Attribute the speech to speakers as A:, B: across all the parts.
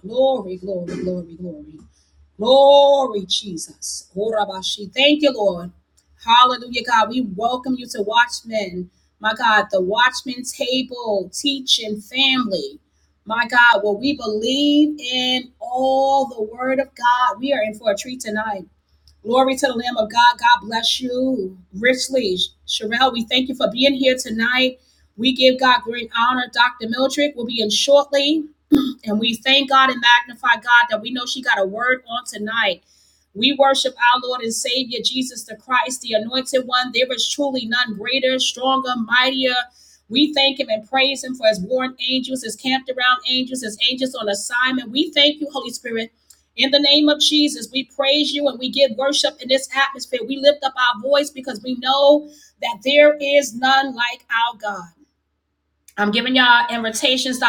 A: Glory, glory, glory, glory. Glory, Jesus. Thank you, Lord. Hallelujah, God. We welcome you to Watchmen. My God, the Watchmen table, teaching family. My God, will we believe in all the word of God? We are in for a treat tonight. Glory to the Lamb of God. God bless you richly. Sherelle, we thank you for being here tonight. We give God great honor. Dr. Mildred will be in shortly. And we thank God and magnify God that we know she got a word on tonight. We worship our Lord and Savior Jesus the Christ, the anointed one. There is truly none greater, stronger, mightier. We thank him and praise him for his born angels, his camped around angels, his angels on assignment. We thank you, Holy Spirit. In the name of Jesus, we praise you and we give worship in this atmosphere. We lift up our voice because we know that there is none like our God. I'm giving y'all invitations.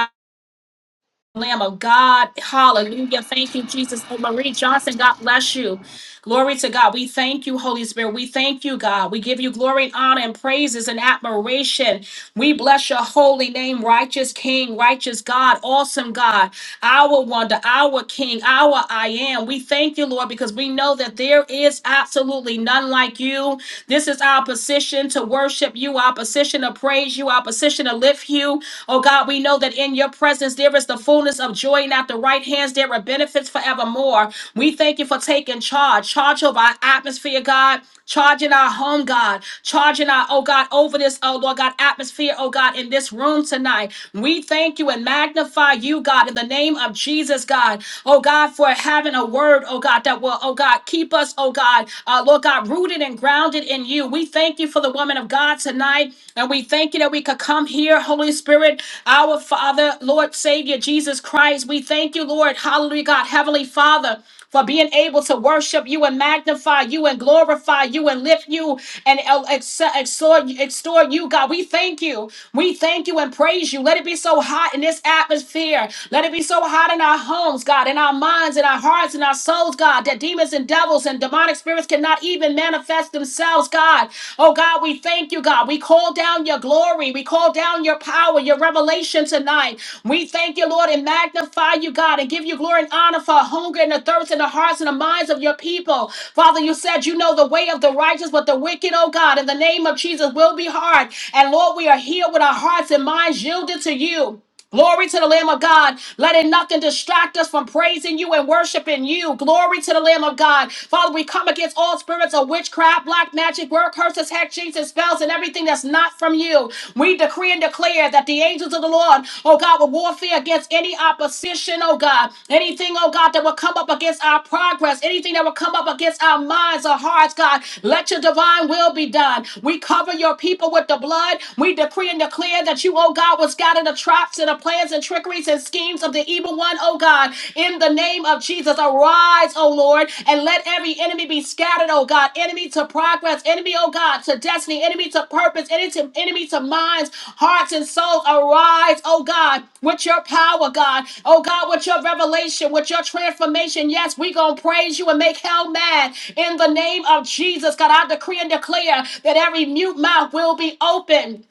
A: Lamb of God. Hallelujah. Thank you, Jesus. Oh, Marie Johnson, God bless you. Glory to God. We thank you, Holy Spirit. We thank you, God. We give you glory and honor and praises and admiration. We bless your holy name, righteous King, righteous God, awesome God our wonder, our King, our I am. We thank you, Lord, because we know that there is absolutely none like you. This is our position to worship you, our position to praise you, our position to lift you. Oh God, we know that in your presence there is the fullness of joy, and at the right hands there are benefits forevermore. We thank you for taking charge, charge over our atmosphere, God. Charging our home, God. Charging our, oh God, over this, oh Lord God, atmosphere, oh God, in this room tonight. We thank you and magnify you, God, in the name of Jesus, God. Oh, God, for having a word, oh, God, that will, oh, God, keep us, oh, God, uh, Lord God, rooted and grounded in you. We thank you for the woman of God tonight, and we thank you that we could come here, Holy Spirit, our Father, Lord, Savior, Jesus Christ. We thank you, Lord, hallelujah, God, Heavenly Father for being able to worship you and magnify you and glorify you and lift you and el- ex- extort, extort you, God. We thank you. We thank you and praise you. Let it be so hot in this atmosphere. Let it be so hot in our homes, God, in our minds, in our hearts, in our souls, God, that demons and devils and demonic spirits cannot even manifest themselves, God. Oh, God, we thank you, God. We call down your glory. We call down your power, your revelation revelation tonight. We thank you, Lord, and magnify you, God, and give you glory and honor for a hunger and a thirst in the hearts and the minds of your people. Father, you said you know the way of the righteous, but the wicked, oh God, in the name of Jesus will be hard. And Lord, we are here with our hearts and minds yielded to you. Glory to the Lamb of God. Letting nothing distract us from praising you and worshiping you. Glory to the Lamb of God. Father, we come against all spirits of witchcraft, black magic, word curses, hex, and spells, and everything that's not from you. We decree and declare that the angels of the Lord, oh God, will warfare against any opposition, oh God. Anything, oh God, that will come up against our progress, anything that will come up against our minds or hearts, God. Let your divine will be done. We cover your people with the blood. We decree and declare that you you, oh God, was God in the traps and the plans and trickeries and schemes of the evil one, oh God. In the name of Jesus, arise, oh Lord, and let every enemy be scattered, oh God. Enemy to progress, enemy, oh God, to destiny, enemy to purpose, enemy to, enemy to minds, hearts, and souls. Arise, oh God, with your power, God. Oh God, with your revelation, with your transformation. Yes, we gonna praise you and make hell mad. In the name of Jesus, God, I decree and declare that every mute mouth will be open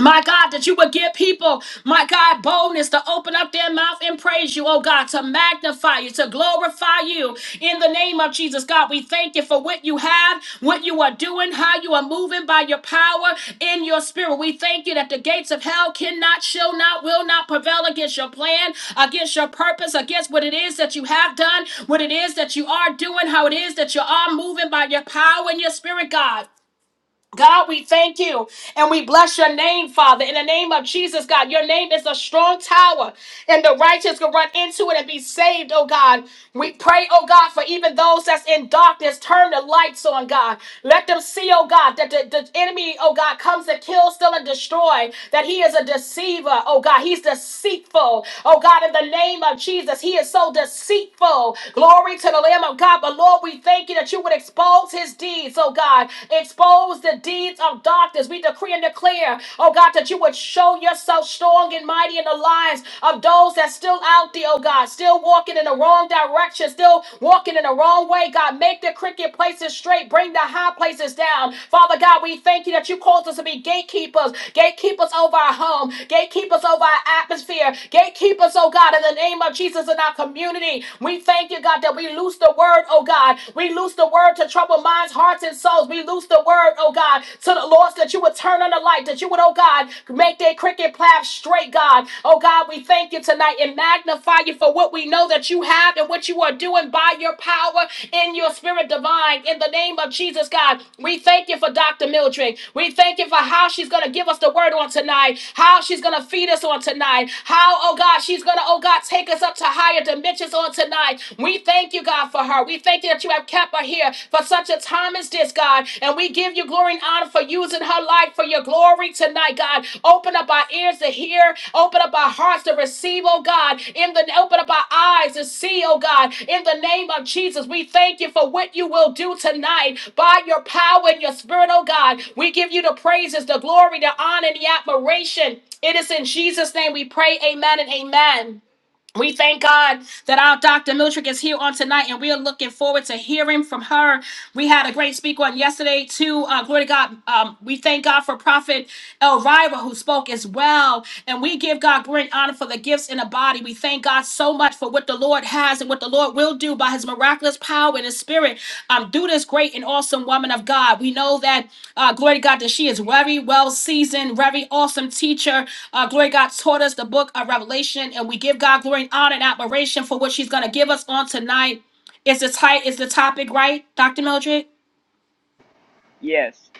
A: my God, that you would give people, my God, boldness to open up their mouth and praise you, oh God, to magnify you, to glorify you in the name of Jesus. God, we thank you for what you have, what you are doing, how you are moving by your power in your spirit. We thank you that the gates of hell cannot, shall not, will not prevail against your plan, against your purpose, against what it is that you have done, what it is that you are doing, how it is that you are moving by your power and your spirit, God. God, we thank you and we bless your name, Father. In the name of Jesus, God, your name is a strong tower, and the righteous can run into it and be saved, oh God. We pray, oh God, for even those that's in darkness, turn the lights on, God. Let them see, oh God, that the, the enemy, oh God, comes to kill, steal, and destroy, that he is a deceiver, oh God. He's deceitful, oh God, in the name of Jesus. He is so deceitful. Glory to the Lamb of God. But Lord, we thank you that you would expose his misdeeds, oh God. Expose the deeds of darkness. We decree and declare, oh God, that you would show yourself strong and mighty in the lives of those that's still out there, oh God, still walking in the wrong direction, still walking in the wrong way, God. Make the crooked places straight, bring the high places down. Father God, we thank you that you called us to be gatekeepers, gatekeepers over our home, gatekeepers over our atmosphere, gatekeepers, oh God, in the name of Jesus in our community. We thank you, God, that we loose the word, oh oh God. We loose the word to trouble minds, hearts, and souls. We loose the word, oh God, to the Lord that you would turn on the light, that you would, oh God, make their cricket path straight, God. Oh God, we thank you tonight and magnify you for what we know that you have and what you are doing by your power in your spirit divine. In the name of Jesus, God, we thank you for Dr. Mildred. We thank you for how she's going to give us the word on tonight, how she's going to feed us on tonight, how, oh God, she's going to, oh God, take us up to higher dimensions on tonight tonight. We thank you, God, for her. We thank you that you have kept her here for such a time as this, God. And we give you glory and honor for using her life for your glory tonight, God. Open up our ears to hear, open up our hearts to receive, oh God. In the open up our eyes to see, oh God. In the name of Jesus, we thank you for what you will do tonight by your power and your spirit, oh God. We give you the praises, the glory, the honor, and the admiration. It is in Jesus' name we pray. Amen and amen. We thank God that our Dr. Miltrick is here on tonight, and we are looking forward to hearing from her. We had a great speaker on yesterday, too. Uh, glory to God. Um, we thank God for Prophet Elvira, who spoke as well. And we give God great honor for the gifts in the body. We thank God so much for what the Lord Lord has and what the Lord will do by his miraculous power and his spirit um, through this great and awesome woman of God. We know that, uh, glory to God, that she is very well seasoned, very awesome teacher. Uh, glory to God taught us the book of Revelation, and we give God glory and honor and admiration for what she's going to give us on tonight. Is the, ti- is the topic right, Dr. Mildred?
B: Yes.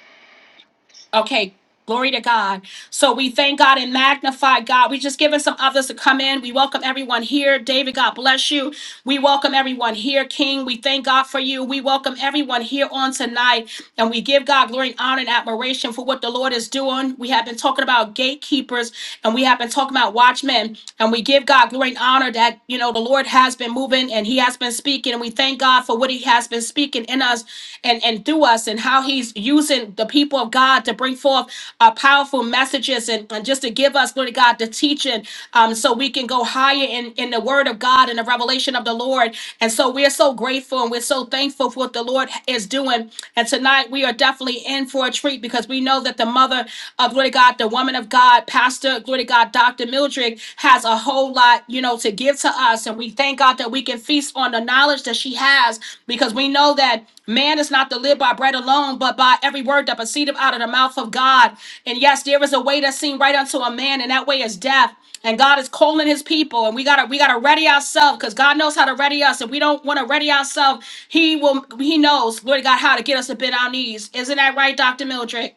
A: Okay, glory to God. So we thank God and magnify God. We just giving some others to come in. We welcome everyone here. David, God bless you. We welcome everyone here. King, we thank God for you. We welcome everyone here on tonight. And we give God glory and honor and admiration for what the Lord is doing. We have been talking about gatekeepers and we have been talking about watchmen. And we give God glory and honor that, you know, the Lord has been moving and he has been speaking. And we thank God for for what he has been speaking in us and, and through us and how he's using the people of God to bring forth uh, powerful messages and, and just to give us, glory to God, the teaching um, so we can go higher in, in the word of God and the revelation of the Lord. And so we're so grateful and we're so thankful for what the Lord is doing. And tonight we are definitely in for a treat because we know that the mother of, glory to God, the woman of God, Pastor, glory to God, Dr. Mildred, has a whole lot, you know, to give to us. And we thank God that we can feast on the knowledge that she has because we know that man is not to live by bread alone, but by every word that proceedeth out of the mouth of God. And yes, there is a way that seemed right unto a man, and that way is death. And God is calling his people, and we gotta we gotta ready ourselves because God knows how to ready us. If we don't want to ready ourselves, He will He knows Lord God how to get us to bend our knees. Isn't that right, Dr. Mildred?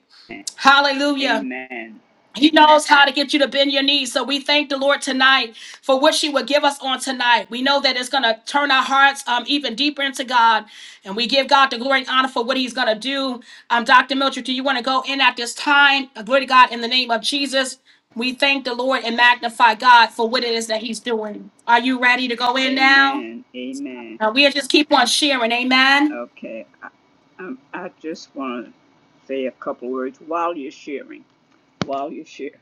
A: Hallelujah.
B: Amen.
A: He knows how to get you to bend your knees. So we thank the Lord tonight for what she would give us on tonight. We know that it's going to turn our hearts um, even deeper into God. And we give God the glory and honor for what he's going to do. Um, Dr. Mildred, do you want to go in at this time? Uh, Glory to God in the name of Jesus. We thank the Lord and magnify God for what it is that he's doing. Are you ready to go in now?
B: Amen. Amen.
A: Uh, we'll just keep on sharing. Amen.
B: Okay. I, um, I just want to say a couple words while you're sharing. While you're sharing,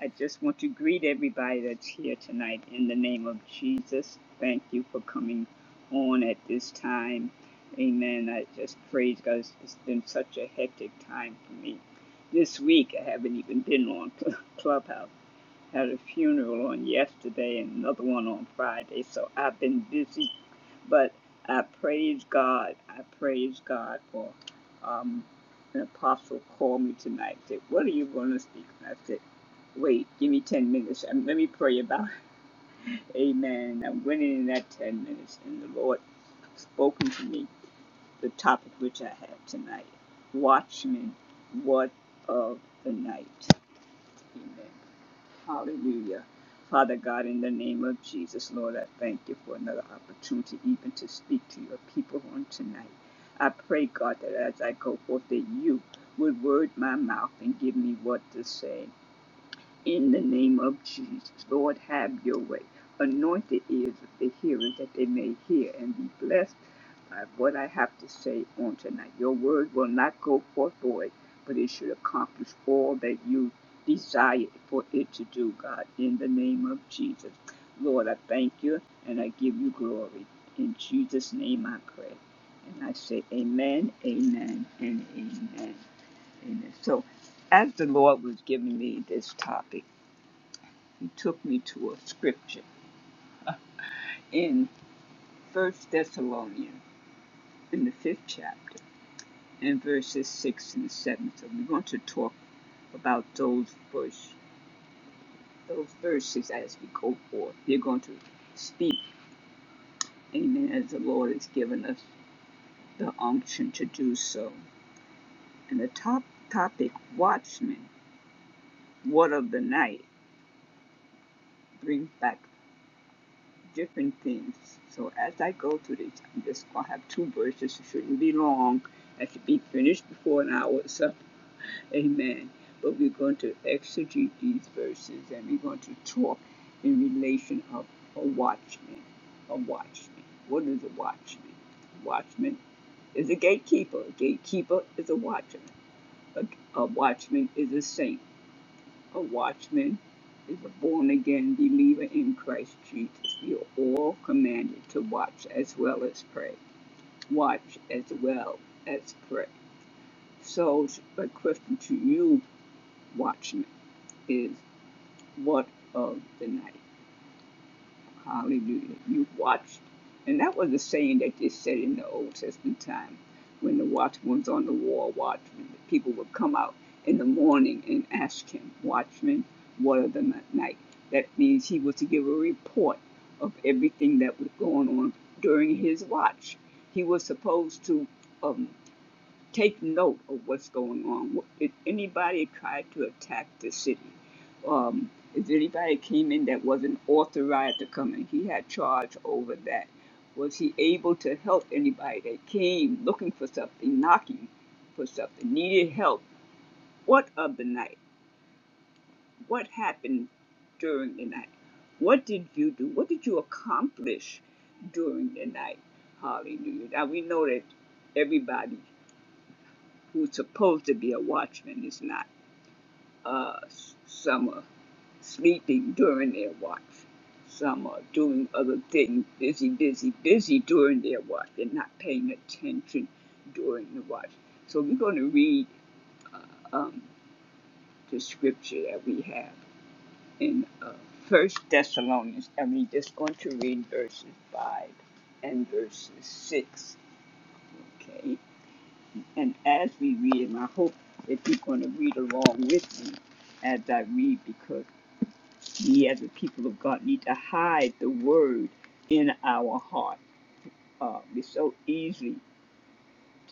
B: I just want to greet everybody that's here tonight in the name of Jesus. Thank you for coming on at this time. Amen. I just praise God. It's it's been such a hectic time for me. This week, I haven't even been on Clubhouse. Had a funeral on yesterday and another one on Friday, so I've been busy. But I praise God. I praise God for um, an apostle called me tonight. Said, "What are you going to speak?" And I said, "Wait, give me ten minutes. Um, let me pray about." It. Amen. And I went in that ten minutes, and the Lord spoken to me the topic which I had tonight. Watchmen, what of the night? Amen. Hallelujah. Father God, in the name of Jesus, Lord, I thank you for another opportunity even to speak to your people on tonight. I pray, God, that as I go forth, that you would word my mouth and give me what to say. In the name of Jesus, Lord, have your way. Anoint the ears of the hearers that they may hear and be blessed by what I have to say on tonight. Your word will not go forth void, but it should accomplish all that you desire for it to do, God, in the name of Jesus. Lord, I thank you and I give you glory. In Jesus' name I pray. And I say, Amen, Amen, and Amen. Amen. So, as the Lord was giving me this topic, took me to a scripture in First Thessalonians in the fifth chapter and verses six and seven. So we're going to talk about those verse, those verses as we go forth. We're going to speak, Amen, as the Lord has given us the unction to do so. And the top topic, watchmen, what of the night, brings back different things. So as I go through this, I'm just gonna have two verses. It shouldn't be long. That should be finished before an hour is up. Amen. But we're going to exegete these verses and we're going to talk in relation of a watchman. A watchman. What is a watchman? A Watchman is a gatekeeper. A gatekeeper is a watchman. A, a watchman is a saint. A watchman is a born again believer in Christ Jesus. You're all commanded to watch as well as pray. Watch as well as pray. So, a question to you, watchman, is what of the night? Hallelujah. You watched. And that was a saying that they said in the Old Testament time when the watchman was on the wall watchman. The people would come out in the morning and ask him, Watchman, what of the night? That means he was to give a report of everything that was going on during his watch. He was supposed to. um, take note of what's going on. If anybody tried to attack the city, um, if anybody came in that wasn't authorized to come in, he had charge over that. Was he able to help anybody that came looking for something, knocking for something, needed help? What of the night? What happened during the night? What did you do? What did you accomplish during the night? Hallelujah. Now we know that everybody who's supposed to be a watchman is not. Uh, some are sleeping during their watch. Some are doing other things, busy, busy, busy during their watch. They're not paying attention during the watch. So we're going to read um, the scripture that we have in uh, First Thessalonians, and we're just going to read verses five and verses six. Okay. And as we read and I hope that you're going to read along with me as I read, because we as the people of God need to hide the word in our heart. Uh, it's so easy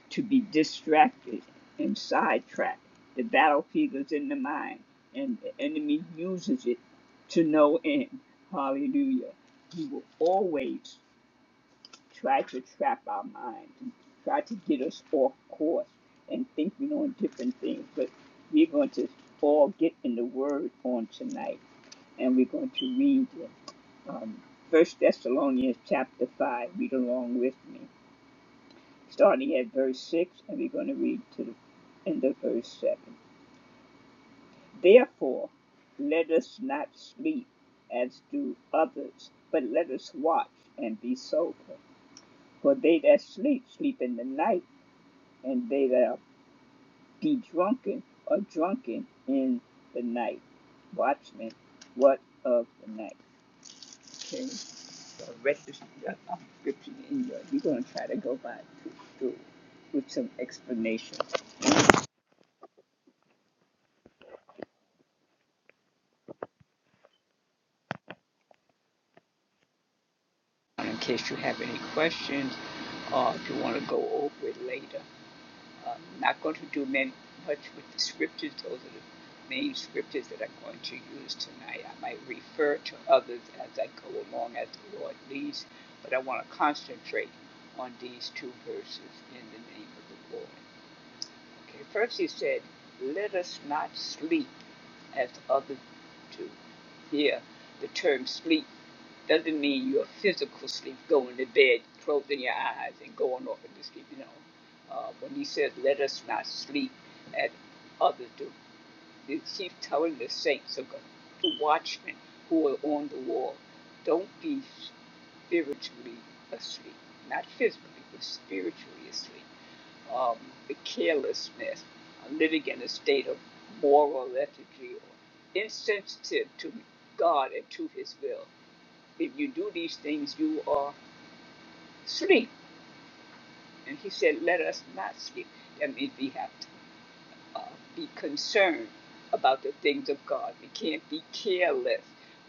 B: to be distracted and sidetracked. The battlefield is in the mind, and the enemy uses it to no end. Hallelujah. He will always try to trap our minds, and try to get us off course and thinking on different things. But we're going to all get in the Word on tonight, and we're going to read it. Um, 1 Thessalonians chapter 5, read along with me, starting at verse 6, and we're going to read to the end of verse 7. Therefore, let us not sleep as do others, but let us watch and be sober. For they that sleep, sleep in the night and they that be drunken are drunken in the night. Watchmen, what of the night? Okay, so I read this uh, uh, scripture in your. You're gonna try to go by through, through with some explanation in case you have any questions, or uh, if you want to go over it later. I'm not going to do many, much with the scriptures. Those are the main scriptures that I'm going to use tonight. I might refer to others as I go along as the Lord leads, but I want to concentrate on these two verses in the name of the Lord. Okay, first he said, Let us not sleep as others do. Here, the term sleep doesn't mean you're physical sleep, going to bed, closing your eyes, and going off into sleep. You know, uh, when he says, "Let us not sleep as others do," he- he's telling the saints, of the watchmen who are on the wall, don't be spiritually asleep, not physically, but spiritually asleep. Um, the carelessness, uh, living in a state of moral lethargy, or insensitive to God and to His will if you do these things, you are sleep. And he said, let us not sleep. That means we have to uh, be concerned about the things of God. We can't be careless.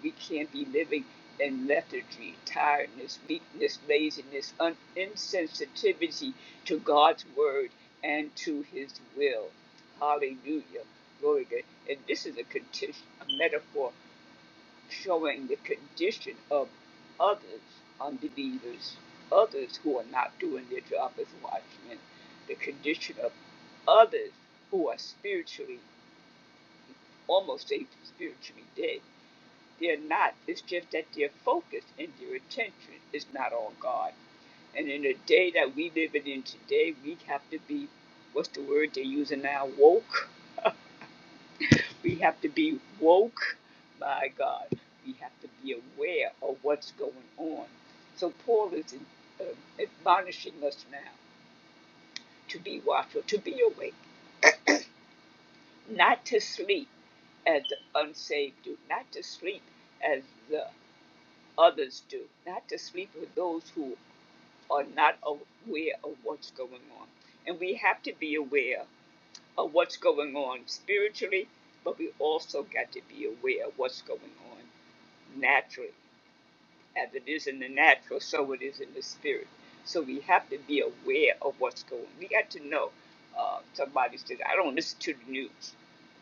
B: We can't be living in lethargy, tiredness, weakness, laziness, un- insensitivity to God's word and to his will. Hallelujah. Glory to God. And this is a, conti- a metaphor showing the condition of others, unbelievers, others who are not doing their job as watchmen, the condition of others who are spiritually, almost say spiritually dead. They're not. It's just that their focus and their attention is not on God. And in the day that we live in today, we have to be, what's the word they're using now, woke? We have to be woke, by God. We have to be aware of what's going on. So Paul is uh, admonishing us now to be watchful, to be awake, not to sleep as the unsaved do, not to sleep as the others do, not to sleep with those who are not aware of what's going on. And we have to be aware of what's going on spiritually, but we also got to be aware of what's going on naturally. as it is in the natural, so it is in the spirit. So we have to be aware of what's going. on. We got to know. Uh, somebody says, "I don't listen to the news.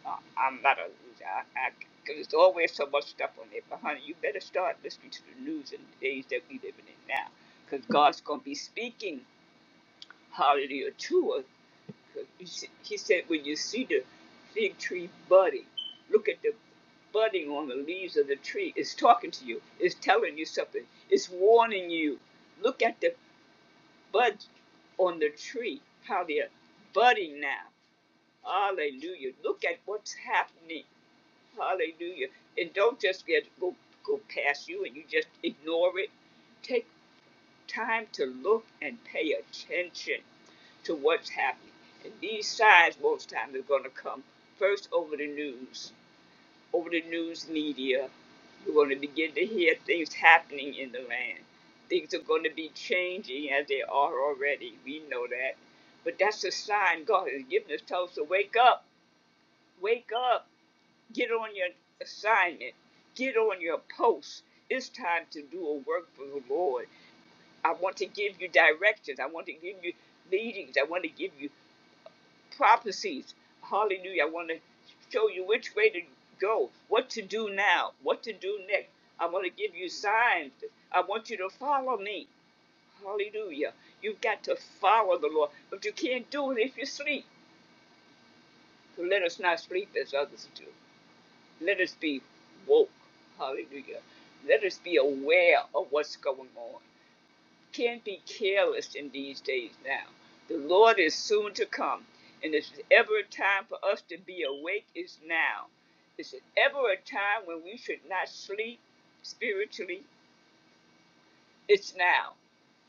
B: Uh, I'm not a loser. I, Cause there's always so much stuff on there. But honey, you better start listening to the news in the days that we living in now. Cause God's gonna be speaking, hallelujah, to us you He said, when you see the fig tree budding, look at the budding on the leaves of the tree. It's talking to you. It's telling you something. It's warning you. Look at the buds on the tree, how they're budding now. Hallelujah. Look at what's happening. Hallelujah. And don't just get go go past you and you just ignore it. Take." time to look and pay attention to what's happening. And these signs, most times, are going to come first over the news, over the news media. You're going to begin to hear things happening in the land. Things are going to be changing as they are already. We know that. But that's a sign God has given us. Tell us to wake up, wake up, get on your assignment, get on your post. It's time to do a work for the Lord. I want to give you directions. I want to give you leadings. I want to give you prophecies. Hallelujah. I want to show you which way to go, what to do now, what to do next. I want to give you signs. I want you to follow me. Hallelujah. You've got to follow the Lord, but you can't do it if you sleep. So let us not sleep as others do. Let us be woke. Hallelujah. Let us be aware of what's going on. can't be careless in these days now. The Lord is soon to come, and it's ever a time for us to be awake is now. It's ever a time when we should not sleep spiritually. It's now.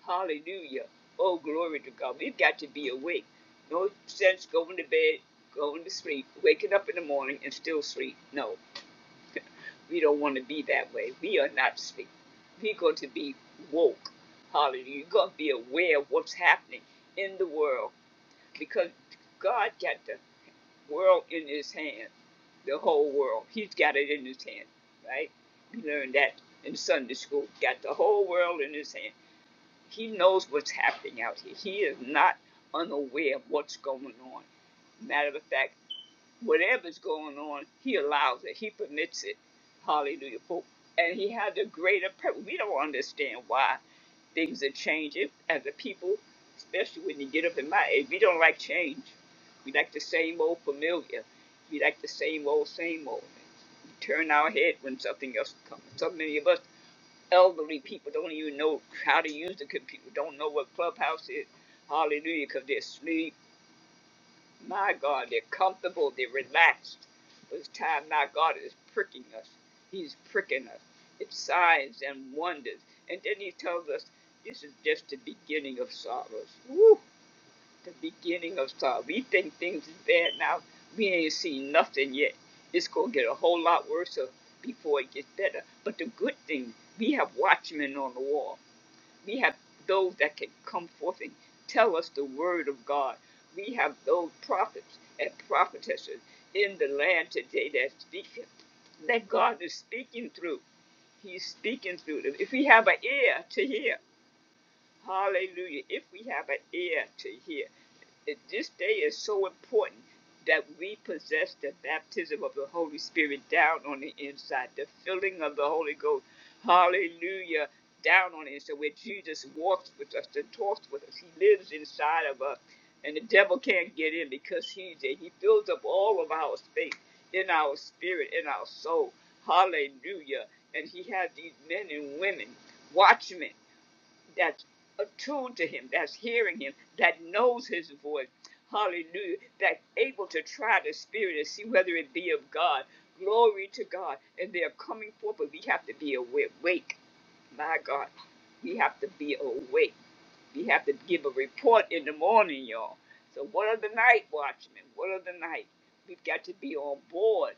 B: Hallelujah. Oh, glory to God. We've got to be awake. No sense going to bed, going to sleep, waking up in the morning and still sleep. No. We don't want to be that way. We are not speak. We're going to be woke. Hallelujah. You're going to be aware of what's happening in the world because God got the world in his hand, the whole world. He's got it in his hand, right? We learned that in Sunday school. Got the whole world in his hand. He knows what's happening out here. He is not unaware of what's going on. Matter of fact, whatever's going on, he allows it. He permits it. Hallelujah. For- And he has a greater purpose. We don't understand why things are changing as a people, especially when you get up in my age. We don't like change. We like the same old familiar. We like the same old, same old. We turn our head when something else comes. So many of us elderly people don't even know how to use the computer, don't know what Clubhouse is. Hallelujah, because they're asleep my God, they're comfortable, they're relaxed. But it's time now God is pricking us. He's pricking us. It's signs and wonders. And then he tells us this is just the beginning of sorrows. Woo! The beginning of sorrow. We think things is bad now. We ain't seen nothing yet. It's gonna get a whole lot worse uh, before it gets better. But the good thing, we have watchmen on the wall. We have those that can come forth and tell us the word of God. We have those prophets and prophetesses in the land today that speak that God is speaking through. He's speaking through them. If we have an ear to hear, Hallelujah. If we have an ear to hear, this day is so important that we possess the baptism of the Holy Spirit down on the inside, the filling of the Holy Ghost. Hallelujah. Down on the inside, where Jesus walks with us and talks with us. He lives inside of us, and the devil can't get in because he's there. He fills up all of our space in our spirit, in our soul. Hallelujah. And he has these men and women, watchmen that's attuned to him, that's hearing him, that knows his voice. Hallelujah. That's able to try the spirit and see whether it be of God. Glory to God. And they're coming forth, but we have to be awake. My God, we have to be awake. We have to give a report in the morning, y'all. So what are the night watchmen? What are the night? We've got to be on board.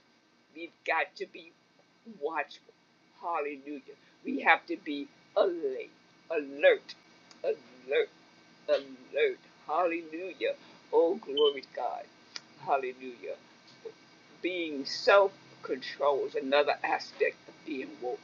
B: We've got to be watchful. Hallelujah. We have to be alert, alert, alert, alert. Hallelujah. Oh, glory to God. Hallelujah. Being self control is another aspect of being woke.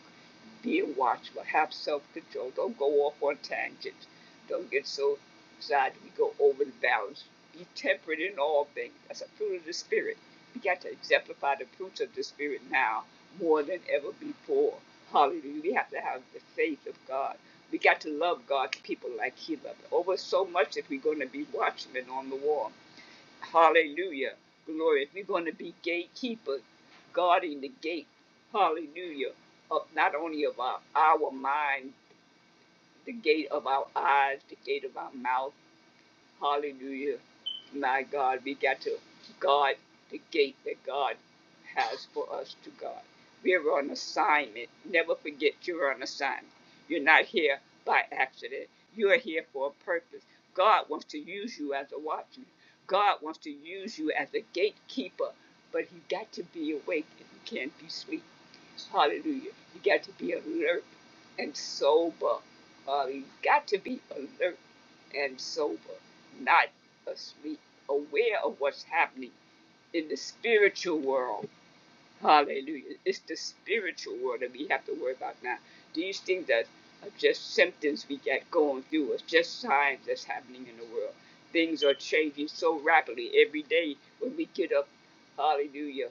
B: Being watchful, have self control. Don't go off on tangents. Don't get so excited we go over the balance. Be temperate in all things. That's a fruit of the Spirit. We got to exemplify the fruits of the Spirit now more than ever before. Hallelujah. We have to have the faith of God. We got to love God's people like He loved. Over so much if we're going to be watchmen on the wall. Hallelujah. Glory. If you're going to be gatekeeper, guarding the gate, hallelujah, of not only of our, our mind, the gate of our eyes, the gate of our mouth, Hallelujah. My God, we got to guard the gate that God has for us to guard. We're on assignment. Never forget you're on assignment. You're not here by accident. You are here for a purpose. God wants to use you as a watchman. God wants to use you as a gatekeeper, but you got to be awake and you can't be asleep. Hallelujah. You got to be alert and sober. Uh, you got to be alert and sober not asleep, aware of what's happening in the spiritual world. Hallelujah. It's the spiritual world that we have to worry about now. These things that are just symptoms we get going through. It's just signs that's happening in the world. Things are changing so rapidly every day when we get up. Hallelujah.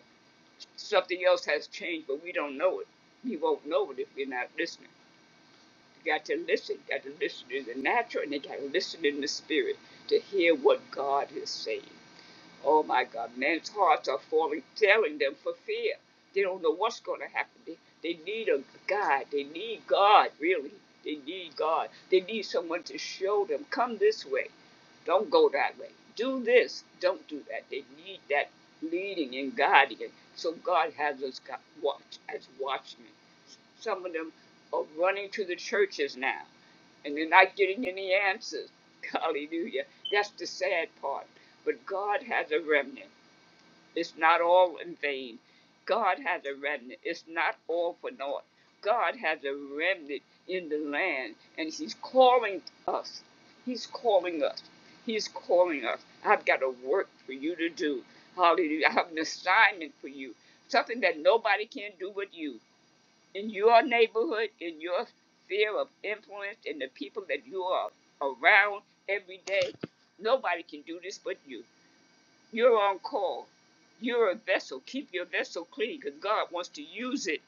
B: Something else has changed, but we don't know it. We won't know it if we're not listening. You got to listen. You got to listen in the natural and you got to listen in the spirit to hear what God is saying. Oh my God, men's hearts are falling, telling them for fear. They don't know what's going to happen. They, they need a guide. They need God, really. They need God. They need someone to show them, come this way. Don't go that way. Do this. Don't do that. They need that leading and guiding. So God has us watch as watchmen. Some of them are running to the churches now and you're not getting any answers. Hallelujah. That's the sad part. But God has a remnant. It's not all in vain. God has a remnant. It's not all for naught. God has a remnant in the land, and He's calling us. He's calling us. He's calling us. I've got a work for you to do. Hallelujah. I have an assignment for you. Something that nobody can do but you in your neighborhood, in your sphere of influence, and the people that you are around every day. Nobody can do this but you. You're on call. You're a vessel. Keep your vessel clean because God wants to use it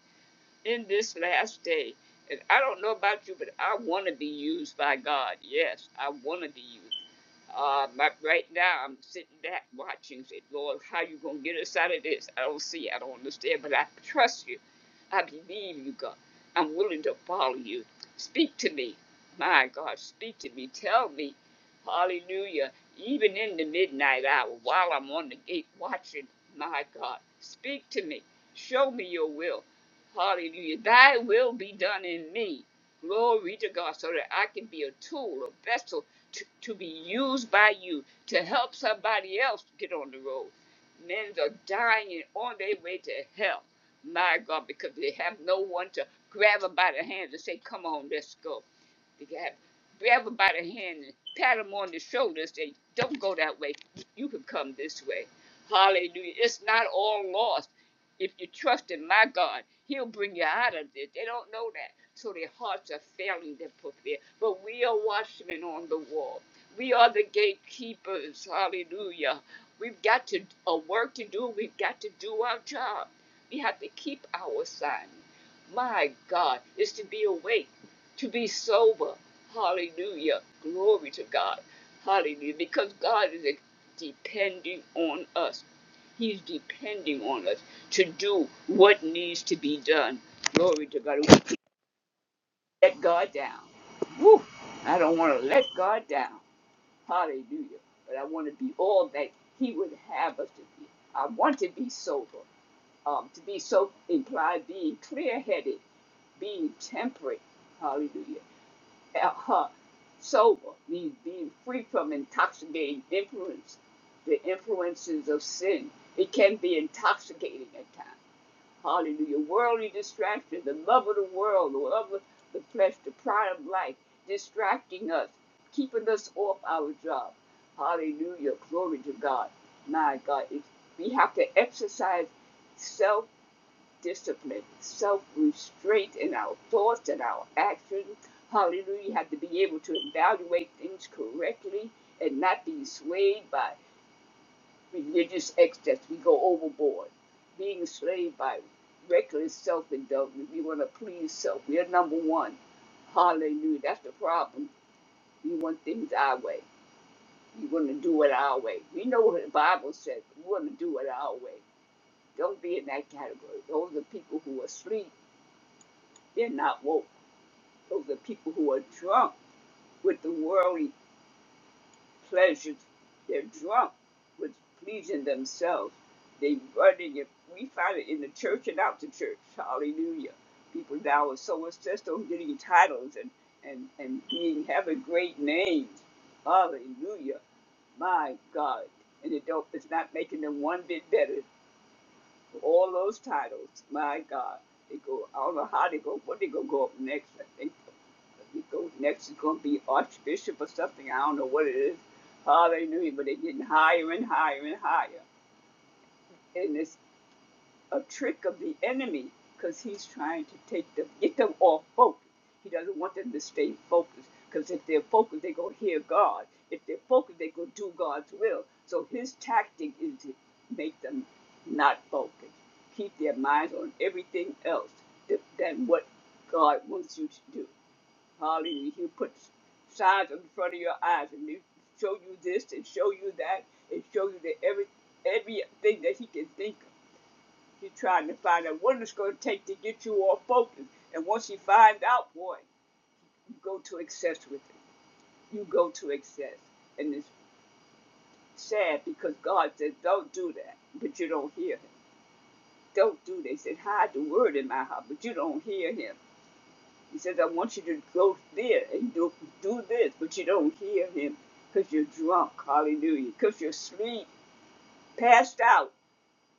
B: in this last day. And I don't know about you, but I want to be used by God. Yes, I want to be used. Uh, but right now, I'm sitting back watching, said, Lord, how you going to get us out of this? I don't see, I don't understand, but I trust you. I believe you, God. I'm willing to follow you. Speak to me. My God, speak to me. Tell me. Hallelujah. Even in the midnight hour, while I'm on the gate watching, my God, speak to me. Show me your will. Hallelujah. Thy will be done in me. Glory to God, so that I can be a tool, a vessel to, to be used by you to help somebody else get on the road. Men are dying on their way to hell, my God, because they have no one to grab them by the hand and say, Come on, let's go. They have grab them by the hand and pat them on the shoulder and say, Don't go that way. You can come this way. Hallelujah. It's not all lost. If you trust in my God, He'll bring you out of this. They don't know that. So their hearts are failing them for fear. But we are watchmen on the wall. We are the gatekeepers. Hallelujah. We've got to a work to do. We've got to do our job. We have to keep our assignment. My God is to be awake, to be sober. Hallelujah. Glory to God. Hallelujah. Because God is depending on us. He's depending on us to do what needs to be done. Glory to God. We can't let God down. Woo! I don't want to let God down. Hallelujah. But I want to be all that He would have us to be. I want to be sober. Um, to be so implied being clear headed, being temperate. Hallelujah. Uh-huh. Sober means being free from intoxicating influence, the influences of sin. It can be intoxicating at times. Hallelujah. Worldly distractions, the love of the world, the love of the flesh, the pride of life, distracting us, keeping us off our job. Hallelujah. Glory to God. My God. It's, we have to exercise self discipline, self restraint in our thoughts and our actions. Hallelujah. You have to be able to evaluate things correctly and not be swayed by religious excess. We go overboard, being enslaved by reckless self indulgence. We want to please self. We are number one. Hallelujah. That's the problem. We want things our way. We want to do it our way. We know what the Bible says. But We want to do it our way. Don't be in that category. Those are people who are asleep. They're not woke. Those are people who are drunk with the worldly. pleasures. They're drunk with pleasing themselves. They run in your, we find it in the church and out the church. Hallelujah. People now are so obsessed on getting titles and, and, and being, having great names. Hallelujah. My God. And it don't, it's not making them one bit better all those titles. My God, they go. I don't know how they go. What they gonna go up next? I think they go next is gonna be Archbishop or something. I don't know what it is. Hallelujah! But they're getting higher and higher and higher, in this a trick of the enemy because he's trying to take them, get them off focus. He doesn't want them to stay focused because if they're focused, they're going to hear God. If they're focused, they're going to do God's will. So his tactic is to make them not focused, keep their minds on everything else than what God wants you to do. Hallelujah. He'll put signs in front of your eyes and he'll show you this and show you that and show you that every everything that he can think of. She's trying to find out what it's going to take to get you all focused, And once you find out, boy, you go to excess with it. You go to excess. And it's sad because God says, don't do that. But you don't hear him. Don't do that. He said, hide the word in my heart, but you don't hear him. He says, I want you to go there and do, do this, but you don't hear him because you're drunk. Hallelujah. Because you're asleep, passed out.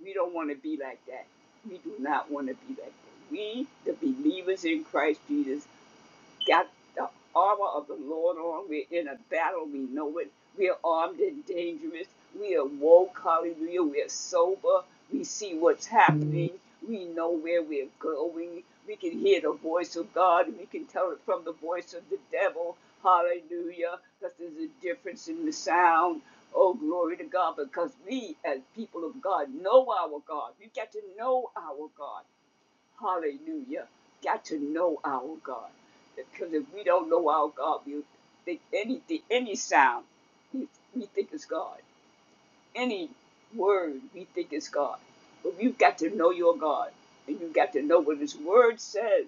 B: We don't want to be like that. We do not want to be like that. We, the believers in Christ Jesus, got the armor of the Lord on. We're in a battle. We know it. We are armed and dangerous. We are woke. Hallelujah. We are sober. We see what's happening. We know where we're going. We can hear the voice of God. We can tell it from the voice of the devil. Hallelujah. Because there's a difference in the sound. Oh, glory to God. Because we, as people of God, know our God. We've got to know our God. Hallelujah. Got to know our God. Because if we don't know our God, we think anything, any sound, we, we think is God. Any word, we think is God. But you've got to know your God. And you've got to know what His Word says.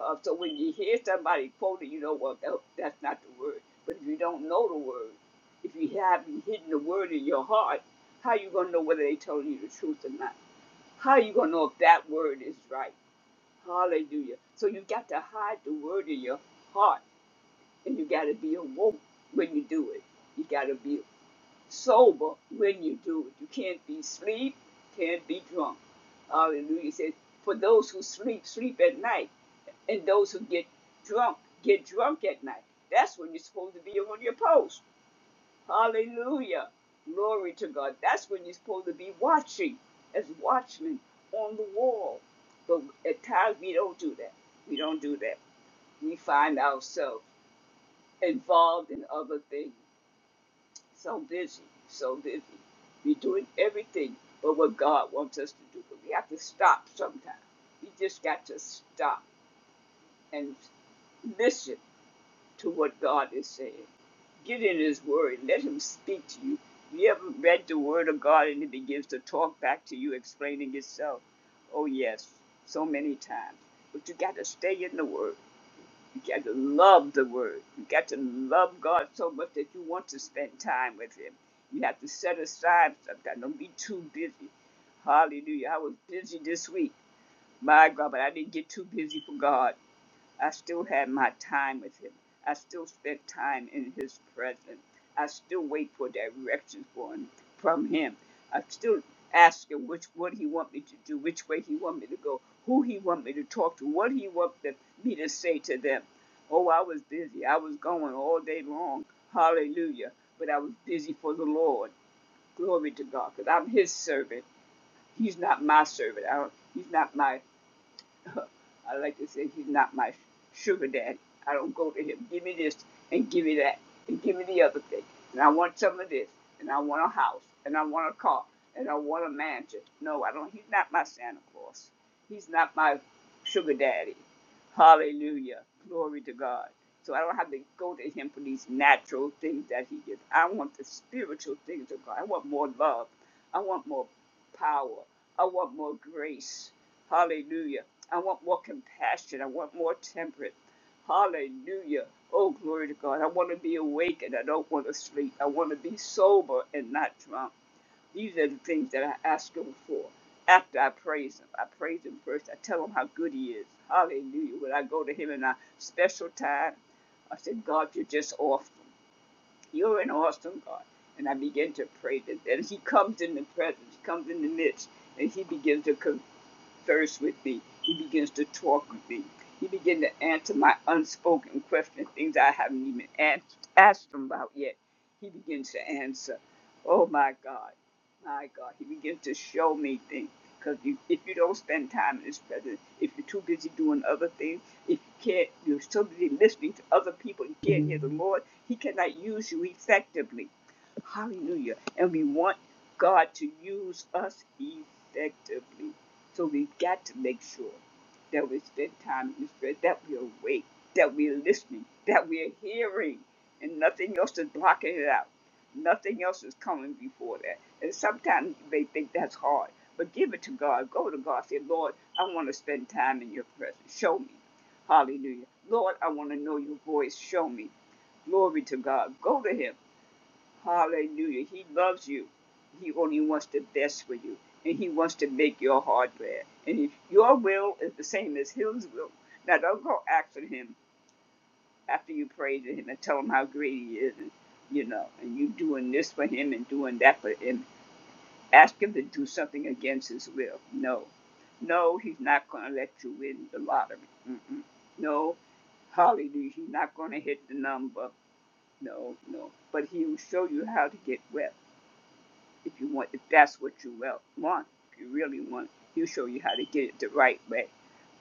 B: Uh, so when you hear somebody quote it, you know, well, that, that's not the Word. But if you don't know the Word, if you haven't hidden the Word in your heart, how are you going to know whether they are telling you the truth or not? How are you going to know if that Word is right? Hallelujah. So you got to hide the word in your heart and you got to be awoke when you do it. You got to be sober when you do it. You can't be sleep, can't be drunk. Hallelujah. It says, for those who sleep, sleep at night, and those who get drunk, get drunk at night. That's when you're supposed to be on your post. Hallelujah. Glory to God. That's when you're supposed to be watching as watchmen on the wall. But at times we don't do that. We don't do that. We find ourselves involved in other things. So busy, so busy. We're doing everything but what God wants us to do. But we have to stop sometimes. We just got to stop and listen to what God is saying. Get in His Word. Let Him speak to you. Have You ever read the Word of God and it begins to talk back to you, explaining itself? Oh, yes, so many times. But you got to stay in the Word. You got to love the Word. You got to love God so much that you want to spend time with Him. You have to set aside sometimes. Don't be too busy. Hallelujah. I was busy this week. My God, but I didn't get too busy for God. I still had my time with him. I still spent time in his presence. I still wait for directions for him, from him. I still ask him which what he want me to do, which way he want me to go, who he want me to talk to, what he want the, me to say to them. Oh, I was busy. I was going all day long. Hallelujah. But I was busy for the Lord. Glory to God, because I'm his servant. He's not my servant. I don't, he's not my I like to say he's not my sugar daddy. I don't go to him. Give me this and give me that and give me the other thing. And I want some of this and I want a house and I want a car and I want a mansion. No, I don't. He's not my Santa Claus. He's not my sugar daddy. Hallelujah. Glory to God. So I don't have to go to him for these natural things that he gives. I want the spiritual things of God. I want more love. I want more power. I want more grace. Hallelujah. I want more compassion. I want more temperance. Hallelujah. Oh, glory to God. I want to be awake and I don't want to sleep. I want to be sober and not drunk. These are the things that I ask Him for. After I praise Him, I praise Him first. I tell Him how good He is. Hallelujah. When I go to Him in a special time, I said, God, you're just awesome. You're an awesome God. And I begin to praise Him. And He comes in the presence, He comes in the midst, and He begins to converse thirst with me. He begins to talk with me. He begins to answer my unspoken questions, things I haven't even asked, asked him about yet. He begins to answer. Oh my God, my God. He begins to show me things. Because if you don't spend time in His presence, if you're too busy doing other things, if you can't, you're so busy listening to other people, you can't hear the Lord, He cannot use you effectively. Hallelujah. And we want God to use us effectively. So we've got to make sure that we spend time in the Spirit, that we're awake, that we're listening, that we're hearing, and nothing else is blocking it out. Nothing else is coming before that. And sometimes you may think that's hard, but give it to God. Go to God. Say, Lord, I want to spend time in your presence. Show me. Hallelujah. Lord, I want to know your voice. Show me. Glory to God. Go to Him. Hallelujah. He loves you. He only wants the best for you. And he wants to make your heart glad. And if your will is the same as his will, now don't go asking him after you pray to him and tell him how great he is and you know, and you doing this for him and doing that for him. Ask him to do something against his will. No. No, he's not gonna let you win the lottery. Mm-mm. No, hallelujah, he's not gonna hit the number. No, no. But he will show you how to get well if you want, if that's what you want, if you really want, He'll show you how to get it the right way.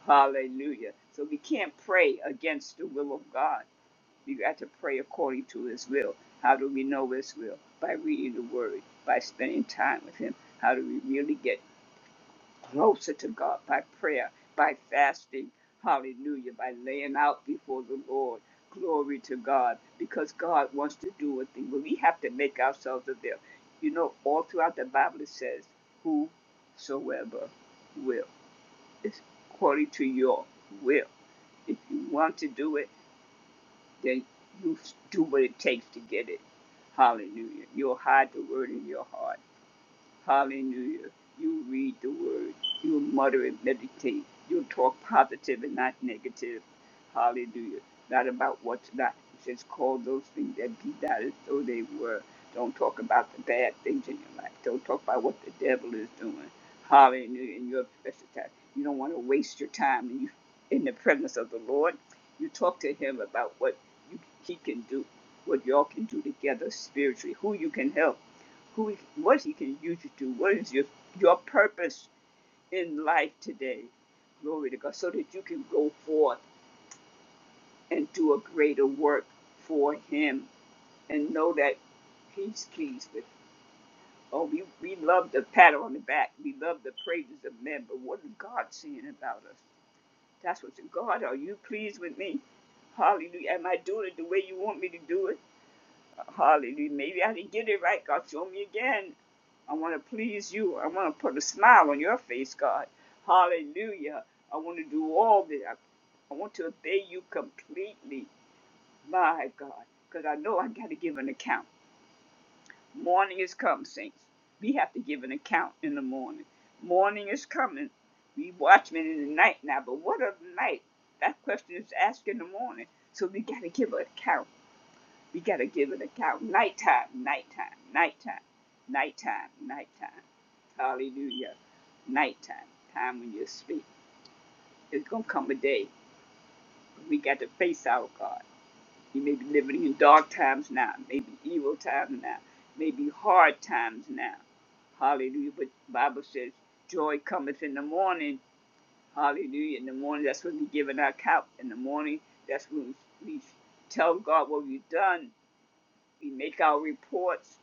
B: Hallelujah. So we can't pray against the will of God. We got to pray according to His will. How do we know His will? By reading the Word, by spending time with Him. How do we really get closer to God by prayer, by fasting, hallelujah, by laying out before the Lord. Glory to God, because God wants to do a thing, but we have to make ourselves available. You know, all throughout the Bible it says, Whosoever will. It's according to your will. If you want to do it, then you do what it takes to get it. Hallelujah. You'll hide the word in your heart Hallelujah. You read the word. You mutter and meditate. You talk positive and not negative. Hallelujah. Not about what's not. It says, call those things that be not as though they were. Don't talk about the bad things in your life. Don't talk about what the devil is doing. Hallelujah. In your precious time. You don't want to waste your time and you, in the presence of the Lord. You talk to him about what you, he can do, what y'all can do together spiritually, who you can help who is, what he can use you to, what is your your purpose in life today. Glory to God, so that you can go forth and do a greater work for him and know that he's pleased with. you. Oh, we, we love the pat on the back. We love the praises of men, but what is God saying about us? That's what God, are you pleased with me? Hallelujah. Am I doing it the way you want me to do it? Hallelujah. Maybe I didn't get it right. God, show me again. I want to please you. I want to put a smile on your face, God. Hallelujah. I want to do all that. I, I want to obey you completely, my God, because I know I got to give an account. Morning is come, saints. We have to give an account in the morning. Morning is coming. We watchmen in the night now, but what of the night? That question is asked in the morning. So we got to give an account. We gotta give it a count. Nighttime, nighttime, nighttime, nighttime, nighttime. Hallelujah. Nighttime, time when you're asleep. There's gonna come a day when we got to face our God. You may be living in dark times now, maybe evil times now, maybe hard times now. Hallelujah. But the Bible says joy cometh in the morning. Hallelujah. In the morning, that's when we give an account. In the morning, that's when we tell God what we've done. We make our reports.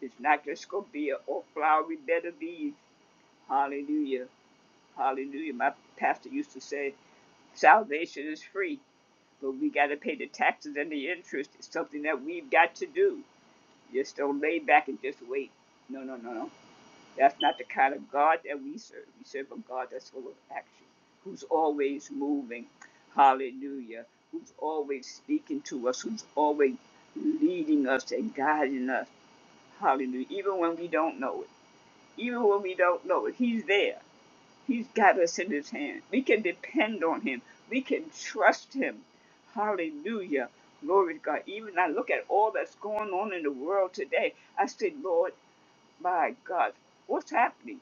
B: It's not just going to be a oh, flowery bed of ease. Hallelujah. Hallelujah. My pastor used to say, salvation is free, but we got to pay the taxes and the interest. It's something that we've got to do. Just don't lay back and just wait. No, no, no, no. That's not the kind of God that we serve. We serve a God that's full of action, who's always moving. Hallelujah. Who's always speaking to us, who's always leading us and guiding us. Hallelujah. Even when we don't know it even when we don't know it. He's there. He's got us in his hand. We can depend on him. We can trust him. Hallelujah. Glory to God. Even I look at all that's going on in the world today. I said, Lord, my God, what's happening?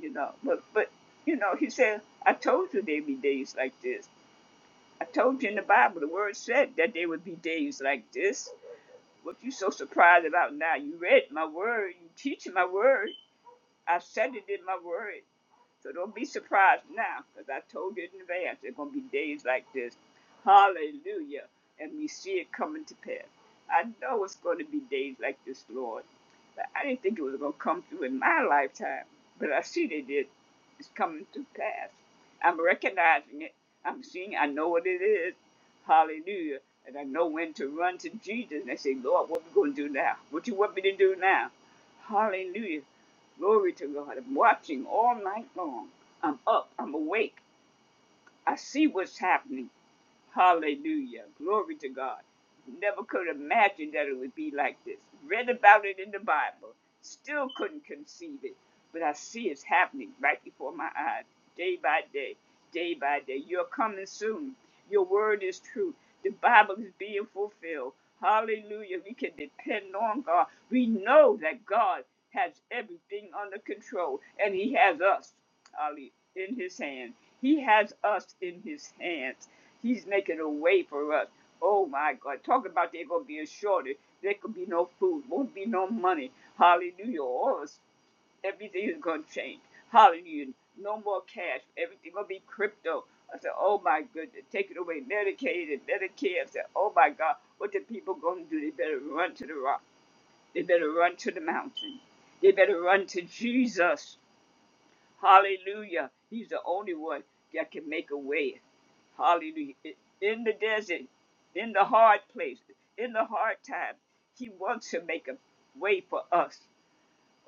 B: You know, but but you know, he said, I told you there'd be days like this. I told you in the Bible, the word said that there would be days like this. What you so surprised about now? You read my word, you teaching my word. I said it in my word. So don't be surprised now, because I told you in advance there's going to be days like this. Hallelujah. And we see it coming to pass. I know it's going to be days like this, Lord. But I didn't think it was going to come through in my lifetime. But I see they did. It's coming to pass. I'm recognizing it. I'm seeing, I know what it is. Hallelujah. And I know when to run to Jesus. And I say, Lord, what are we going to do now? What you want me to do now? Hallelujah. Glory to God. I'm watching all night long. I'm up. I'm awake. I see what's happening. Hallelujah. Glory to God. Never could imagine that it would be like this. Read about it in the Bible. Still couldn't conceive it. But I see it's happening right before my eyes, day by day, day by day. You're coming soon. Your word is true. The Bible is being fulfilled. Hallelujah. We can depend on God. We know that God has everything under control, and He has us, in His hand. He has us in His hands. He's making a way for us. Oh my God. Talk about there gonna be a shortage. There could be no food. Won't be no money. Hallelujah. All us everything is gonna change. Hallelujah. No more cash. Everything gonna be crypto. I said, Oh my goodness, take it away. Medicaid and Medicare. I said, Oh my God, what the people gonna do? They better run to the rock. They better run to the mountain. They better run to Jesus. Hallelujah. He's the only one that can make a way. Hallelujah. In the desert, in the hard place, in the hard time, He wants to make a way for us.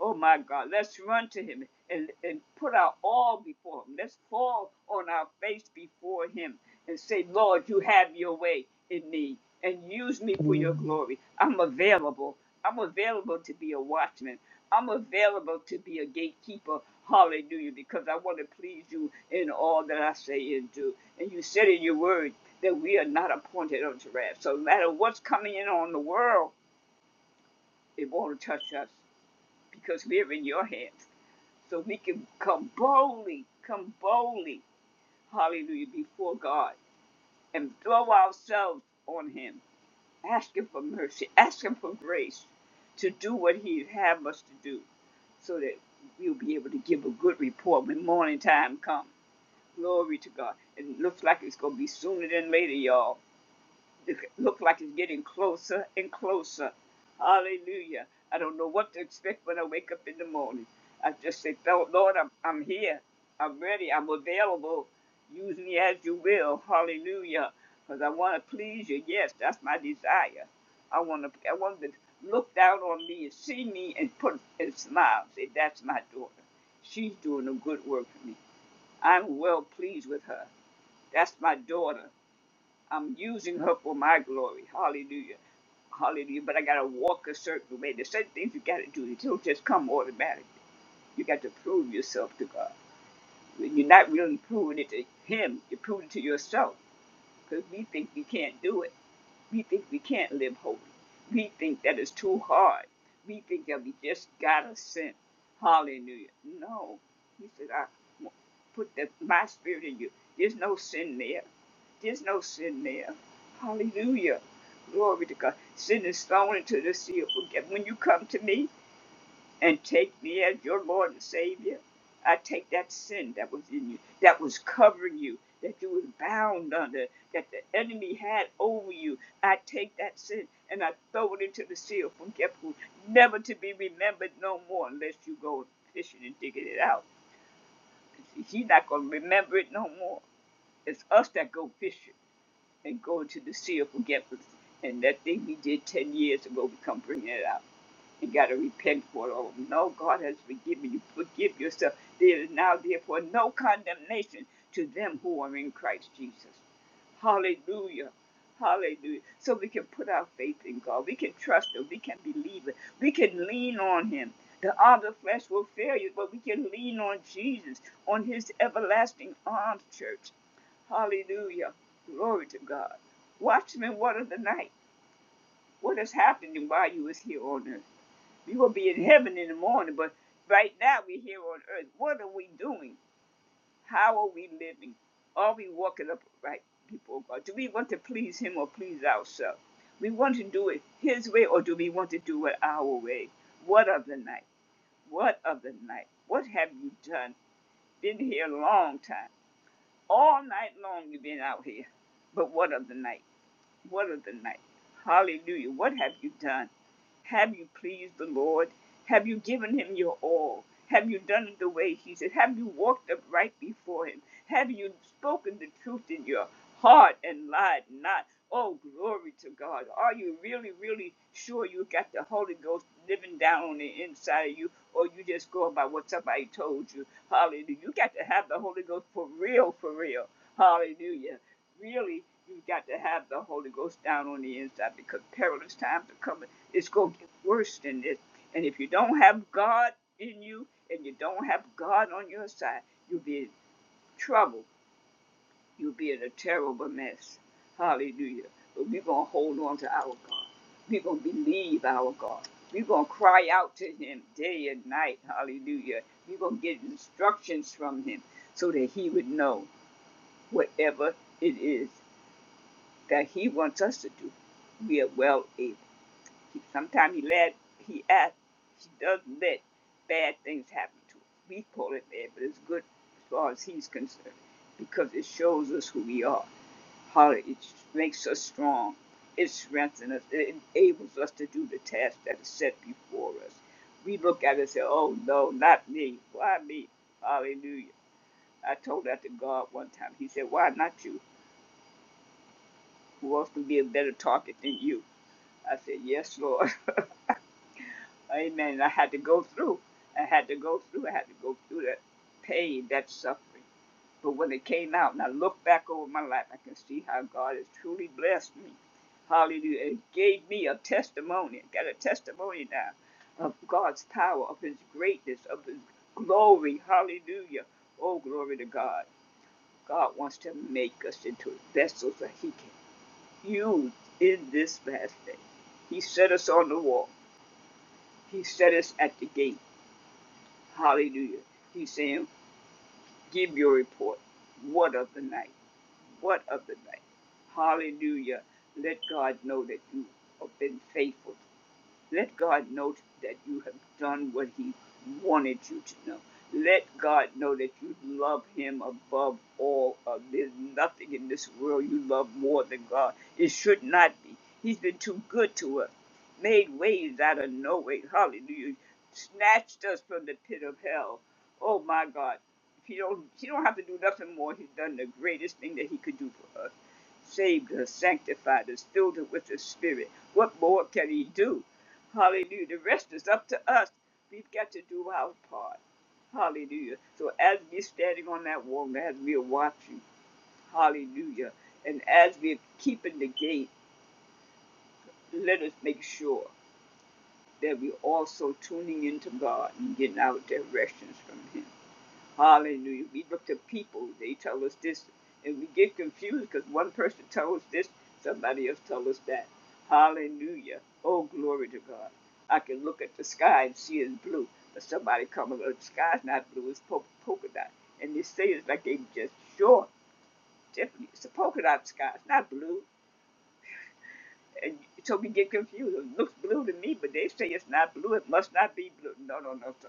B: Oh my God, let's run to him and, and put our all before him. Let's fall on our face before him and say, Lord, you have your way in me and use me for your glory. I'm available. I'm available to be a watchman. I'm available to be a gatekeeper. Hallelujah, because I want to please you in all that I say and do. And you said in your word that we are not appointed unto wrath. So no matter what's coming in on the world, it won't touch us because we're in your hands so we can come boldly, come boldly, hallelujah, before God and throw ourselves on Him. Ask Him for mercy, ask Him for grace to do what He'd have us to do so that we'll be able to give a good report when morning time comes. Glory to God. It looks like it's going to be sooner than later, y'all look like it's getting closer and closer. Hallelujah. I don't know what to expect when I wake up in the morning. I just say, Lord, I'm, I'm here. I'm ready. I'm available. Use me as you will. Hallelujah. Because I want to please you. Yes, that's my desire. I want to, I want to look down on me and see me and put and smile. Say, that's my daughter. She's doing a good work for me. I'm well pleased with her. That's my daughter. I'm using her for my glory. Hallelujah. Hallelujah. But I got to walk a certain way. There's certain things you got to do. It don't just come automatically. You got to prove yourself to God. When you're not really proving it to Him, you're proving it to yourself because we think we can't do it. We think we can't live holy. We think that is too hard. We think that we just gotta sin. Hallelujah. No. He said, I put the, my spirit in you. There's no sin there. There's no sin there. Hallelujah. Glory to God. Sin is thrown into the sea of forget. When you come to me, and take me as your Lord and Savior. I take that sin that was in you, that was covering you, that you was bound under, that the enemy had over you. I take that sin and I throw it into the sea of forgetful, never to be remembered no more unless you go fishing and digging it out. He's not going to remember it no more. It's us that go fishing and go into the sea of forgetfulness. And that thing we did 10 years ago, we come bringing it out. You got to repent for it. Oh, no, God has forgiven you. Forgive yourself. There is now, therefore, no condemnation to them who are in Christ Jesus. Hallelujah. Hallelujah. So we can put our faith in God. We can trust Him. We can believe it. We can lean on Him. The arm of the flesh will fail you, but we can lean on Jesus, on His everlasting arms, church. Hallelujah. Glory to God. Watchmen, what of the night? What is happening while you is here on earth? We will be in heaven in the morning, but right now we're here on earth. What are we doing? How are we living? Are we walking up right, people of God? Do we want to please Him or please ourselves? We want to do it His way or do we want to do it our way? What of the night? What of the night? What have you done? Been here a long time. All night long you've been out here. But what of the night? What of the night? Hallelujah. What have you done? Have you pleased the Lord? Have you given him your all? Have you done it the way he said? Have you walked upright before him? Have you spoken the truth in your heart and lied not? Oh, glory to God. Are you really, really sure you got the Holy Ghost living down on the inside of you, or you just go by what somebody told you? Hallelujah. You got to have the Holy Ghost for real, for real. Hallelujah really you've got to have the Holy Ghost down on the inside because perilous times are coming. It's going to get worse than this. And if you don't have God in you and you don't have God on your side, you'll be in trouble. You'll be in a terrible mess. Hallelujah. But we're going to hold on to our God. We're going to believe our God. We're going to cry out to Him day and night. Hallelujah. We're going to get instructions from Him so that He would know whatever it is that he wants us to do, we are well able. He, sometimes he let he ask, he does not let bad things happen to us. We call it bad, but it's good as far as he's concerned because it shows us who we are, how it makes us strong, it strengthens us, it enables us to do the task that is set before us. We look at it and say, "Oh no, not me! Why me? Hallelujah!" I told that to God one time. He said, "Why not you? Who else can be a better target than you?" I said, Yes, Lord. Amen. And I had to go through. I had to go through. I had to go through that pain, that suffering. But when it came out and I look back over my life, I can see how God has truly blessed me. Hallelujah. It gave me a testimony. I got a testimony now of God's power, of His greatness, of His glory. Hallelujah. Oh, glory to God. God wants to make us into vessels that He can use in this last day. He set us on the wall. He set us at the gate. Hallelujah. He's saying, Give your report. What of the night? What of the night? Hallelujah. Let God know that you have been faithful let God know that you have done what He wanted you to know. Let God know that you love Him above all. Of, there's nothing in this world you love more than God. It should not be. He's been too good to us, made ways out of no way. Hallelujah. Snatched us from the pit of hell. Oh my God. He don't, he don't have to do nothing more. He's done the greatest thing that he could do for us saved us, sanctified us, filled us with the Spirit. What more can He do? Hallelujah. The rest is up to us. We've got to do our part. Hallelujah. So as we're standing on that wall, as we're watching, hallelujah, and as we're keeping the gate, let us make sure that we're also tuning into God and getting our directions from Him. Hallelujah. We look to people. They tell us this, and we get confused because one person tells us this, somebody else tells us that. Hallelujah. Oh, glory to God. I can look at the sky and see it's blue, but somebody comes up, the sky's not blue, it's po- polka dot. And they say it's like they just sure, definitely, it's a polka dot sky, it's not blue. And so we get confused. It looks blue to me, but they say it's not blue, it must not be blue. No, no, no, sir.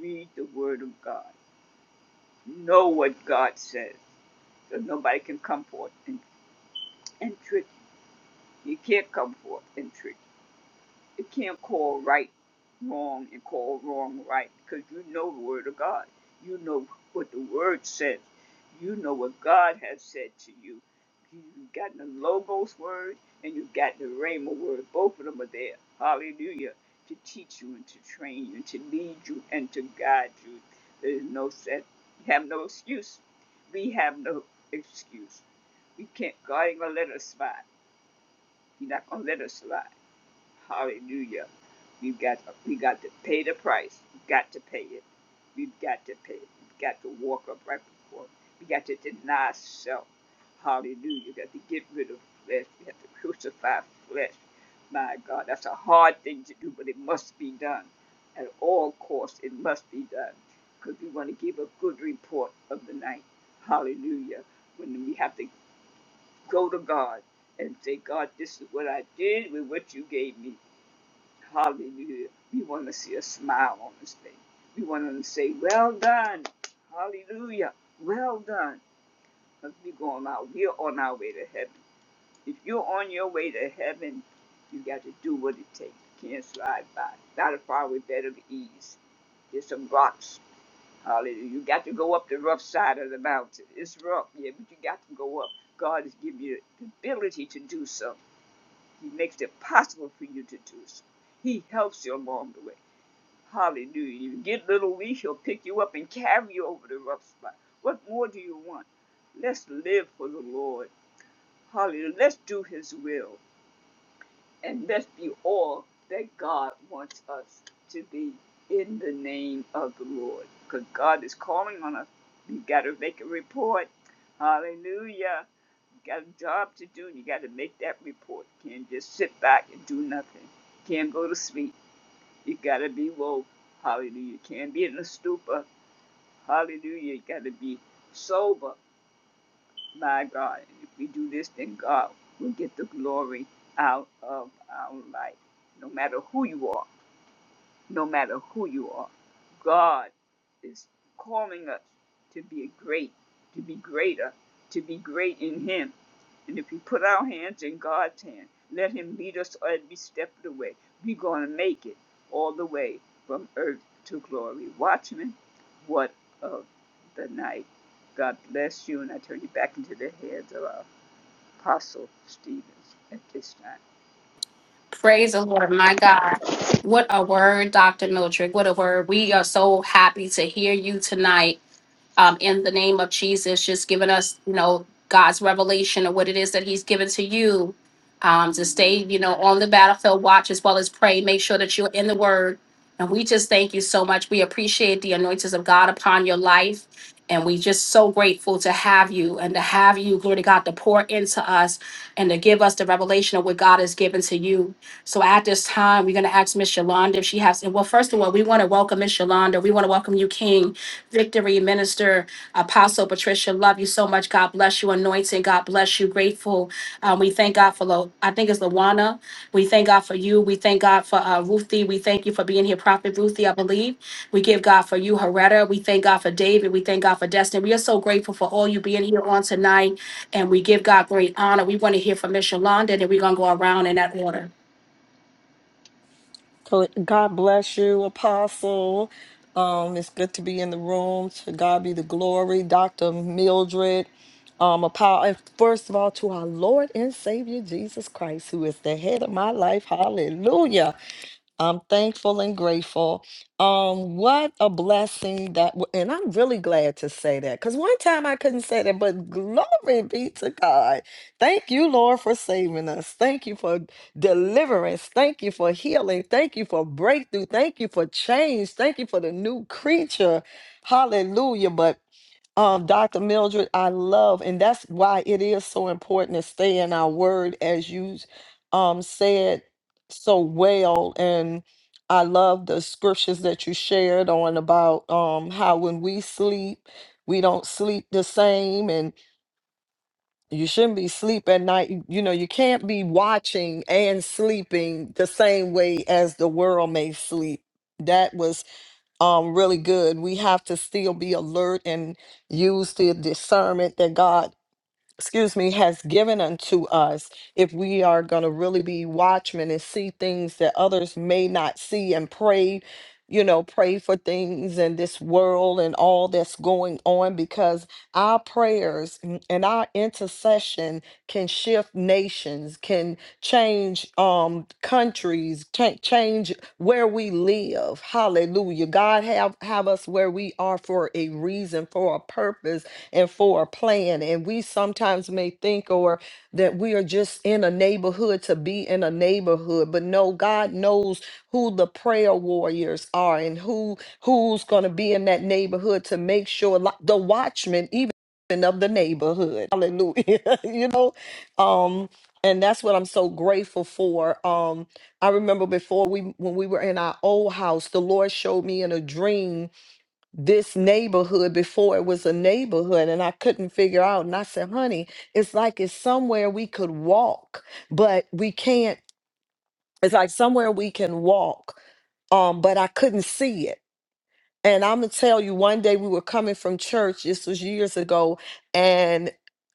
B: Read the Word of God. Know what God says. So nobody can come forth and, and trick you. You can't come forth and trick you can't call right wrong and call wrong right because you know the Word of God. You know what the Word says. You know what God has said to you. You've got the Logos word and you've got the Rhema word. Both of them are there. Hallelujah. To teach you and to train you and to lead you and to guide you. There's no set. You have no excuse. We have no excuse. We can't. God ain't gonna let us slide. He's not gonna let us slide. Hallelujah. We've got we got to pay the price. We've got to pay it. We've got to pay it. We've got to walk up right before. We got to deny self. Hallelujah. We got to get rid of flesh. We have to crucify flesh. My God, that's a hard thing to do, but it must be done. At all costs, it must be done. Because we want to give a good report of the night. Hallelujah. When we have to go to God and say, God, this is what I did with what you gave me. Hallelujah. We want to see a smile on his face. We want him to say, Well done. Hallelujah. Well done. Because we're going out. We're on our way to heaven. If you're on your way to heaven, you got to do what it takes. You can't slide by. Not a far faraway bed of ease. There's some rocks. Hallelujah. You got to go up the rough side of the mountain. It's rough, yeah, but you got to go up. God has given you the ability to do so. He makes it possible for you to do so. He helps you along the way. Hallelujah. You get little weak, he'll pick you up and carry you over the rough spot. What more do you want? Let's live for the Lord. Hallelujah. Let's do his will. And let's be all that God wants us to be in the name of the Lord. Because God is calling on us. You gotta make a report. Hallelujah. You got a job to do and you gotta make that report. You Can't just sit back and do nothing. You Can't go to sleep you gotta be woke. Hallelujah. You can't be in a stupor. Hallelujah. You gotta be sober. My God. And if we do this, then God will get the glory out of our life, no matter who you are no matter who you are. God is calling us to be a great, to be greater, to be great in Him. And if we put our hands in God's hand, let Him lead us every step of the way, we're going to make it all the way from earth to glory. Watchmen, what of the night? God bless you, and I turn you back into the hands of our Apostle Stevens at this time.
A: Praise the Lord, my God. What a word, Dr. Mildred. What a word. We are so happy to hear you tonight um, in the name of Jesus, just giving us, you know, God's revelation of what it is that He's given to you um, to
B: Mm-hmm.
A: stay, you know, on the battlefield, watch as well as pray. Make sure that you're in the Word. And we just thank you so much. We appreciate the anointings of God upon your life. And we just so grateful to have you and to have you, glory to God, to pour into us and to give us the revelation of what God has given to you. So at this time, we're going to ask Miss Yolanda if she has. And well, first of all, we want to welcome Miss Yolanda. We want to welcome you, King. Victory Minister Apostle Patricia. Love you so much. God bless you. Anointing. God bless you. Grateful. Um, we thank God for, Lo- I think it's Lawana. We thank God for you. We thank God for uh, Ruthie. We thank you for being here, Prophet Ruthie, I believe. We give God for you, Heretta. We thank God for David. We thank God for Destiny. We are so grateful for all you being here on tonight. And we give God great honor. We want to hear from Miss Yolanda, and then we're going to go around in that order.
C: So God bless you, Apostle. Um, it's good to be in the room. To God be the glory, Dr. Mildred. Um, Apo- and first of all, to our Lord and Savior Jesus Christ, who is the head of my life. Hallelujah. I'm thankful and grateful. Um, what a blessing that, w- and I'm really glad to say that because one time I couldn't say that, but glory be to God. Thank you, Lord, for saving us. Thank you for deliverance. Thank you for healing. Thank you for breakthrough. Thank you for change. Thank you for the new creature. Hallelujah. But um, Dr. Mildred, I love, and that's why it is so important to stay in our word, as you um, said so well and i love the scriptures that you shared on about um how when we sleep we don't sleep the same and you shouldn't be sleep at night you you know you can't be watching and sleeping the same way as the world may sleep that was um really good we have to still be alert and use the discernment that god excuse me, has given unto us if we are going to really be watchmen and see things that others may not see and pray, you know, pray for things in this world and all that's going on because our prayers mm, and our intercession can shift nations, can change um countries, can change where we live. Hallelujah. God have have us where we are for a reason, for a purpose and for a plan. And we sometimes may think or that we are just in a neighborhood to be in a neighborhood, but no, God knows who the prayer warriors are and who who's going to be in that neighborhood to make sure like the watchman even of the neighborhood hallelujah you know um and that's what i'm so grateful for um i remember before we when we were in our old house the lord showed me in a dream this neighborhood before it was a neighborhood and I couldn't figure out and I said honey it's like it's somewhere we could walk but we can't it's like somewhere we can walk um but I couldn't see it and I'm gonna tell you, one day we were coming from church. This was years ago, and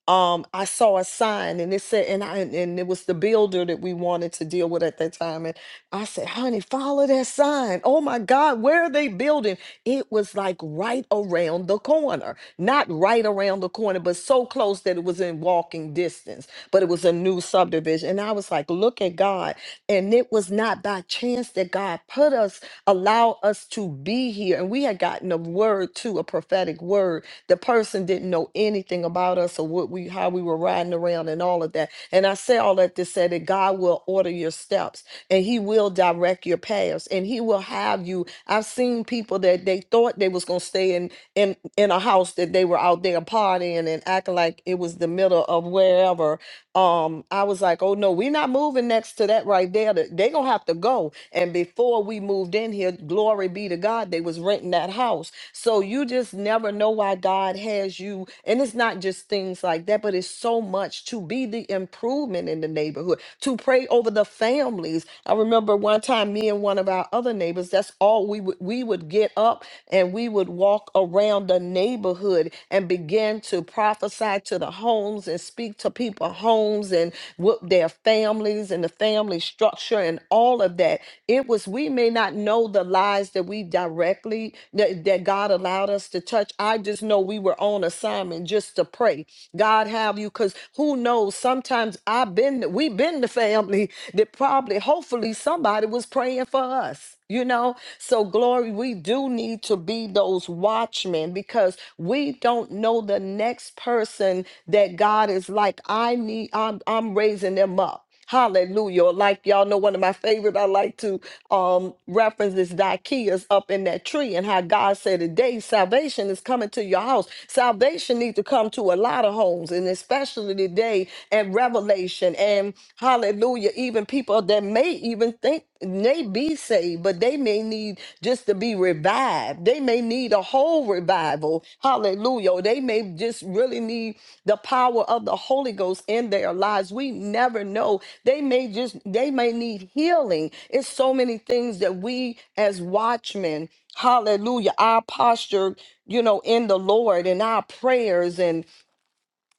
C: um, I saw a sign, and it said, and I, and it was the builder that we wanted to deal with at that time. And I said, "Honey, follow that sign. Oh my God, where are they building?" It was like right around the corner, not right around the corner, but so close that it was in walking distance. But it was a new subdivision, and I was like, "Look at God!" And it was not by chance that God put us allow us to be here. And we had gotten a word too, a prophetic word. The person didn't know anything about us or what we how we were riding around and all of that. And I say all that to say that God will order your steps and He will direct your paths and He will have you. I've seen people that they thought they was gonna stay in in in a house that they were out there partying and acting like it was the middle of wherever um i was like oh no we're not moving next to that right there Th- they gonna have to go and before we moved in here glory be to god they was renting that house so you just never know why god has you and it's not just things like that but it's so much to be the improvement in the neighborhood to pray over the families i remember one time me and one of our other neighbors that's all we would we would get up and we would walk around the neighborhood neighborhood and begin to prophesy to the homes and speak to people homes and what their families and the family structure and all of that it was we may not know the lies that we directly that, that god allowed us to touch i just know we were on assignment just to pray god have you because who knows sometimes i've been we've been the family that probably hopefully somebody was praying for us you know now. So, glory, we do need to be those watchmen because we don't know the next person that God is like, I need, I'm, I'm raising them up. Hallelujah. Or Like y'all know, one of my favorite I like to um reference is Zacchaeus up in that tree and how God said today salvation is coming to your house. Salvation needs to come to a lot of homes and especially today and revelation and hallelujah, even people that may even think may be saved, but they may need just to be revived. They may need a whole revival. Hallelujah. They may just really need the power of the Holy Ghost in their lives. We never know. They may just, they may need healing. It's so many things that we as watchmen, hallelujah, our posture, you know, in the Lord and our prayers and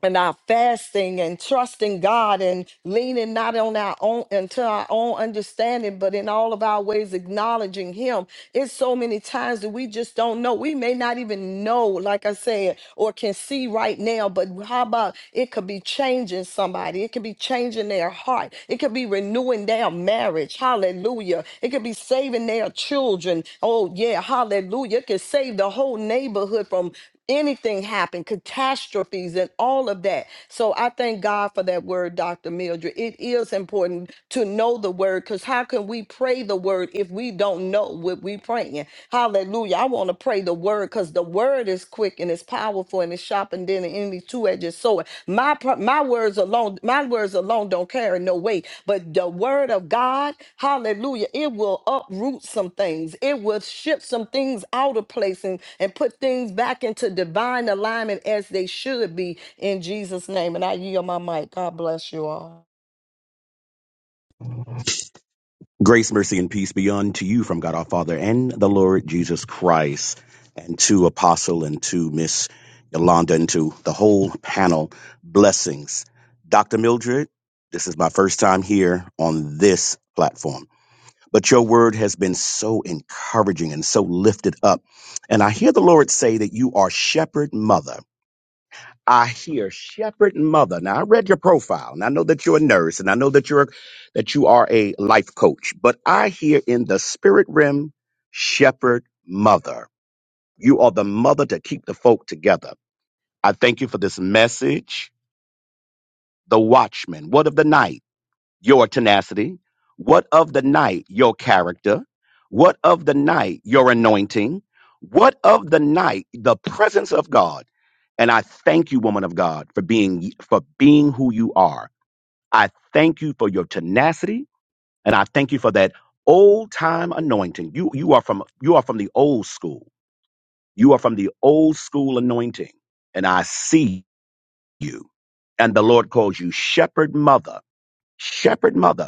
C: and our fasting and trusting God and leaning not on our own into our own understanding, but in all of our ways acknowledging Him. It's so many times that we just don't know. We may not even know, like I said, or can see right now, but how about it could be changing somebody? It could be changing their heart. It could be renewing their marriage. Hallelujah. It could be saving their children. Oh, yeah. Hallelujah. It could save the whole neighborhood from anything happen, catastrophes, and all of that. So I thank God for that word, Dr. Mildred. It is important to know the word because how can we pray the word if we don't know what we praying? Hallelujah. I want to pray the word because the word is quick and it's powerful and it's sharpened than any two edged sword. My pro- my words alone, my words alone don't carry no weight, but the word of God, hallelujah, it will uproot some things. It will shift some things out of place and, and put things back into divine alignment as they should be in Jesus' name. And I yield my mic. God bless you all.
D: Grace, mercy, and peace be unto you from God our Father and the Lord Jesus Christ, and to Apostle and to Miss Yolanda and to the whole panel. Blessings. Dr. Mildred, this is my first time here on this platform, but your word has been so encouraging and so lifted up. And I hear the Lord say that you are shepherd mother. I hear shepherd and mother. Now I read your profile and I know that you're a nurse and I know that you're that you are a life coach, but I hear in the spirit realm shepherd mother. You are the mother to keep the folk together. I thank you for this message. The watchman, what of the night? your tenacity? What of the night, your character? What of the night, your anointing? What of the night, the presence of God? And I thank you, woman of God, for being for being who you are. I thank you for your tenacity, and I thank you for that old time anointing. You you are from you are from the old school. You are from the old school anointing, and I see you. And the Lord calls you shepherd mother, shepherd mother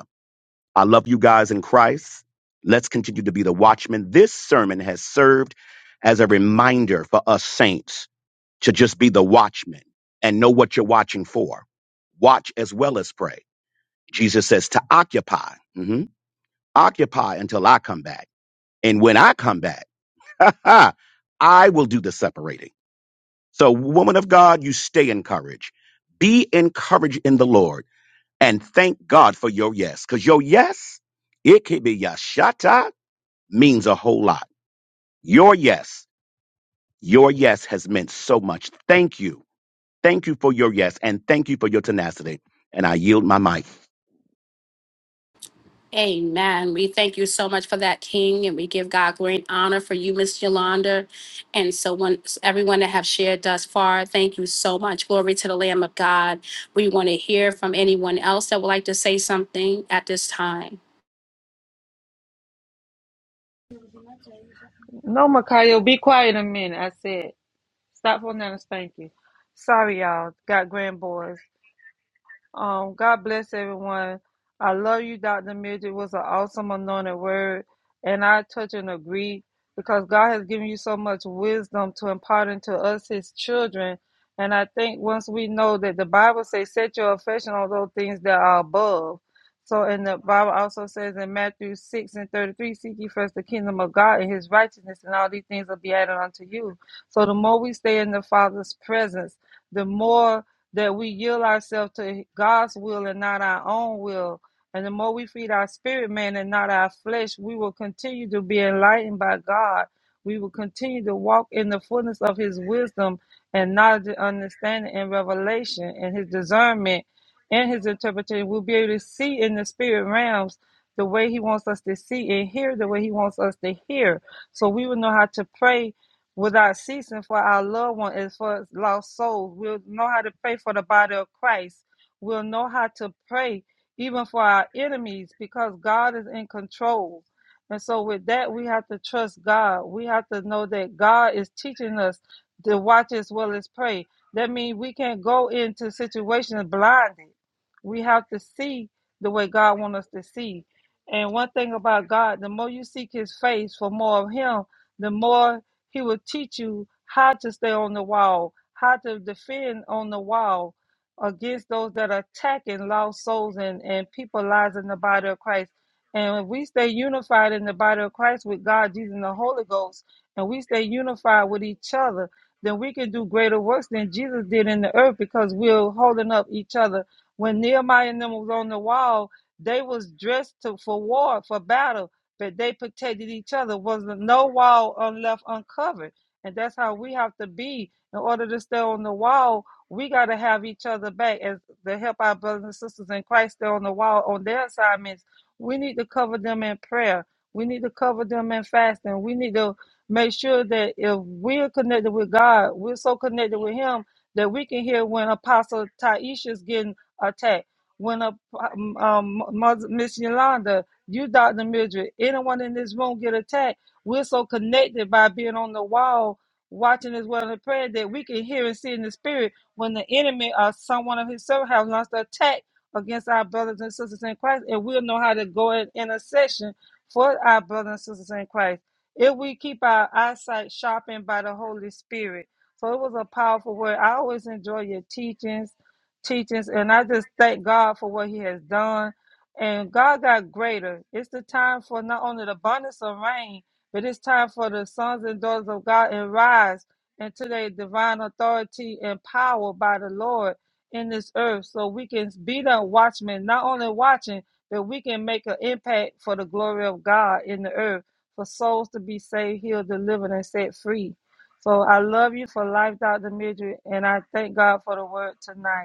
D: I love you guys in Christ. Let's continue to be the watchmen. This sermon has served as a reminder for us saints to just be the watchmen and know what you're watching for. Watch as well as pray. Jesus says to occupy, Mhm. occupy until I come back. And when I come back, I will do the separating. So, woman of God, you stay encouraged. Be encouraged in the Lord and thank God for your yes, because your yes, it can be your shut eye means a whole lot. Your yes, your yes has meant so much. Thank you. Thank you for your yes and thank you for your tenacity. And I yield my mic.
A: Amen. We thank you so much for that, King, and we give God glory and honor for you, Miss Yolanda. And so, once everyone that have shared thus far, thank you so much. Glory to the Lamb of God. We want to hear from anyone else that would like to say something at this time.
E: No, Makayo, be quiet a minute. I said, stop holding down a spanking. Sorry, y'all. Got grandboys. Um, God bless everyone. I love you, Dr. Midge. It was an awesome anointed word, and I touch and agree because God has given you so much wisdom to impart into us, His children. And I think once we know that the Bible says, "Set your affection on those things that are above." So, and the Bible also says in Matthew six and thirty-three, "Seek ye first the kingdom of God and His righteousness, and all these things will be added unto you." So, the more we stay in the Father's presence, the more that we yield ourselves to God's will and not our own will. And the more we feed our spirit man and not our flesh, we will continue to be enlightened by God. We will continue to walk in the fullness of his wisdom and knowledge and understanding and revelation and his discernment and his interpretation. We'll be able to see in the spirit realms the way he wants us to see and hear the way he wants us to hear. So we will know how to pray without ceasing for our loved one and for lost souls. We'll know how to pray for the body of Christ. We'll know how to pray even for our enemies because God is in control. And so, with that, we have to trust God. We have to know that God is teaching us to watch as well as pray. That means we can't go into situations blinded. We have to see the way God wants us to see. And one thing about God, the more you seek His face for more of Him, the more he will teach you how to stay on the wall, how to defend on the wall against those that are attacking lost souls and, and people lives in the body of Christ. And if we stay unified in the body of Christ with God, Jesus, and the Holy Ghost, and we stay unified with each other, then we can do greater works than Jesus did in the earth because we're holding up each other. When Nehemiah and them was on the wall, they was dressed to, for war, for battle but they protected each other. Was no wall un- left uncovered, and that's how we have to be in order to stay on the wall. We got to have each other back as to help our brothers and sisters in Christ stay on the wall on their assignments. We need to cover them in prayer. We need to cover them in fasting. We need to make sure that if we're connected with God, we're so connected with Him that we can hear when Apostle Taisha's getting attacked, when a, um, um, Mother- Miss Yolanda, you, Dr. Mildred, anyone in this room get attacked. We're so connected by being on the wall, watching as well and praying that we can hear and see in the spirit when the enemy or someone of his servant has launched an attack against our brothers and sisters in Christ, and we'll know how to go in intercession for our brothers and sisters in Christ. If we keep our eyesight sharpened by the Holy Spirit. So it was a powerful word. I always enjoy your teachings, teachings, and I just thank God for what He has done and God got greater. It's the time for not only the abundance of rain, but it's time for the sons and daughters of God and rise into their divine authority and power by the Lord in this earth, so we can be the watchmen, not only watching, but we can make an impact for the glory of God in the earth, for souls to be saved, healed, delivered, and set free. So I love you for life, Dr. Midget, and I thank God for the word tonight.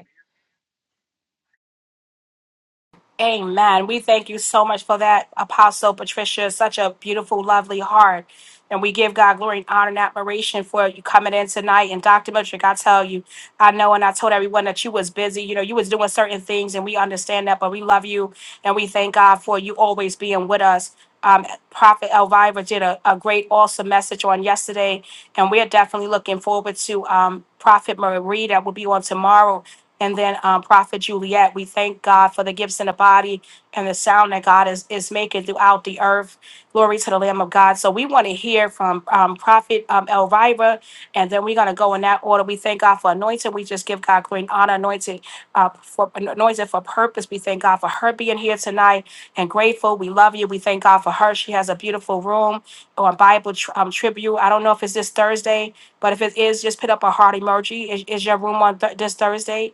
A: Amen. We thank you so much for that, Apostle Patricia. Such a beautiful, lovely heart. And we give God glory and honor and admiration for you coming in tonight. And Dr. Miltrick, I tell you, I know and I told everyone that you was busy. You know, you was doing certain things and we understand that, but we love you and we thank God for you always being with us. Um, Prophet Elvira did a, a great, awesome message on yesterday, and we're definitely looking forward to um, Prophet Marie that will be on tomorrow. And then um, Prophet Juliet, we thank God for the gifts in the body and the sound that God is, is making throughout the earth. Glory to the Lamb of God. So we want to hear from um, Prophet um, Elvira, and then we're going to go in that order. We thank God for anointing. We just give God great honor, anointing uh, for anointing for purpose. We thank God for her being here tonight and grateful. We love you. We thank God for her. She has a beautiful room or Bible tr- um, tribute. I don't know if it's this Thursday, but if it is, just put up a heart emoji. Is, is your room on th- this Thursday?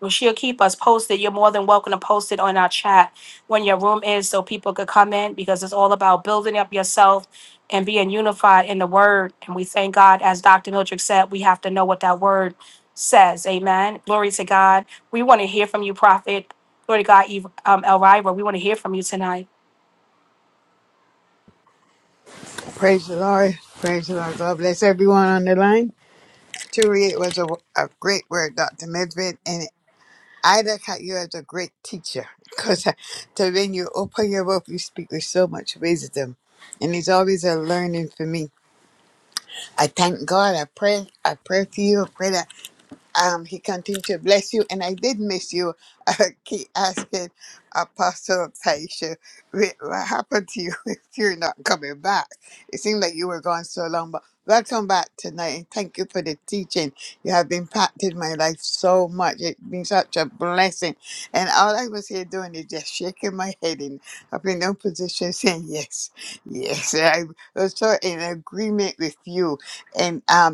A: Well, she'll keep us posted. You're more than welcome to post it on our chat when your room is so people could come in because it's all about building up yourself and being unified in the word. And we thank God, as Dr. Mildred said, we have to know what that word says. Amen. Glory to God. We want to hear from you, Prophet. Glory to God, Eve- um, Elvira. We want to hear from you tonight.
F: Praise the Lord. Praise the Lord. God bless everyone on the line. Truly, it was a, a great word, Dr. Midvid. And I look at you as a great teacher because to when you open your mouth, you speak with so much wisdom. And it's always a learning for me. I thank God. I pray. I pray for you. I pray that um, he continued to bless you. And I did miss you. I keep asking Apostle Taisha, "Wh- what happened to you if you're not coming back? It seemed like you were gone so long, but welcome back tonight. And thank you for the teaching. You have impacted my life so much. It's been such a blessing. And all I was here doing is just shaking my head and up in no position saying, yes, yes. I was so in agreement with you. And um,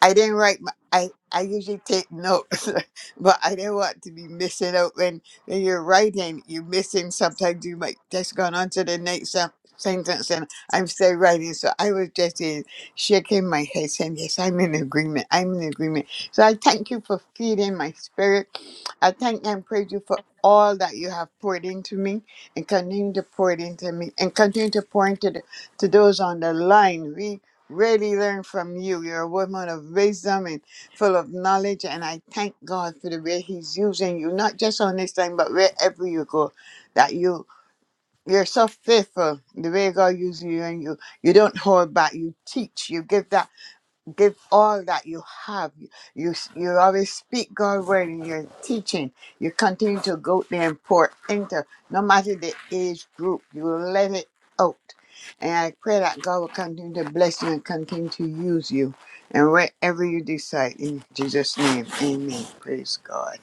F: I didn't write my. I, I usually take notes, but I didn't want to be missing out when, when you're writing. You're missing sometimes. You might just gone on to the next sen- sentence, and I'm still writing. So I was just uh, shaking my head, saying, "Yes, I'm in agreement. I'm in agreement." So I thank you for feeding my spirit. I thank and praise you for all that you have poured into me and continue to pour it into me and continue to pour into the, to those on the line. We really learn from you. You're a woman of wisdom and full of knowledge. And I thank God for the way He's using you, not just on this line, but wherever you go, that you. You're so faithful the way God uses you and you you don't hold back. You teach. You give that give all that you have. You s- you always speak God's word in your teaching. You continue to go there and pour into no matter the age group. You let it out. And I pray that God will continue to bless you and continue to use you. And wherever you decide, in Jesus' name, amen. Praise God.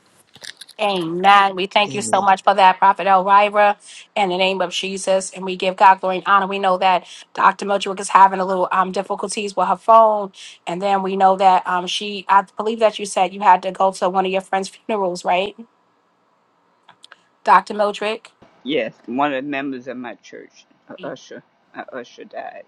A: Amen. We thank you so
F: Amen.
A: much for that, Prophet Elvira, in the name of Jesus. And we give God glory and honor. We know that Dr. Mildred is having a little um, difficulties with her phone. And then we know that um, she, I believe that you said you had to go to one of your friend's funerals, right, Dr. Mildred?
B: Yes, one of the members of my church, a usher, a usher died.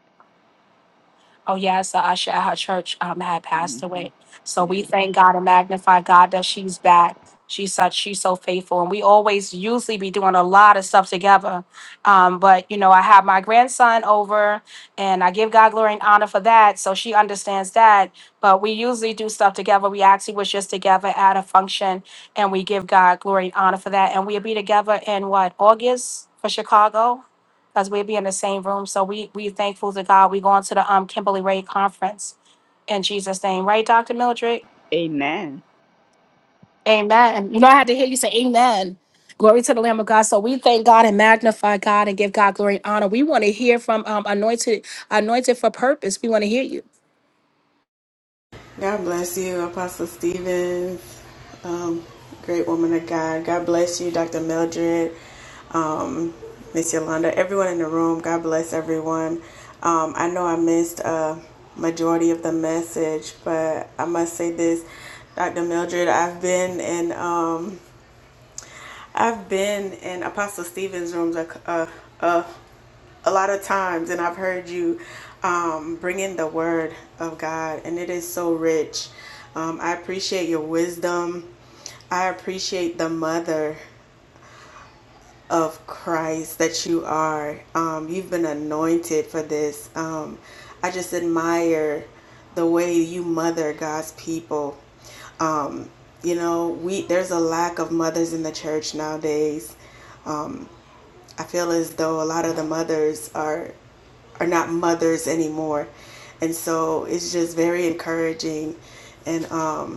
A: Oh, yes, the usher at her church um, had passed
B: hmm
A: away. So
B: Yeah.
A: we thank God and magnify God that she's back. She's such, she's so faithful. And we always usually be doing a lot of stuff together. Um, but, you know, I have my grandson over and I give God glory and honor for that. So she understands that. But we usually do stuff together. We actually was just together at a function and we give God glory and honor for that. And we'll be together in what, August for Chicago? because we'll be in the same room. So we we thankful to God. We going to the um Kimberly Ray conference in Jesus' name, right, Doctor Mildred?
B: Amen.
A: Amen. You know, I had to hear you say Amen. Glory to the Lamb of God. So we thank God and magnify God and give God glory and honor. We want to hear from um, anointed, anointed for purpose. We want to hear you.
G: God bless you, Apostle Stevens. Um, great woman of God. God bless you, Dr. Mildred, um, Miss Yolanda, everyone in the room. God bless everyone. Um, I know I missed a majority of the message, but I must say this, Dr. Mildred, I've been in. Um, I've been in Apostle Stephen's rooms a, a, a, a lot of times, and I've heard you um, bring in the word of God, and it is so rich. Um, I appreciate your wisdom. I appreciate the mother of Christ that you are. Um, you've been anointed for this. Um, I just admire the way you mother God's people. Um, you know, we there's a lack of mothers in the church nowadays. I feel as though a lot of the mothers are are not mothers anymore, and so it's just very encouraging, and um,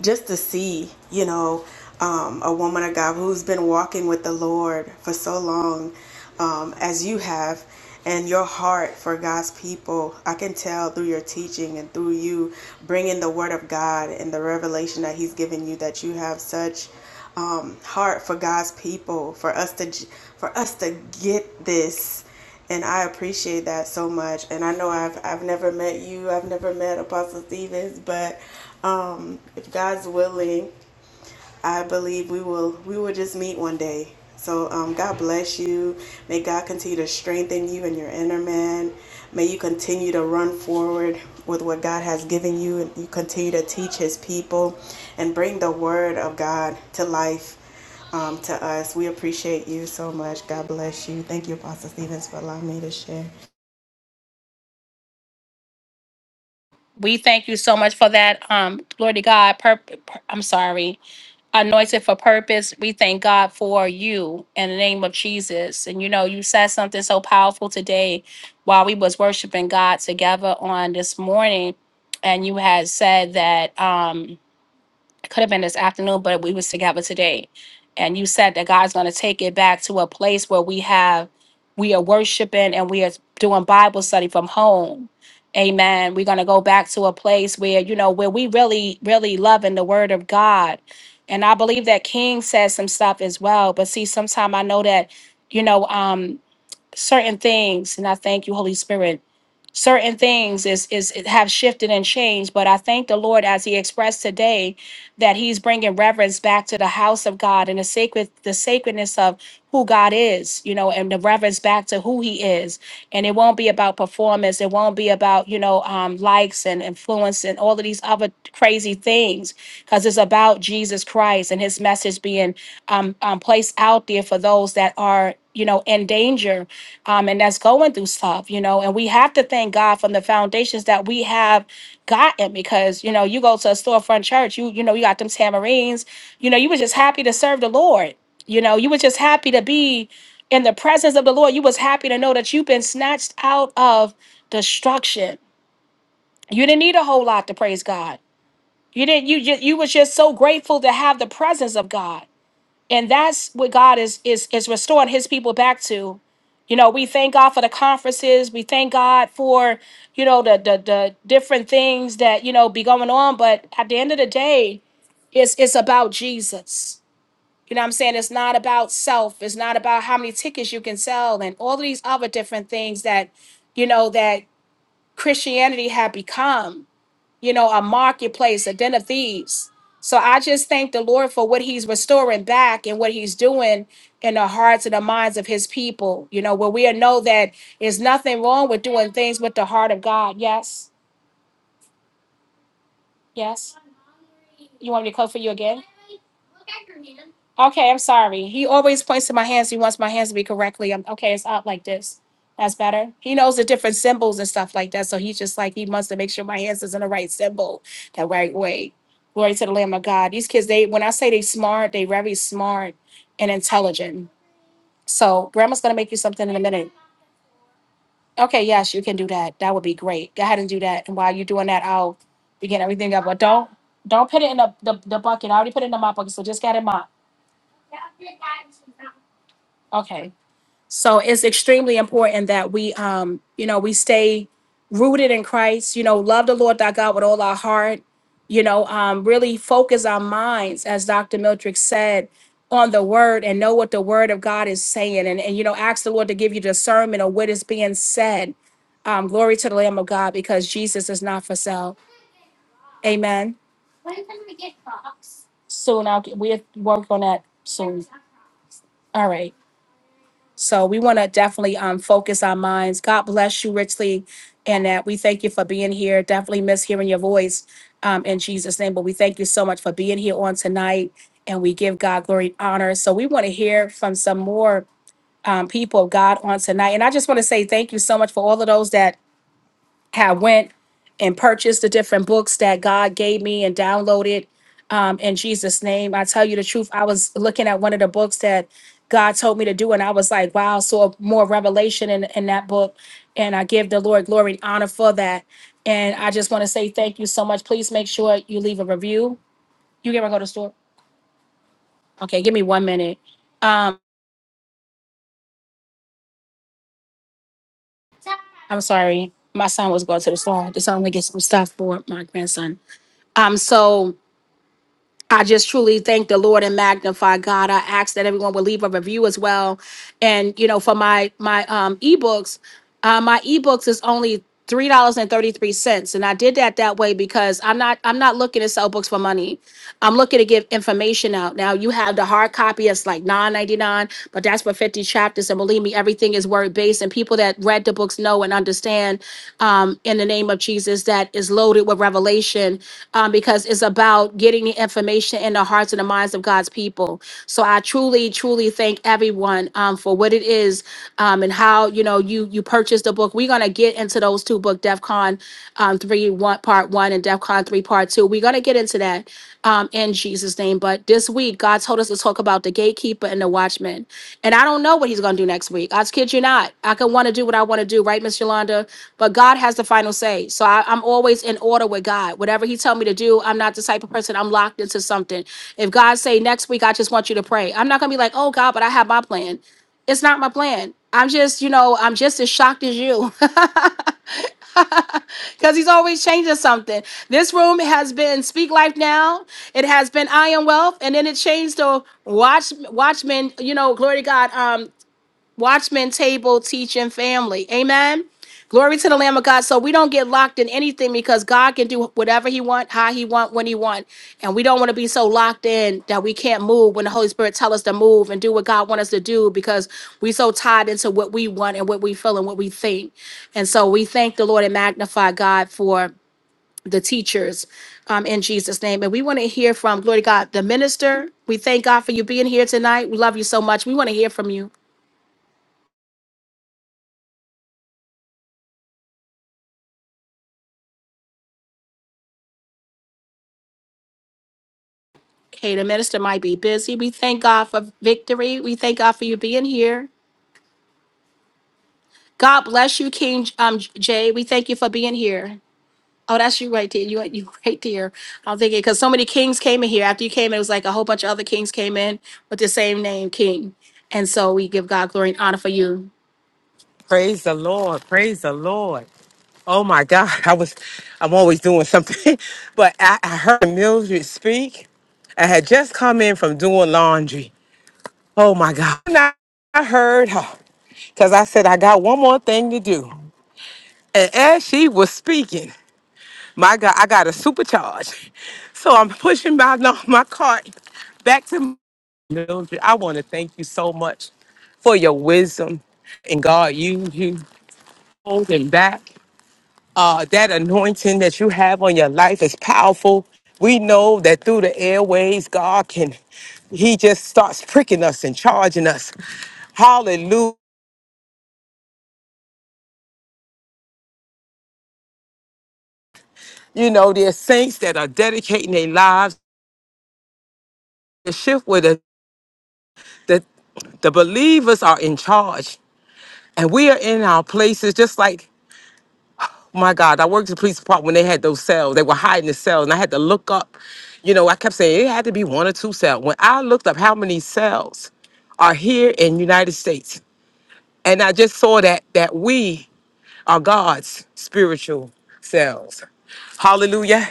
G: just to see, you know, um, a woman of God who's been walking with the Lord for so long um, as you have, and your heart for God's people, I can tell through your teaching and through you bringing the Word of God and the revelation that He's given you that you have such um, heart for God's people, for us to for us to get this and I appreciate that so much. And I know I've I've never met you, I've never met Apostle Stevens, but um, if God's willing, I believe we will we will just meet one day. So um, God bless you. May God continue to strengthen you and your inner man. May you continue to run forward with what God has given you, and you continue to teach His people and bring the Word of God to life um, to us. We appreciate you so much. God bless you. Thank you, Apostle Stevens, for allowing me to share.
A: We thank you so much for that. Um, glory to God. Purp- pur- I'm sorry. anointed for purpose. We thank God for you in the name of Jesus. And you know, you said something so powerful today while we was worshiping God together on this morning. And you had said that um it could have been this afternoon, but we was together today. And you said that God's going to take it back to a place where we have, we are worshiping and we are doing Bible study from home. Amen. We're going to go back to a place where, you know, where we really, really loving the word of God. And I believe that King says some stuff as well. But see, sometimes I know that, you know, um, certain things, and I thank you, Holy Spirit certain things is is have shifted and changed but i thank the lord as he expressed today that he's bringing reverence back to the house of god and the sacred the sacredness of who god is you know and the reverence back to who he is and it won't be about performance it won't be about you know um, likes and influence and all of these other crazy things because it's about jesus christ and his message being um, um, placed out there for those that are you know in danger um, and that's going through stuff you know and we have to thank god from the foundations that we have gotten because you know you go to a storefront church you you know you got them tamarines you know you were just happy to serve the lord you know you were just happy to be in the presence of the Lord, you was happy to know that you've been snatched out of destruction. You didn't need a whole lot to praise God. You didn't. You just you was just so grateful to have the presence of God, and that's what God is is is restoring His people back to. You know, we thank God for the conferences. We thank God for you know the the, the different things that you know be going on. But at the end of the day, it's it's about Jesus. You know what I'm saying? It's not about self. It's not about how many tickets you can sell and all of these other different things that, you know, that Christianity had become, you know, a marketplace, a den of thieves. So I just thank the Lord for what he's restoring back and what he's doing in the hearts and the minds of his people, you know, where we know that there's nothing wrong with doing things with the heart of God. Yes. Yes. You want me to call for you again? Okay, I'm sorry. He always points to my hands. He wants my hands to be correctly. i okay, it's up like this. That's better. He knows the different symbols and stuff like that. So he's just like he wants to make sure my hands is in the right symbol, the right way. Glory to the Lamb of God. These kids, they when I say they smart, they very smart and intelligent. So grandma's gonna make you something in a minute. Okay, yes, you can do that. That would be great. Go ahead and do that. And while you're doing that, I'll begin everything up. But don't don't put it in the, the, the bucket. I already put it in my bucket, so just get it mop. Okay. So it's extremely important that we, um, you know, we stay rooted in Christ. You know, love the Lord thy God with all our heart. You know, um, really focus our minds, as Dr. Miltrick said, on the Word and know what the Word of God is saying, and and you know, ask the Lord to give you discernment of what is being said. Um, glory to the Lamb of God, because Jesus is not for sale. Amen. Soon, I'll get, we'll work on that soon. All right. So we want to definitely um, focus our minds. God bless you richly, and that we thank you for being here. Definitely miss hearing your voice um, in Jesus' name, but we thank you so much for being here on tonight, and we give God glory and honor. So we want to hear from some more um, people of God on tonight, and I just want to say thank you so much for all of those that have went and purchased the different books that God gave me and downloaded um, in Jesus' name. I tell you the truth, I was looking at one of the books that God told me to do, and I was like, wow, so more revelation in, in that book. And I give the Lord glory and honor for that. And I just want to say thank you so much. Please make sure you leave a review. You ever go to the store? Okay, give me one minute. Um, I'm sorry. My son was going to the store. This only get some stuff for my grandson. Um, so I just truly thank the Lord and magnify God. I ask that everyone will leave a review as well. And you know, for my my um ebooks, uh, my ebooks is only three dollars and thirty three cents, and I did that that way because I'm not I'm not looking to sell books for money. I'm looking to give information out. Now you have the hard copy; it's like nine ninety nine, but that's for fifty chapters. And believe me, everything is word word based and people that read the books know and understand um, in the name of Jesus that is loaded with revelation um, because it's about getting the information in the hearts and the minds of God's people. So I truly, truly thank everyone um, for what it is um, and how you know you you purchased the book. We're gonna get into those two book DEF CON um, three one part one and DEF CON three part two too. We're going to get into that um, in Jesus' name. But this week, God told us to talk about the gatekeeper and the watchman. And I don't know what he's going to do next week. I kid you not. I could want to do what I want to do, right, Miss Yolanda? But God has the final say. So I, I'm always in order with God. Whatever he tell me to do, I'm not the type of person I'm locked into something. If God say next week, I just want you to pray. I'm not going to be like, oh, God, but I have my plan it's not my plan. I'm just, you know, I'm just as shocked as you because he's always changing something. This room has been Speak Life Now. It has been I Am Wealth, and then it changed to Watch Watchmen. You know, glory to God. Um, Watchmen table, teaching, family. Amen. Glory to the Lamb of God. So we don't get locked in anything because God can do whatever He want, how He want, when He want, and we don't want to be so locked in that we can't move when the Holy Spirit tell us to move and do what God want us to do because we so tied into what we want and what we feel and what we think. And so we thank the Lord and magnify God for the teachers um, in Jesus' name. And we want to hear from glory to God, the minister. We thank God for you being here tonight. We love you so much. We want to hear from you. Okay, the minister might be busy. We thank God for victory. We thank God for you being here. God bless you, King um, Jay. We thank you for being here. Oh, that's you right there. You you right there. I'm thinking because so many kings came in here. After you came in, it was like a whole bunch of other kings came in with the same name, King. And so we give God glory and honor for you.
H: Praise the Lord. Praise the Lord. Oh my God. I was, I'm always doing something, but I, I heard Mildred speak. I had just come in from doing laundry. Oh my God. And I, I heard her because I said, I got one more thing to do. And as she was speaking, my God, I got a supercharge. So I'm pushing my, no, my cart back to my Mildred, I want to thank you so much for your wisdom. And God, you you holding back. uh, that anointing that you have on your life is powerful. We know that through the airways, God can, He just starts pricking us and charging us. Hallelujah. You know, there's saints that are dedicating their lives to shift with the, the, the believers are in charge. And we are in our places just like my God, I worked at the police department when they had those cells. They were hiding the cells, and I had to look up. You know, I kept saying it had to be one or two cells. When I looked up how many cells are here in United States, and I just saw that that we are God's spiritual selves. Hallelujah.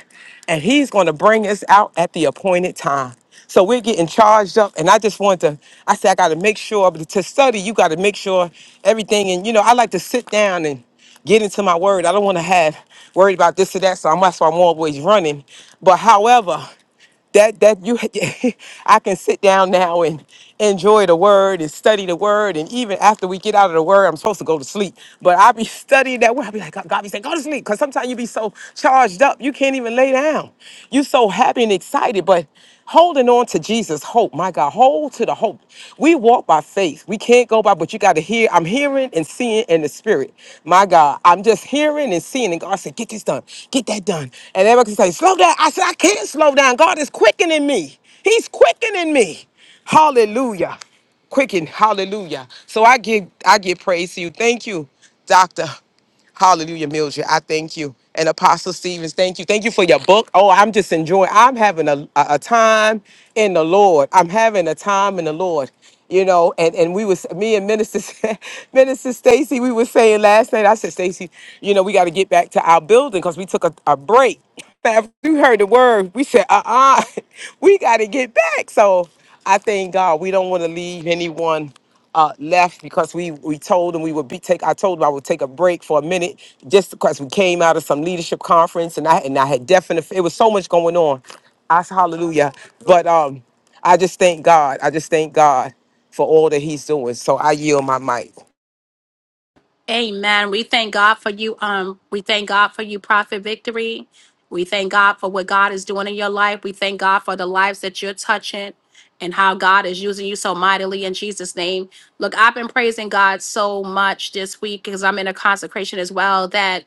H: And he's going to bring us out at the appointed time. So we're getting charged up. And I just want to, I said, I got to make sure, but to study, you got to make sure everything. And, you know, I like to sit down and get into my word. I don't want to have worried about this or that. So I'm, that's why I'm always running. But however, that that you I can sit down now and enjoy the word and study the word and even after we get out of the word I'm supposed to go to sleep but I'll be studying that word I'll be like God be saying go to sleep because sometimes you be so charged up you can't even lay down you so happy and excited but holding on to Jesus' hope. My God, hold to the hope. We walk by faith. We can't go by, but you got to hear. I'm hearing and seeing in the spirit. My God, I'm just hearing and seeing. And God said, Get this done, get that done. And everyone can say, Slow down. I said, I can't slow down. God is quickening me. He's quickening me. Hallelujah. Quicken. Hallelujah. So I give I give praise to you. Thank you, Doctor. Hallelujah, Mildred. I thank you. And Apostle Stevens, thank you. Thank you for your book. Oh, I'm just enjoying. I'm having a, a, a time in the Lord. I'm having a time in the Lord. You know, and, and we was me and Minister Minister Stacy, we were saying last night, I said, Stacy, you know, we got to get back to our building because we took a, a break. After we heard the word, we said, uh-uh, we got to get back. So I thank God we don't want to leave anyone uh, left because we we told them we would be take. I told them I would take a break for a minute just because we came out of some leadership conference and I and I had definite. It was so much going on. I said hallelujah, but um, I just thank God. I just thank God for all that He's doing. So I yield my mic.
A: Amen. We thank God for you. Um, we thank God for you, Prophet Victory. We thank God for what God is doing in your life. We thank God for the lives that you're touching and how God is using you so mightily in Jesus' name. Look, I've been praising God so much this week because I'm in a consecration as well that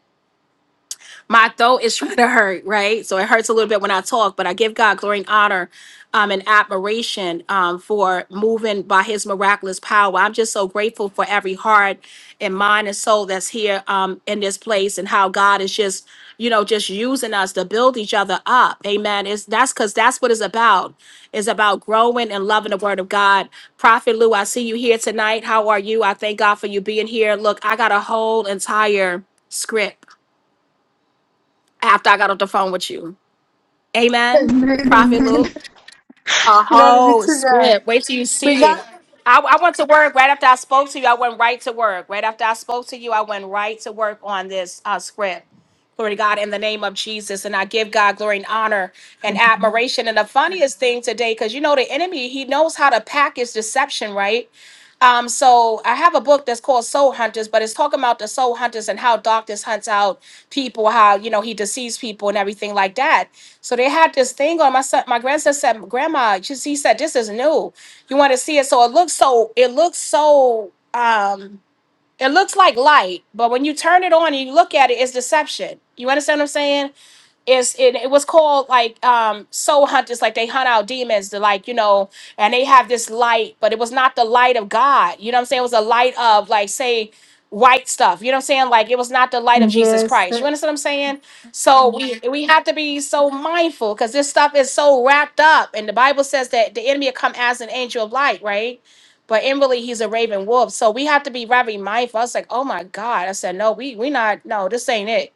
A: my throat is trying to hurt, right? So it hurts a little bit when I talk, but I give God glory and honor um, and admiration um, for moving by his miraculous power. I'm just so grateful for every heart and mind and soul that's here um, in this place and how God is just, you know, just using us to build each other up. Amen. It's, that's because that's what it's about. It's about growing and loving the word of God. Prophet Lou, I see you here tonight. How are you? I thank God for you being here. Look, I got a whole entire script after I got off the phone with you. Amen.
I: Amen,
A: Prophet
I: amen.
A: Lou, a
I: Glory be
A: whole
I: to
A: script.
I: God.
A: Wait till you
I: We
A: see it.
I: got.
A: I, I went to work right after I spoke to you. I went right to work. Right after I spoke to you, I went right to work on this uh, script. Glory to God in the name of Jesus. And I give God glory and honor and admiration. And the funniest thing today, because you know the enemy, he knows how to package deception, right? Um, so I have a book that's called Soul Hunters, but it's talking about the soul hunters and how darkness hunts out people, how you know he deceives people and everything like that. So they had this thing on my son. My grandson said, "Grandma," she, he said, "This is new. You want to see it?" So it looks so. It looks so. Um, it looks like light, but when you turn it on and you look at it, it's deception. You understand what I'm saying? it's it, it was called like um soul hunters like they hunt out demons to like you know and they have this light but it was not the light of god you know what i'm saying it was the light of like say white stuff you know what i'm saying like it was not the light of jesus
I: Yes.
A: christ you
I: the-
A: understand what i'm saying so we Mhm. we have to be so mindful because this stuff is so wrapped up and the bible says that the enemy will come as an angel of light right but inwardly he's a raven wolf so we have to be very mindful i was like oh my god i said no we we not no this ain't it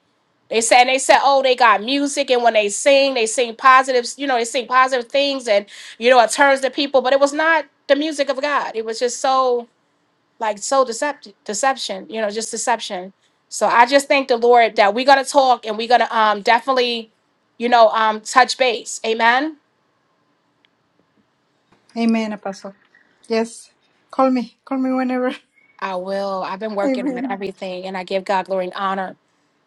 A: they said and they said, oh, they got music, and when they sing, they sing positive You know, they sing positive things, and you know, it turns the people. But it was not the music of God. It was just so like so deceptive, deception. You know, just deception. So I just thank the Lord that we're gonna talk and we're gonna um definitely, you know, um touch base. Amen.
I: Amen, Apostle. Yes. Call me. Call me whenever.
A: I will. I've been working on
I: Amen.
A: everything, and I give God glory and honor.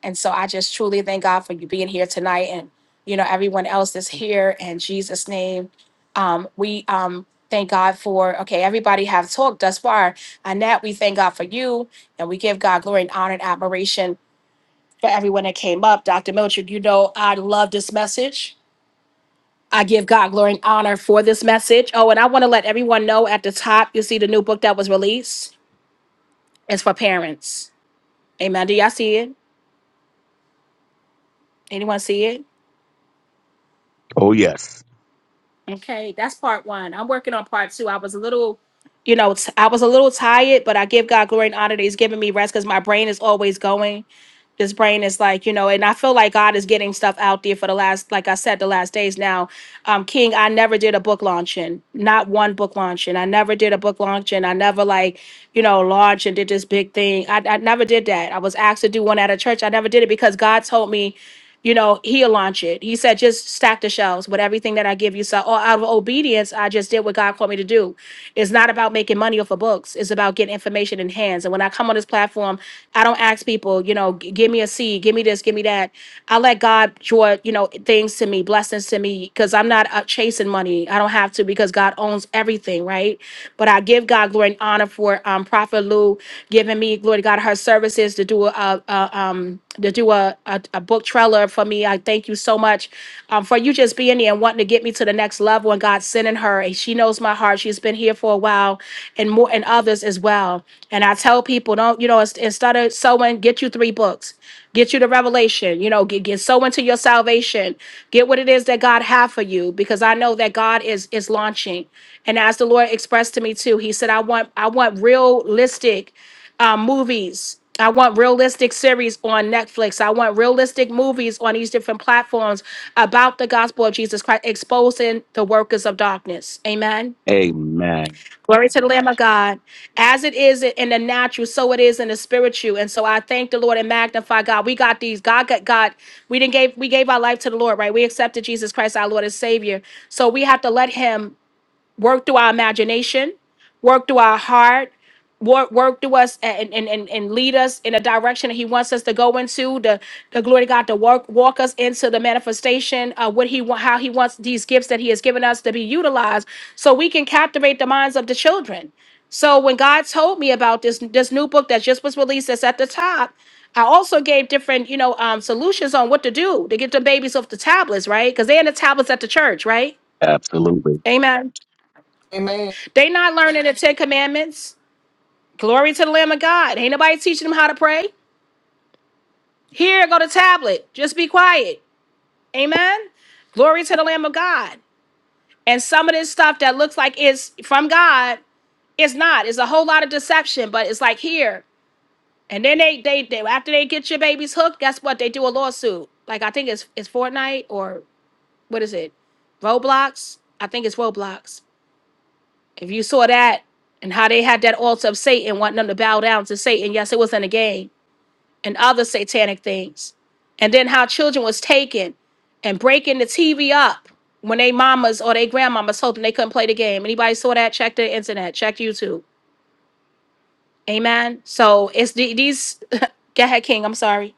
A: And so I just truly thank God for you being here tonight and, you know, everyone else that's here in Jesus' name. Um, we um, thank God for, okay, everybody have talked thus far. Annette, we thank God for you and we give God glory and honor and admiration for everyone that came up. Dr. Milchard, you know, I love this message. I give God glory and honor for this message. Oh, and I want to let everyone know at the top, you see the new book that was released. It's for parents. Amen. Do y'all see it? Anyone see it?
D: Oh, yes.
A: Okay, that's part one. I'm working on part two. I was a little, you know, t- I was a little tired, but I give God glory and honor that He's giving me rest because my brain is always going. This brain is like, you know, and I feel like God is getting stuff out there for the last, like I said, the last days now. Um, King, I never did a book launching, not one book launching. I never did a book launching. I never like, you know, launched and did this big thing. I, I never did that. I was asked to do one at a church. I never did it because God told me you know, he'll launch it. He said, just stack the shelves with everything that I give you. So, or out of obedience, I just did what God called me to do. It's not about making money off of books. It's about getting information in hands. And when I come on this platform, I don't ask people, you know, "G- give me a seed, give me this, give me that. I let God draw, you know, things to me, blessings to me, because I'm not uh, chasing money. I don't have to because God owns everything, right? But I give God glory and honor for um, Prophet Lou giving me glory to God her services to do a, a um to do a, a a book trailer for me. I thank you so much um, for you just being there and wanting to get me to the next level and God sending her. And she knows my heart. She's been here for a while and more and others others as well. And I tell people, don't, you know, ins- instead of sowing, get you three books, get you the revelation, you know, get, get sow into your salvation, get what it is that God have for you, because I know that God is, is launching. And as the Lord expressed to me too, he said, I want, I want realistic um, movies. I want realistic series on Netflix. I want realistic movies on these different platforms about the gospel of Jesus Christ, exposing the workers of darkness. Amen.
D: Amen.
A: Glory to the Lamb of God. As it is in the natural, so it is in the spiritual. And so I thank the Lord and magnify God. We got these. God got God. We didn't gave we gave our life to the Lord, right? We accepted Jesus Christ, our Lord and Savior. So we have to let Him work through our imagination, work through our heart, work work through us and and, and, and lead us in a direction that he wants us to go into, the the glory to God to work walk us into the manifestation of what he want how he wants these gifts that he has given us to be utilized so we can captivate the minds of the children. So when God told me about this this new book that just was released that's at the top, I also gave different, you know, um, solutions on what to do to get the babies off the tablets, right? Because they're in the tablets at the church, right?
D: Absolutely.
A: Amen.
C: Amen.
A: They not learning the Ten Commandments. Glory to the Lamb of God. Ain't nobody teaching them how to pray. Here, go to tablet. Just be quiet. Amen. Glory to the Lamb of God. And some of this stuff that looks like it's from God, it's not. It's a whole lot of deception, but it's like here. And then they they they after they get your babies hooked, guess what? They do a lawsuit. Like I think it's it's Fortnite or what is it? Roblox. I think it's Roblox If you saw that and how they had that altar of Satan, wanting them to bow down to Satan, yes, it was in a game and other satanic things. And then how children was taken and breaking the TV up when they mamas or they grandmamas told them they couldn't play the game. Anybody saw that? Check the internet. Check YouTube. Amen. So it's the, these. Go ahead, King. I'm sorry.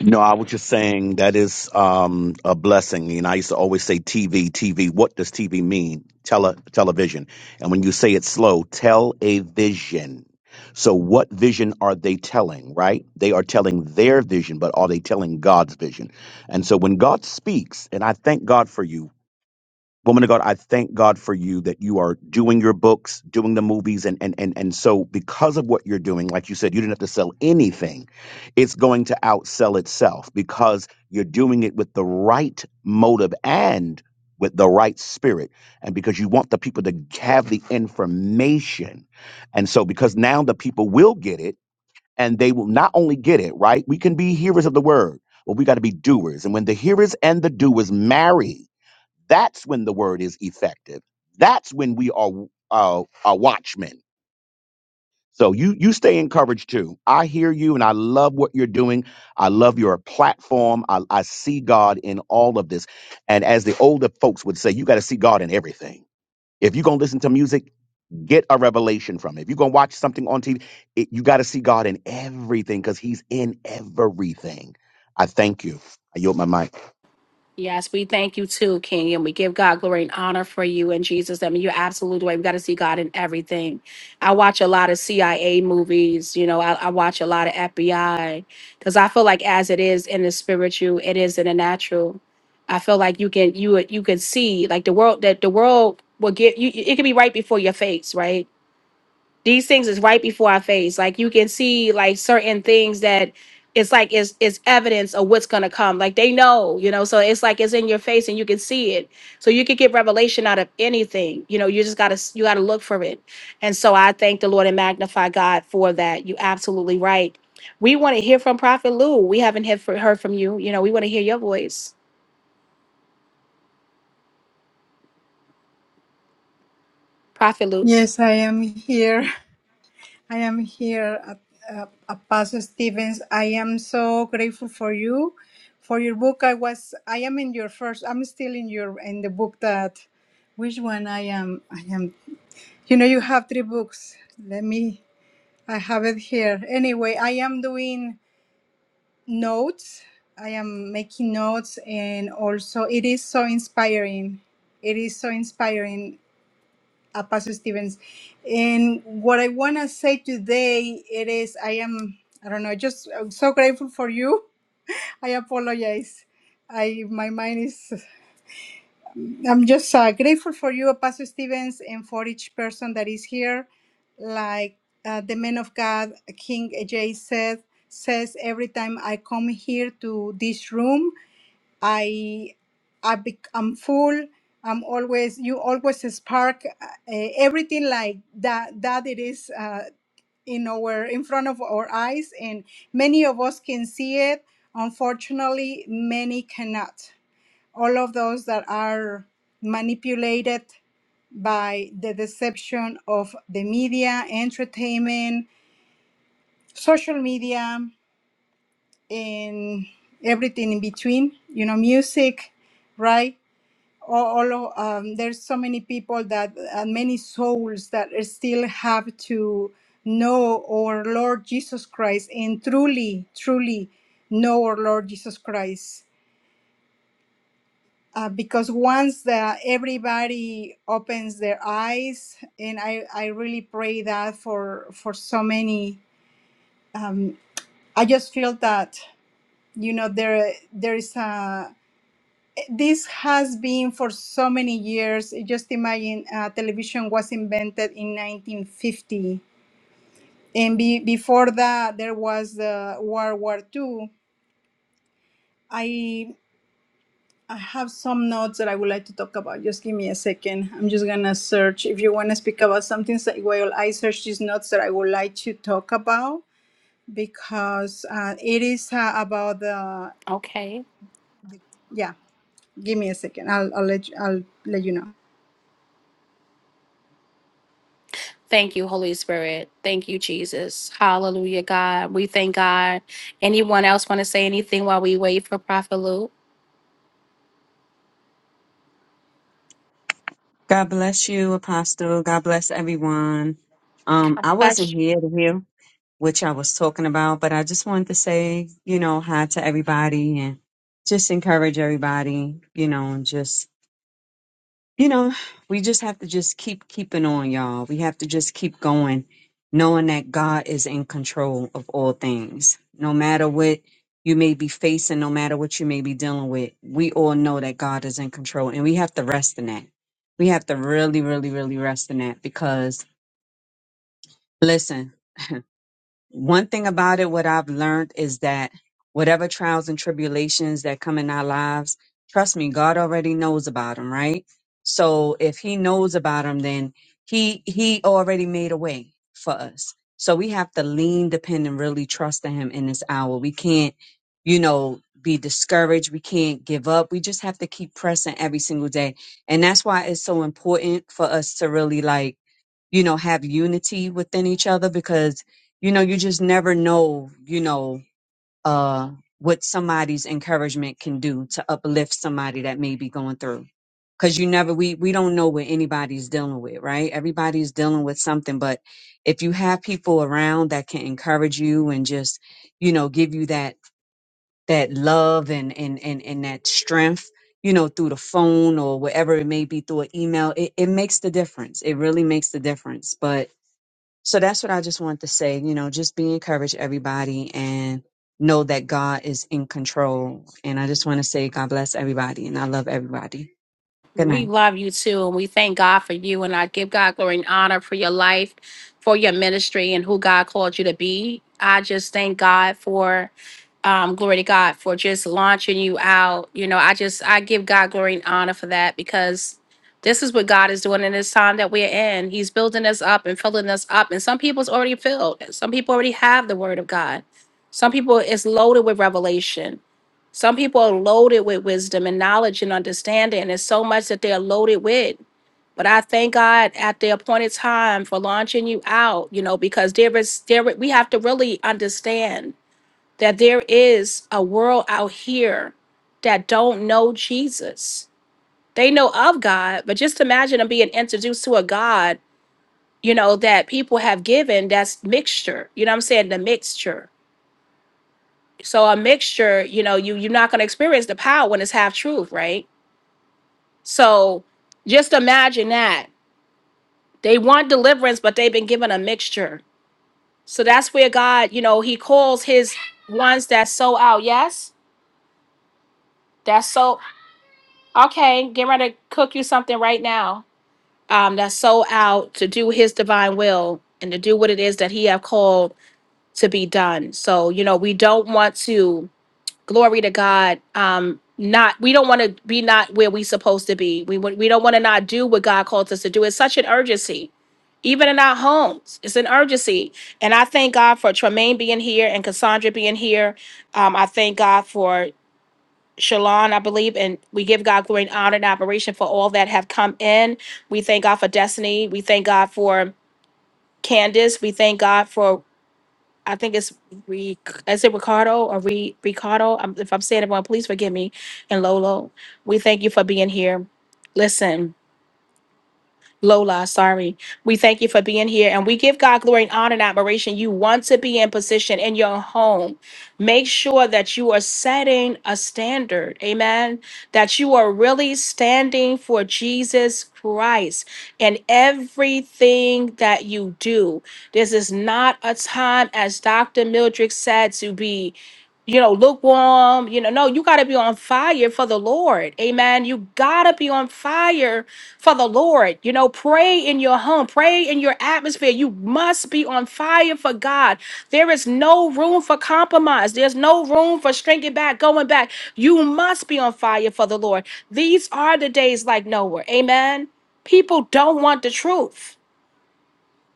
D: No, I was just saying that is um, a blessing. You know, I used to always say TV, TV. What does TV mean? Tele, television. And when you say it slow, tell a vision. So, what vision are they telling, right? They are telling their vision, but are they telling God's vision? And so, when God speaks, and I thank God for you woman of God, I thank God for you that you are doing your books, doing the movies, and and and and so because of what you're doing, like you said, you didn't have to sell anything. It's going to outsell itself because you're doing it with the right motive and with the right spirit, and because you want the people to have the information. And so because now the people will get it and they will not only get it, right? We can be hearers of the word, but we got to be doers. And when the hearers and the doers marry, that's when the word is effective. That's when we are uh, a watchman. So you you stay encouraged too. I hear you, and I love what you're doing. I love your platform. I, I see God in all of this, and as the older folks would say, you got to see God in everything. If you're gonna listen to music, get a revelation from it. If you're gonna watch something on TV, it, you got to see God in everything because He's in everything. I thank you. I yield my mic.
A: Yes, we thank you too, King, and we give God glory and honor for you and Jesus. I mean, you're absolutely right. We got to see God in everything. I watch a lot of CIA movies, you know, I, I watch a lot of FBI because I feel like as it is in the spiritual, it is in the natural. I feel like you can you you can see like the world that the world will give you. It can be right before your face, right? these things is right before our face. Like you can see like certain things that it's like it's it's evidence of what's gonna come. Like they know, you know, so it's like it's in your face and you can see it. So you could get revelation out of anything. You know, you just gotta you gotta look for it. And so I thank the Lord and magnify God for that. You absolutely right. We want to hear from Prophet Lou. We haven't heard fr- heard from you. You know, we want to hear your voice. Prophet Lou's.
I: Yes, I am here. I am here, uh, uh, Apostle Stevens. I am so grateful for you, for your book. I was. I am in your first. I'm still in your in the book that. Which one I am? I am. You know, you have three books. Let me. I have it here. Anyway, I am doing. notes. I am making notes, and also it is so inspiring. It is so inspiring, uh, Pastor Stevens. And what I want to say today, it is I am I don't know, just I'm so grateful for you. I apologize. I my mind is I'm just uh, grateful for you, Pastor Stevens, and for each person that is here. Like uh, the man of God, King Ajay said, says every time I come here to this room. I, I bec- I'm full. I'm always you always spark uh, everything like that that it is uh, in our in front of our eyes, and many of us can see it. Unfortunately, many cannot. All of those that are manipulated by the deception of the media, entertainment, social media, and everything in between. You know, music, right? all, all of, um, there's so many people that uh, many souls that still have to know our Lord Jesus Christ and truly, truly know our Lord Jesus Christ. Uh, because once the, everybody opens their eyes, and I, I really pray that for for so many. Um, I just feel that you know there there is a this has been for so many years. Just imagine uh, television was invented in 1950. And be, before that, there was the World War II. I, I have some notes that I would like to talk about. Just give me a second. I'm just going to search. If you want to speak about something, so- while I search these notes that I would like to talk about, because uh, it is uh, about the,
A: Okay.
I: yeah, give me a second. I'll, I'll, let, you- I'll let you know.
A: Thank you, Holy Spirit. Thank you, Jesus. Hallelujah, God. We thank God. Anyone else want to say anything while we wait for Prophet Luke?
J: God bless you, Apostle. God bless everyone. Um, I wasn't here to hear what y'all was talking about, but I just wanted to say, you know, hi to everybody and just encourage everybody, you know, and just you know, we just have to just keep keeping on, y'all. We have to just keep going, knowing that God is in control of all things. No matter what you may be facing, no matter what you may be dealing with, we all know that God is in control and we have to rest in that. We have to really, really, really rest in that because listen, one thing about it, what I've learned is that whatever trials and tribulations that come in our lives, trust me, God already knows about them, right? So if He knows about them, then He He already made a way for us. So we have to lean, depend, and really trust in Him in this hour. We can't, you know, be discouraged. We can't give up. We just have to keep pressing every single day, and that's why it's so important for us to really like you know, have unity within each other because, you know, you just never know, you know, uh, what somebody's encouragement can do to uplift somebody that may be going through. Cause you never, we, we don't know what anybody's dealing with, right? Everybody's dealing with something, but if you have people around that can encourage you and just, you know, give you that, that love and, and, and, and that strength, you know, through the phone or whatever it may be through an email, it, it makes the difference. It really makes the difference. But so that's what I just wanted to say. You know, just be encouraged, everybody, and know that God is in control. And I just want to say, God bless everybody, and I love everybody. Good
A: We
J: night.
A: love you too, and we thank God for you. And I give God glory and honor for your life, for your ministry, and who God called you to be. I just thank God for, um, glory to God, for just launching you out. You know, I just, I give God glory and honor for that because this is what God is doing in this time that we're in. He's building us up and filling us up. And some people's already filled, some people already have the word of God. Some people it's loaded with revelation some people are loaded with wisdom and knowledge and understanding. There's so much that they're loaded with. But I thank God at the appointed time for launching you out, you know, because there is there we have to really understand that there is a world out here that don't know Jesus. They know of God, but just imagine them being introduced to a God, you know, that people have given that's mixture. You know what I'm saying? The mixture. So a mixture, you know, you you're not gonna experience the power when it's half truth, right? So just imagine that. They want deliverance, but they've been given a mixture. So that's where God, you know, He calls His ones that sow out. Yes, that's so. Okay, get ready to cook you something right now. Um, that's sow out to do His divine will and to do what it is that He have called to be done. So you know, we don't want to. glory to God. Um, not we don't want to be not where we supposed to be. We wa- we don't want to not do what God calls us to do. It's such an urgency, even in our homes. It's an urgency, and I thank God for Tremaine being here and Cassandra being here. Um, I thank God for. Shalon, I believe, and we give God glory and honor and admiration for all that have come in. We thank God for Destiny. We thank God for Candace. We thank God for I think it's Ric is it Ricardo or Re, Ricardo? i if I'm saying it wrong, please forgive me. And Lolo, we thank you for being here. Listen. Lola, sorry. We thank you for being here and we give God glory and honor and admiration. You want to be in position in your home. Make sure that you are setting a standard. Amen. That you are really standing for Jesus Christ in everything that you do. This is not a time, as Dr. Mildred said, to be you know, lukewarm. You know, no, you got to be on fire for the Lord. Amen. You got to be on fire for the Lord. You know, pray in your home, pray in your atmosphere. You must be on fire for God. There is no room for compromise, there's no room for shrinking back, going back. You must be on fire for the Lord. These are the days like Noah. Amen. People don't want the truth.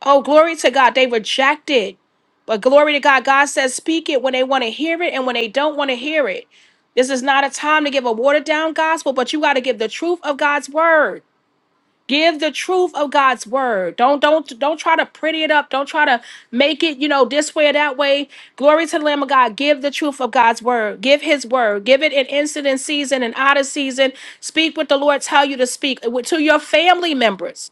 A: Oh, glory to God. They reject it. But glory to God. God says, speak it when they want to hear it and when they don't want to hear it. This is not a time to give a watered down gospel, but you got to give the truth of God's word. Give the truth of God's word. Don't don't don't try to pretty it up. Don't try to make it, you know, this way or that way. Glory to the Lamb of God. Give the truth of God's word. Give his word. Give it in incident season and out of season. Speak what the Lord tell you to speak uh, to your family members.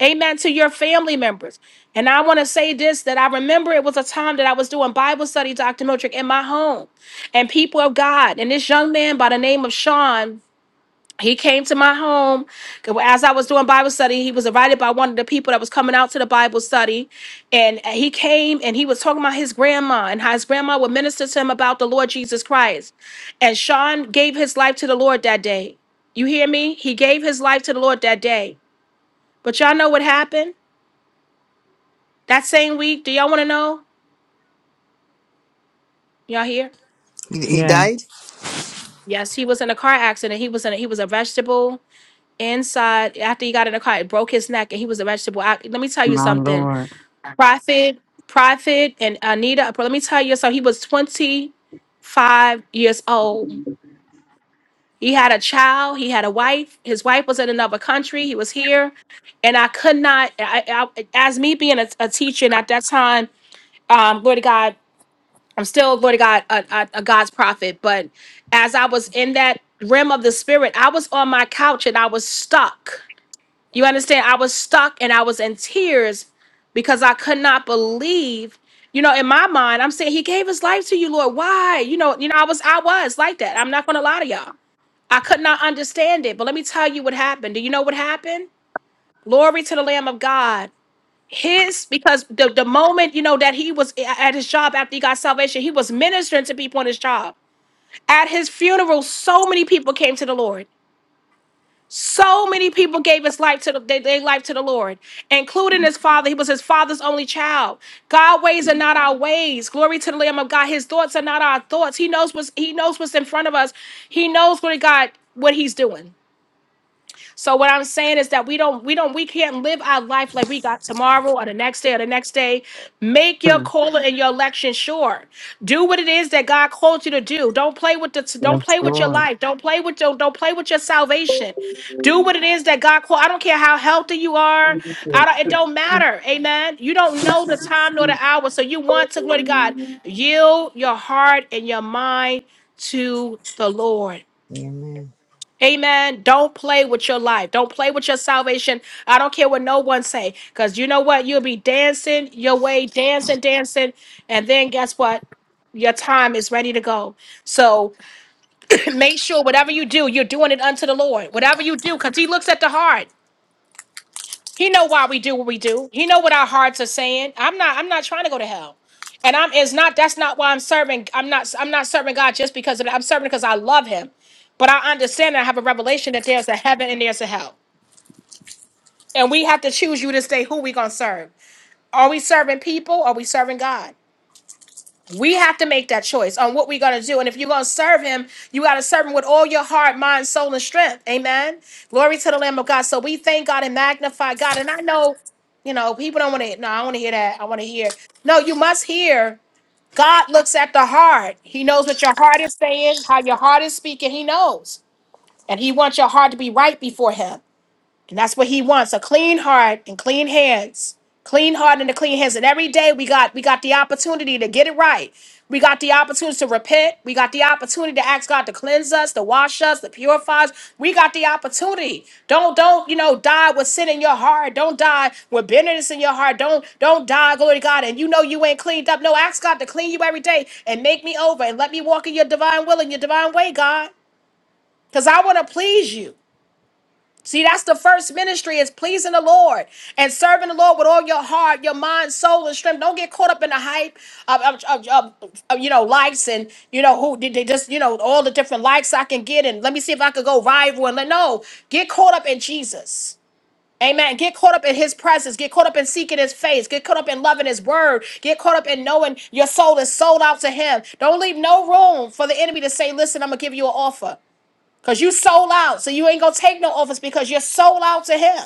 A: Amen. To your family members. And I want to say this that I remember it was a time that I was doing Bible study, Dr. Miltrick, in my home and people of God. And this young man by the name of Sean, he came to my home as I was doing Bible study. He was invited by one of the people that was coming out to the Bible study. And he came and he was talking about his grandma and how his grandma would minister to him about the Lord Jesus Christ. And Sean gave his life to the Lord that day. You hear me? He gave his life to the Lord that day. But y'all know what happened? That same week, do y'all want to know? Y'all here?
F: He, he
J: Yeah,
F: died?
A: Yes, he was in a car accident. He was in. A, he was a vegetable inside. After he got in the car, it broke his neck, and he was a vegetable. I, let me tell you
J: my
A: something.
J: Lord.
A: Prophet, Prophet, and Anita. Let me tell you something. He was twenty five years old. He had a child. He had a wife. His wife was in another country. He was here, and I could not. I, I, as me being a, a teacher, and at that time, um, Lord God. I'm still, Lord God, a, a, a God's prophet. But as I was in that realm of the spirit, I was on my couch and I was stuck. You understand? I was stuck and I was in tears because I could not believe. You know, in my mind, I'm saying He gave His life to you, Lord. Why? You know, you know, I was, I was like that. I'm not going to lie to y'all. I could not understand it. But let me tell you what happened. Do you know what happened? Glory to the Lamb of God his because the, the moment you know that he was a- at his job after he got salvation he was ministering to people on his job at his funeral so many people came to the lord so many people gave his life to the they, they life to the lord including his father he was his father's only child god ways are not our ways glory to the lamb of god his thoughts are not our thoughts he knows what's he knows what's in front of us he knows what god what he's doing so what I'm saying is that we don't we don't we can't live our life like we got tomorrow or the next day or the next day. Make your
J: Hmm.
A: calling and your election sure. Do what it is that God called you to do. Don't play with the don't
J: Yes,
A: play with your
J: Lord.
A: life. Don't play with your don't play with your salvation. Do what it is that God called. I don't care how healthy you are. I don't, it don't matter. Amen. You don't know the time nor the hour. So you want to glory to God. Yield your heart and your mind to the Lord.
F: Amen.
A: Amen. Don't play with your life. Don't play with your salvation. I don't care what no one say. Because you know what? You'll be dancing your way, dancing, dancing. And then guess what? Your time is ready to go. So make sure whatever you do, you're doing it unto the Lord. Whatever you do, because he looks at the heart. He know why we do what we do. He know what our hearts are saying. I'm not I'm not trying to go to hell. And I'm it's not that's not why I'm serving. I'm not I'm not serving God just because of that. I'm serving because I love him. But I understand and I have a revelation that there's a heaven and there's a hell. And we have to choose you to say who we gonna serve. Are we serving people? Are we serving God? We have to make that choice on what we're going to do. And if you're going to serve him, you got to serve him with all your heart, mind, soul, and strength. Amen. Glory to the Lamb of God. So we thank God and magnify God. And I know, you know, people don't want to, no, I want to hear that. I want to hear. No, you must hear. God looks at the heart. He knows what your heart is saying, how your heart is speaking. He knows. And he wants your heart to be right before him. And that's what he wants, a clean heart and clean hands. Clean heart and the clean hands. And every day we got we got the opportunity to get it right. We got the opportunity to repent. We got the opportunity to ask God to cleanse us, to wash us, to purify us. We got the opportunity. Don't don't you know die with sin in your heart. Don't die with bitterness in your heart. Don't don't die, glory to God. And you know you ain't cleaned up. No, ask God to clean you every day and make me over and let me walk in your divine will and your divine way, God. Because I want to please you. See, that's the first ministry is pleasing the Lord and serving the Lord with all your heart, your mind, soul, and strength. Don't get caught up in the hype of, of, of, of, of, you know likes and you know who did they just you know all the different likes I can get and let me see if I could go rival and let no get caught up in Jesus. Amen. Get caught up in his presence. Get caught up in seeking his face. Get caught up in loving his word. Get caught up in knowing your soul is sold out to him. Don't leave no room for the enemy to say, listen, I'm going to give you an offer. Because you sold out. So you ain't going to take no office because you're sold out to him.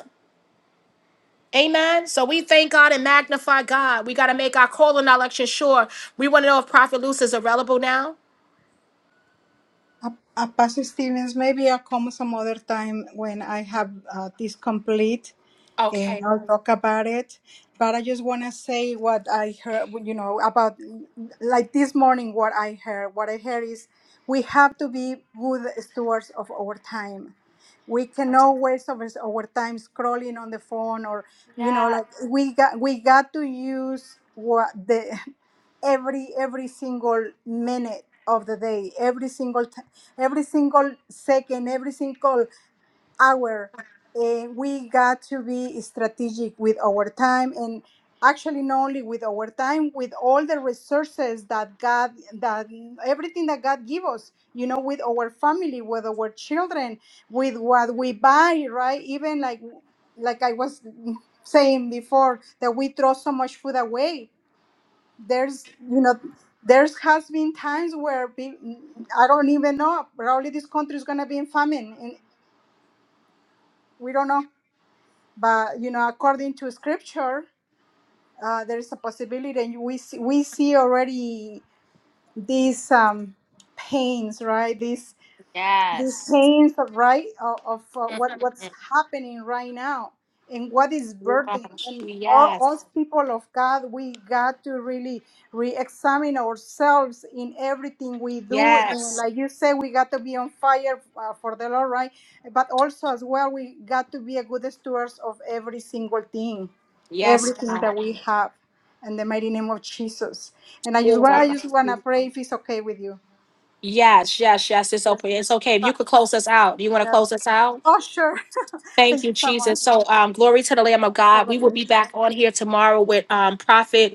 A: Amen. So we thank God and magnify God. We got to make our call and our election sure. We want to know if Prophet Luce is available now.
I: Uh, uh, Pastor Stevens, maybe I'll come some other time when I have uh, this complete and
A: Okay.
I: I'll talk about it. But I just want to say what I heard, you know, about like this morning, what I heard. What I heard is we have to be good stewards of our time. We cannot waste of us- our time scrolling on the phone or, you know, like we got we got to use what the every every single minute of the day every single t- every single second every single hour Eh, we got to be strategic with our time and actually not only with our time with all the resources that god that everything that god give us you know with our family with our children with what we buy right even like like i was saying before that we throw so much food away there's you know there's has been times where pe- i don't even know probably this country is going to be in famine and we don't know but you know according to scripture uh, there is a possibility and we see, we see already these um, pains right These these pains of right of, of uh, what what's happening right now and what is burdening and all, all people of god we got to really re-examine ourselves in everything we
A: Yes.
I: do and like you say we got to be on fire uh, for the lord right but also as well we got to be a good stewards of every single thing
A: Yes,
I: everything
A: God.
I: that we have in the mighty name of jesus and i just want i just want to pray if it's okay with you
A: Yes, yes, yes. It's
I: Yes.
A: open. It's okay. If
I: uh,
A: you could close us out. Do you want to
I: yeah.
A: close us out?
I: Oh, sure.
A: Thank
I: Thank you
A: you,
I: so much
A: Jesus. So um, glory to the Lamb of
I: for
A: God. We will be
I: this.
A: back on here tomorrow with um, Prophet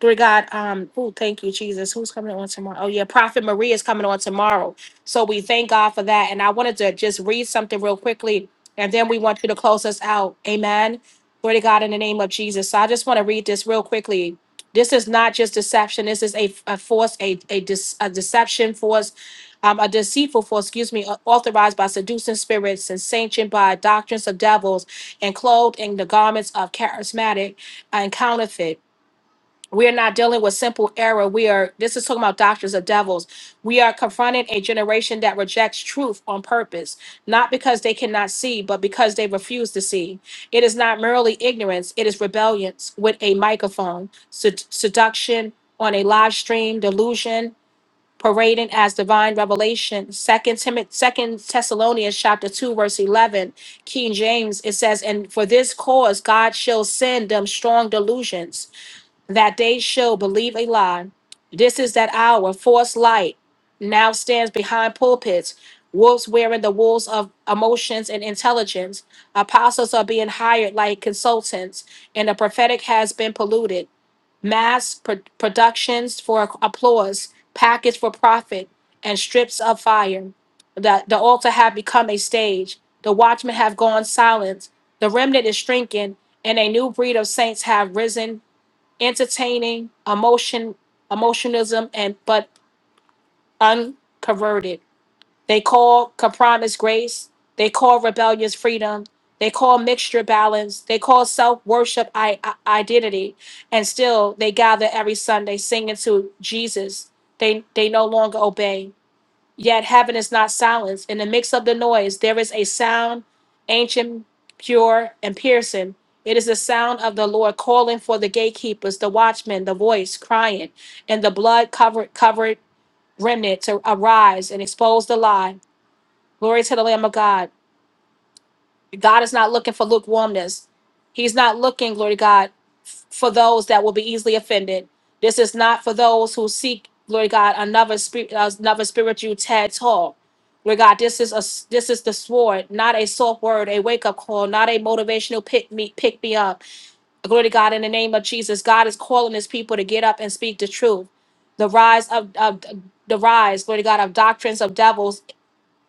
A: Glory God. Um, oh, thank you, Jesus. Who's coming on tomorrow? Oh, yeah, Prophet Maria is coming on tomorrow. So we thank God for that. And I wanted to just read something real quickly, and then we want you to close us out. Amen. Glory to God in the name of Jesus. So I just want to read this real quickly. This is not just deception. This is a, a force, a a, dis, a deception force, um, a deceitful force. Excuse me, au- authorized by seducing spirits and sanctioned by doctrines of devils, and clothed in the garments of charismatic and counterfeit. We are not dealing with simple error. We are, this is talking about doctors of devils. We are confronting a generation that rejects truth on purpose, not because they cannot see, but because they refuse to see. It is not merely ignorance, it is rebellion with a microphone, sed- seduction on a live stream, delusion, parading as divine revelation. Second Timothy, Second Thessalonians chapter 2, verse 11, King James, it says, And for this cause God shall send them strong delusions that they shall believe a lie. This is that hour. False light now stands behind pulpits, wolves wearing the wolves of emotions and intelligence. Apostles are being hired like consultants, and the prophetic has been polluted, Papit, and Sheer, the age, the Wallens. The remnant is shrinking, and a new breed of saints have risen, entertaining emotion, emotionism, and but unconverted. They call compromise grace. They call rebellious freedom. They call mixture balance. They call self worship I- I- identity. And still, they gather every Sunday singing to Jesus. They, they no longer obey. Yet, heaven is not silenced. In the mix of the noise, there is a sound, ancient, pure, and piercing. It is the sound of the Lord calling for the gatekeepers, the watchmen, the voice crying, and the blood covered, covered remnant to arise and expose the lie Glory to the Lamb of God. God is not looking for lukewarmness. He's not looking, glory to God, for those that will be easily offended. This is not for those who seek, glory to God, another spirit, another spiritual tad tall. Glory God, this is a s- this is the sword, not a soft word, a wake up call, not a motivational pick me pick me up. Glory to God, in the name of Jesus, God is calling His people to get up and speak the truth. The rise of, of the rise, glory to God, of doctrines of devils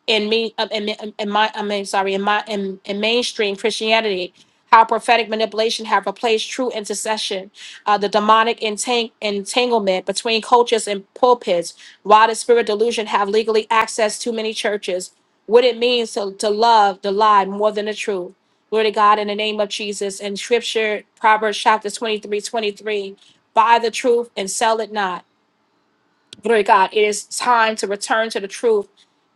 A: in me uh, in, in in my I mean sorry in my in, in mainstream Christianity how prophetic manipulation have replaced true intercession uh, the demonic entang- entanglement between cultures and pulpits why the spirit delusion have legally accessed too many churches what it means to, to love the lie more than the truth glory to god in the name of jesus and scripture proverbs chapter 23, 23, buy the truth and sell it not Glory to God, it is time to return to the truth,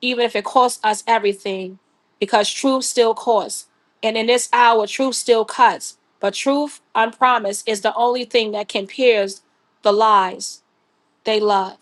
A: even if it costs us everything, because truth still costs. And in this hour, truth still cuts. But truth unpromised is the only thing that can pierce the lies they love.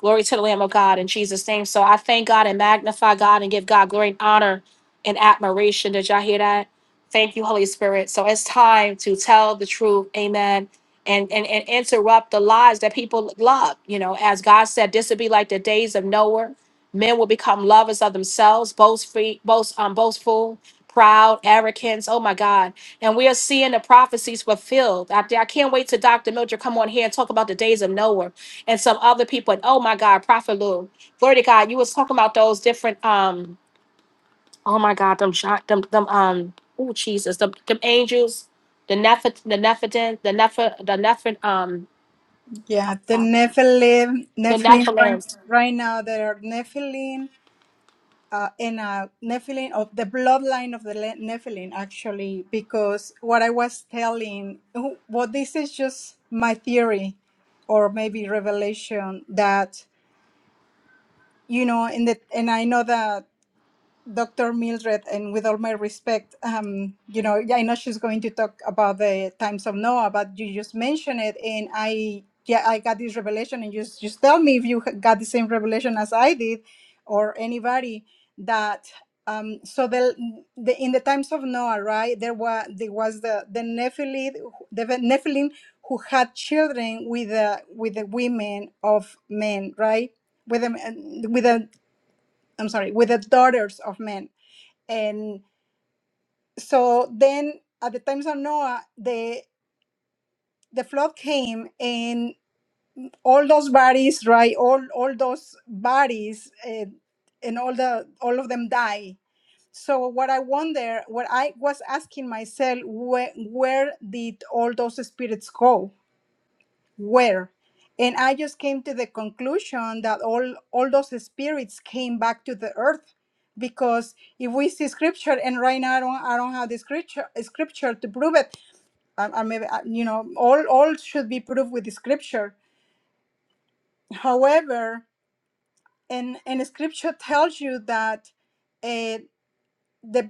A: Glory to the Lamb of God in Jesus' name. So I thank God and magnify God and give God glory and honor and admiration. Did y'all hear that? Thank you, Holy Spirit. So it's time to tell the truth. Amen. And, and, and interrupt the lies that people love. You know, as God said, this will be like the days of Noah. Men will become lovers of themselves, boastful, boast, um, boastful, proud, arrogant. Oh my God. And we are seeing the prophecies fulfilled. I, I can't wait to Dr. Mildred come on here and talk about the days of Noah and some other people. And oh my God, Prophet Lou, glory to God, you was talking about those different um. Oh my God, them shot them them um. Oh Jesus, them, them angels, the Neph the the Neph um
I: Yeah, the Nephilim,
A: the
I: Nephilim right,
A: Nephilims.
I: right now there are Nephilim uh, and uh, Nephilim of the bloodline of the Le- Nephilim actually, because what I was telling, well, this is just my theory, or maybe revelation that you know in the and I know that. Dr. Mildred, and with all my respect, um, you know, yeah, I know she's going to talk about the times of Noah, but you just mentioned it, and I, yeah, I got this revelation, and just just tell me if you ha- got the same revelation as I did, or anybody that. Um, so the, the in the times of Noah, right, there was there was the the Nephilim, the Nephilim who had children with the with the women of men, right, with the with the I'm sorry, with the daughters of men and so then at the times of noah the the flood came and all those bodies right all all those bodies uh, and all the all of them die so what i wonder what i was asking myself where where did all those spirits go where and i just came to the conclusion that all all those spirits came back to the earth because if we see scripture and right now i don't i don't have the scripture scripture to prove it i, I maybe I- you know all all should be proved with the scripture however and and scripture tells you that uh, the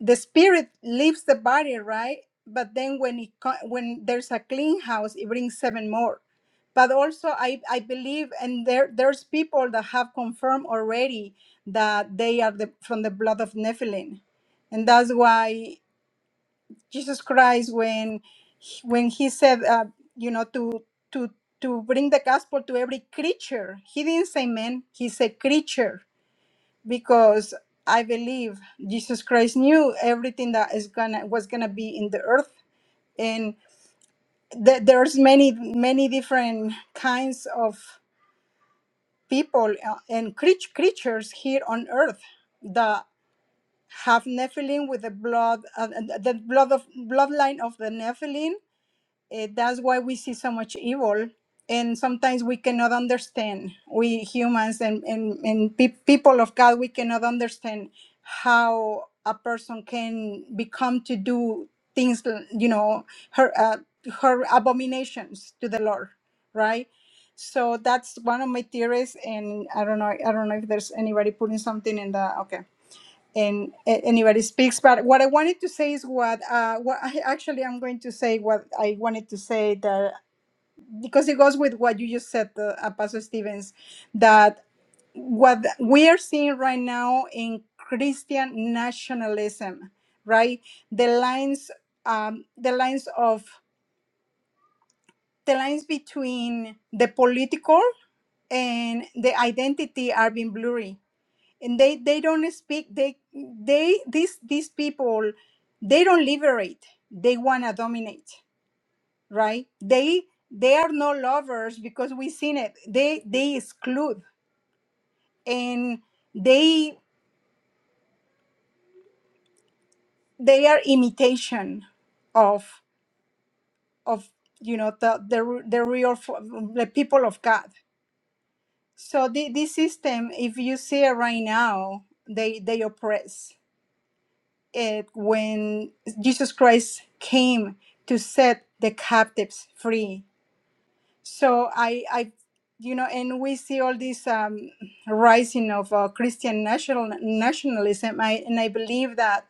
I: the spirit leaves the body right but then when it co- when there's a clean house it brings seven more but also i i believe and there there's people that have confirmed already that they are the, from the blood of nephilim and that's why jesus christ when he- when he said uh, you know to to to bring the gospel to every creature he didn't say man he said creature because I believe Jesus Christ knew everything that is gonna was gonna be in the earth, and th- there's many many different kinds of people uh, and creat- creatures here on earth that have Nephilim with the blood, uh, the blood of bloodline of the Nephilim, Eh, that's why we see so much evil and sometimes we cannot understand we humans and, and, and pe- people of god we cannot understand how a person can become to do things you know her uh, her abominations to the lord right so that's one of my theories and i don't know i don't know if there's anybody putting something in the okay and a- anybody speaks. But what I wanted to say is what, uh, what I, actually I'm going to say what I wanted to say that because it goes with what you just said, uh, uh, Pastor Stevens, that what we are seeing right now in Christian nationalism, right? The lines, um, the lines of the lines between the political and the identity are being blurry and they they don't speak they they these these people they don't liberate they want to dominate right they they are no lovers because we've seen it they they exclude and they they are imitation of of you know the the, r- the real f- the people of god so the, this system if you see it right now they they oppress it when Jesus Christ came to set the captives free. So I, I, you know, and we see all this um, rising of uh, Christian national nationalism. I, and I believe that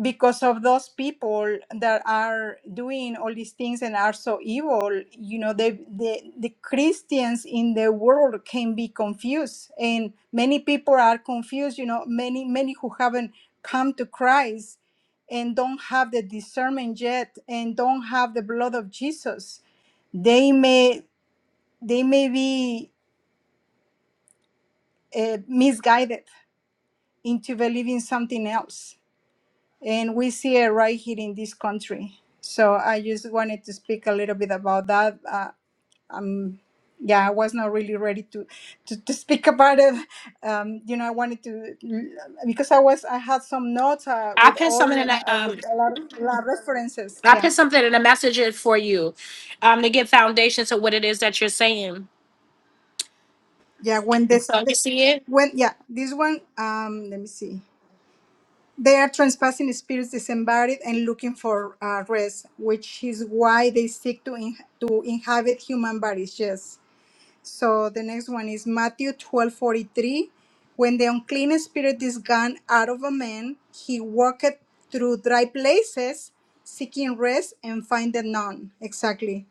I: because of those people that are doing all these things and are so evil you know they, the the christians in the world can be confused and many people are confused you know many many who haven't come to christ and don't have the discernment yet and don't have the blood of jesus they may they may be uh, misguided into believing something else and we see it right here in this country. So I just wanted to speak a little bit about that. Uh, um, yeah, I was not really ready to to, to speak about it. Um, you know, I wanted to because I was I had some notes uh,
A: I
I: with
A: put
I: all
A: some in the
I: uh,
A: um
I: with a lot of a lot of references. Yeah,
A: you um. So
I: yeah. When this the,
A: you see it,
I: when yeah this one um let me see. They are trespassing spirits disembodied and looking for uh, rest, which is why they seek to in- to inhabit human bodies. Yes. So the next one is Matthew 12 43, When the unclean spirit is gone out of a man, he walketh through dry places, seeking rest and findeth none. Exactly.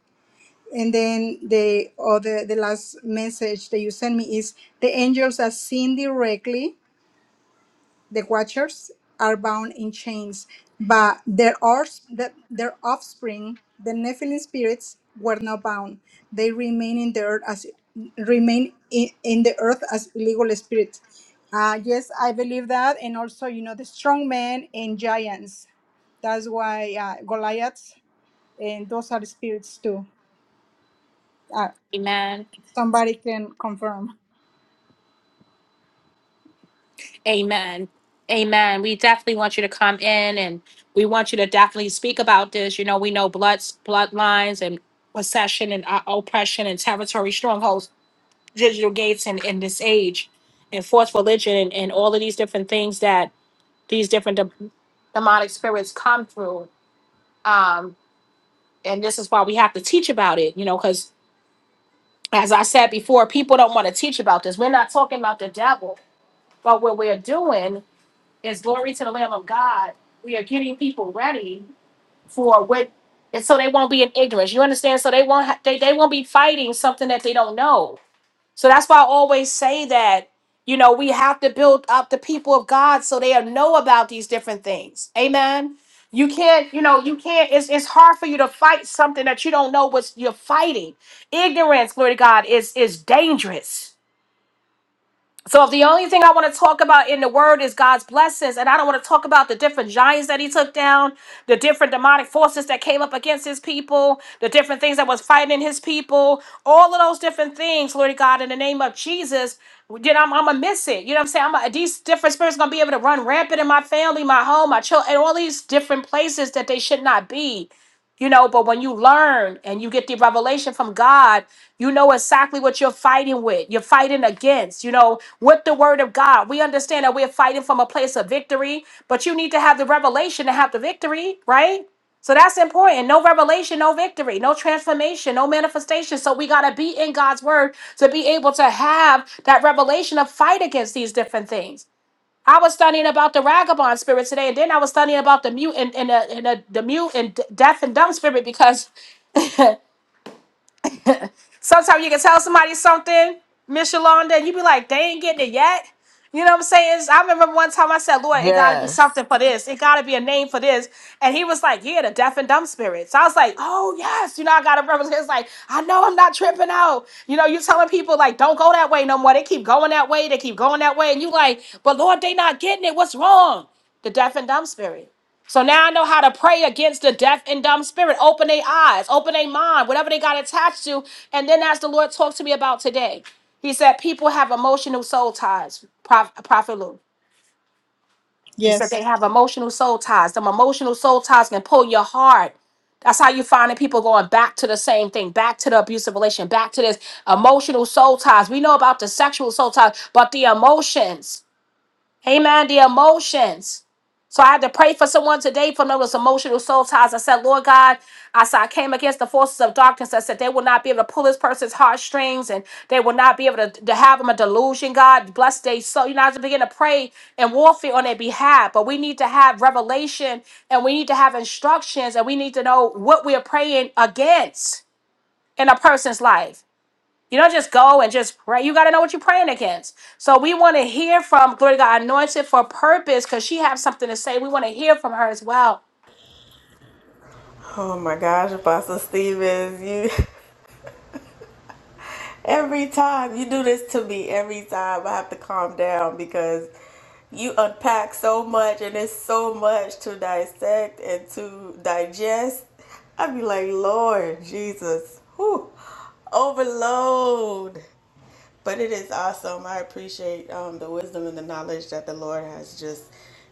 I: And then the other the last message that you sent me is the angels are seen directly the Watchers are bound in chains, but their, ors- the- their offspring, the Nephilim spirits, were not bound. They remain in the earth as remain in, in the earth as legal spirits. Uh, yes, I believe that, and also you know the strong men and giants. That's why uh, Goliaths and those are spirits too. Uh,
A: Amen,
I: somebody can confirm.
A: Amen. Amen. We definitely want you to come in and we want you to definitely speak about this. You know, we know bloods, bloodlines and possession and uh, oppression and territory strongholds digital gates in, in this age and false religion and, and all of these different things that these different de- demonic spirits come through. Um, and this is why we have to teach about it, you know, because as I said before, people don't want to teach about this. We're not talking about the devil, but what we're doing is glory to the Lamb of God. We are getting people ready for what, and so they won't be in ignorance. You understand? So they won't ha- they they won't be fighting something that they don't know So that's why I always say that, you know, we have to build up the people of God so they know about these different things. Amen. You can't, you know, you can't, it's, it's hard for you to fight something that you don't know what you're fighting. Ignorance, glory to God, is is dangerous. So if the only thing I want to talk about in the word is God's blessings, and I don't want to talk about the different giants that he took down, the different demonic forces that came up against his people, the different things that was fighting his people, all of those different things, Lord God, in the name of Jesus, then I'm, I'm gonna miss it. You know what I'm saying? I'm gonna- these different spirits gonna be able to run rampant in my family, my home, my children, and all these different places that they should not be. You know, but when you learn and you get the revelation from God, you know exactly what you're fighting with. You're fighting against, you know, with the word of God. We understand that we're fighting from a place of victory, but you need to have the revelation to have the victory, right? So that's important. No revelation, no victory, no transformation, no manifestation. So we got to be in God's word to be able to have that revelation of fight against these different things. I was studying about the vagabond spirit today, and then I was studying about the mute and, and, the, and the, the mute and d- deaf and dumb spirit because Sometimes you can tell somebody something, Miss Yolanda, and you be like, they ain't getting it yet. You know what I'm saying? It's- I remember one time I said, Lord, it gotta be
C: Yes.
A: something for this. It gotta be a name for this. And he was like, Yeah, the deaf and dumb spirits. I was like, Oh yes, you know, I gotta remember it's like, I know I'm not tripping out. You know, you telling people like, don't go that way no more. They keep going that way, they keep going that way, and you like, but Lord, they not getting it. What's wrong? The deaf and dumb spirit. So now I know how to pray against the deaf and dumb spirit. Open their eyes, open their mind, whatever they got attached to. And then as the Lord talked to me about today, he said people have soul ties. He said they
I: Yes.
A: have emotional soul ties. Them emotional soul ties can pull your heart. That's how you find that people going back to the same thing, back to the abusive relation, back to this emotional soul ties. We know about the sexual soul ties, but the emotions. Amen. The emotions. So I had to pray for someone today from those emotional soul ties. I said, Lord God, I said, I came against the forces of darkness. I said, they will not be able to pull this person's heartstrings and they will not be able to, to have them a delusion, God. Bless they so you know, I have to begin to pray and warfare on their behalf. But we need to have revelation and we need to have instructions and we need to know what we are praying against in a person's life. You don't just go and just pray. You got to know what you're praying against. So we want to hear from glory to God, anointed for purpose, because she has something to say. We want to hear from her as well.
G: Oh my gosh, Apostle Stevens, you Every time you do this to me, every time I have to calm down because you unpack so much and it's so much to dissect and to digest. I'd be like, Lord Jesus, whew, overload. But it is awesome. I appreciate um, the wisdom and the knowledge that the Lord has just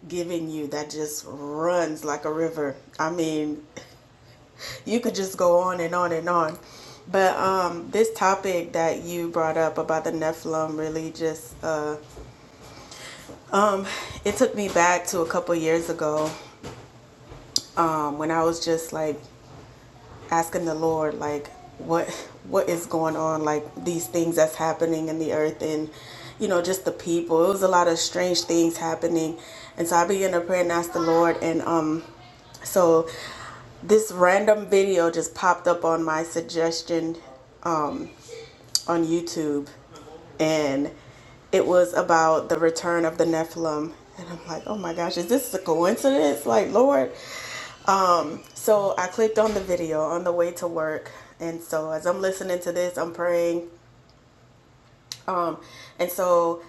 G: given you that just runs like a river. I mean, you could just go on and on and on. But um, this topic that you brought up about the Nephilim really just uh, um, it took me back to a couple years ago um, when I was just like asking the Lord like what what is going on like these things that's happening in the earth and you know just the people it was a lot of strange things happening and so I began to pray and ask the Lord and um so this random video just popped up on my suggestion um on YouTube and it was about the return of the Nephilim and I'm like oh my gosh is this a coincidence like Lord so I clicked on the video on the way to work. And so as I'm listening to this, I'm praying. And so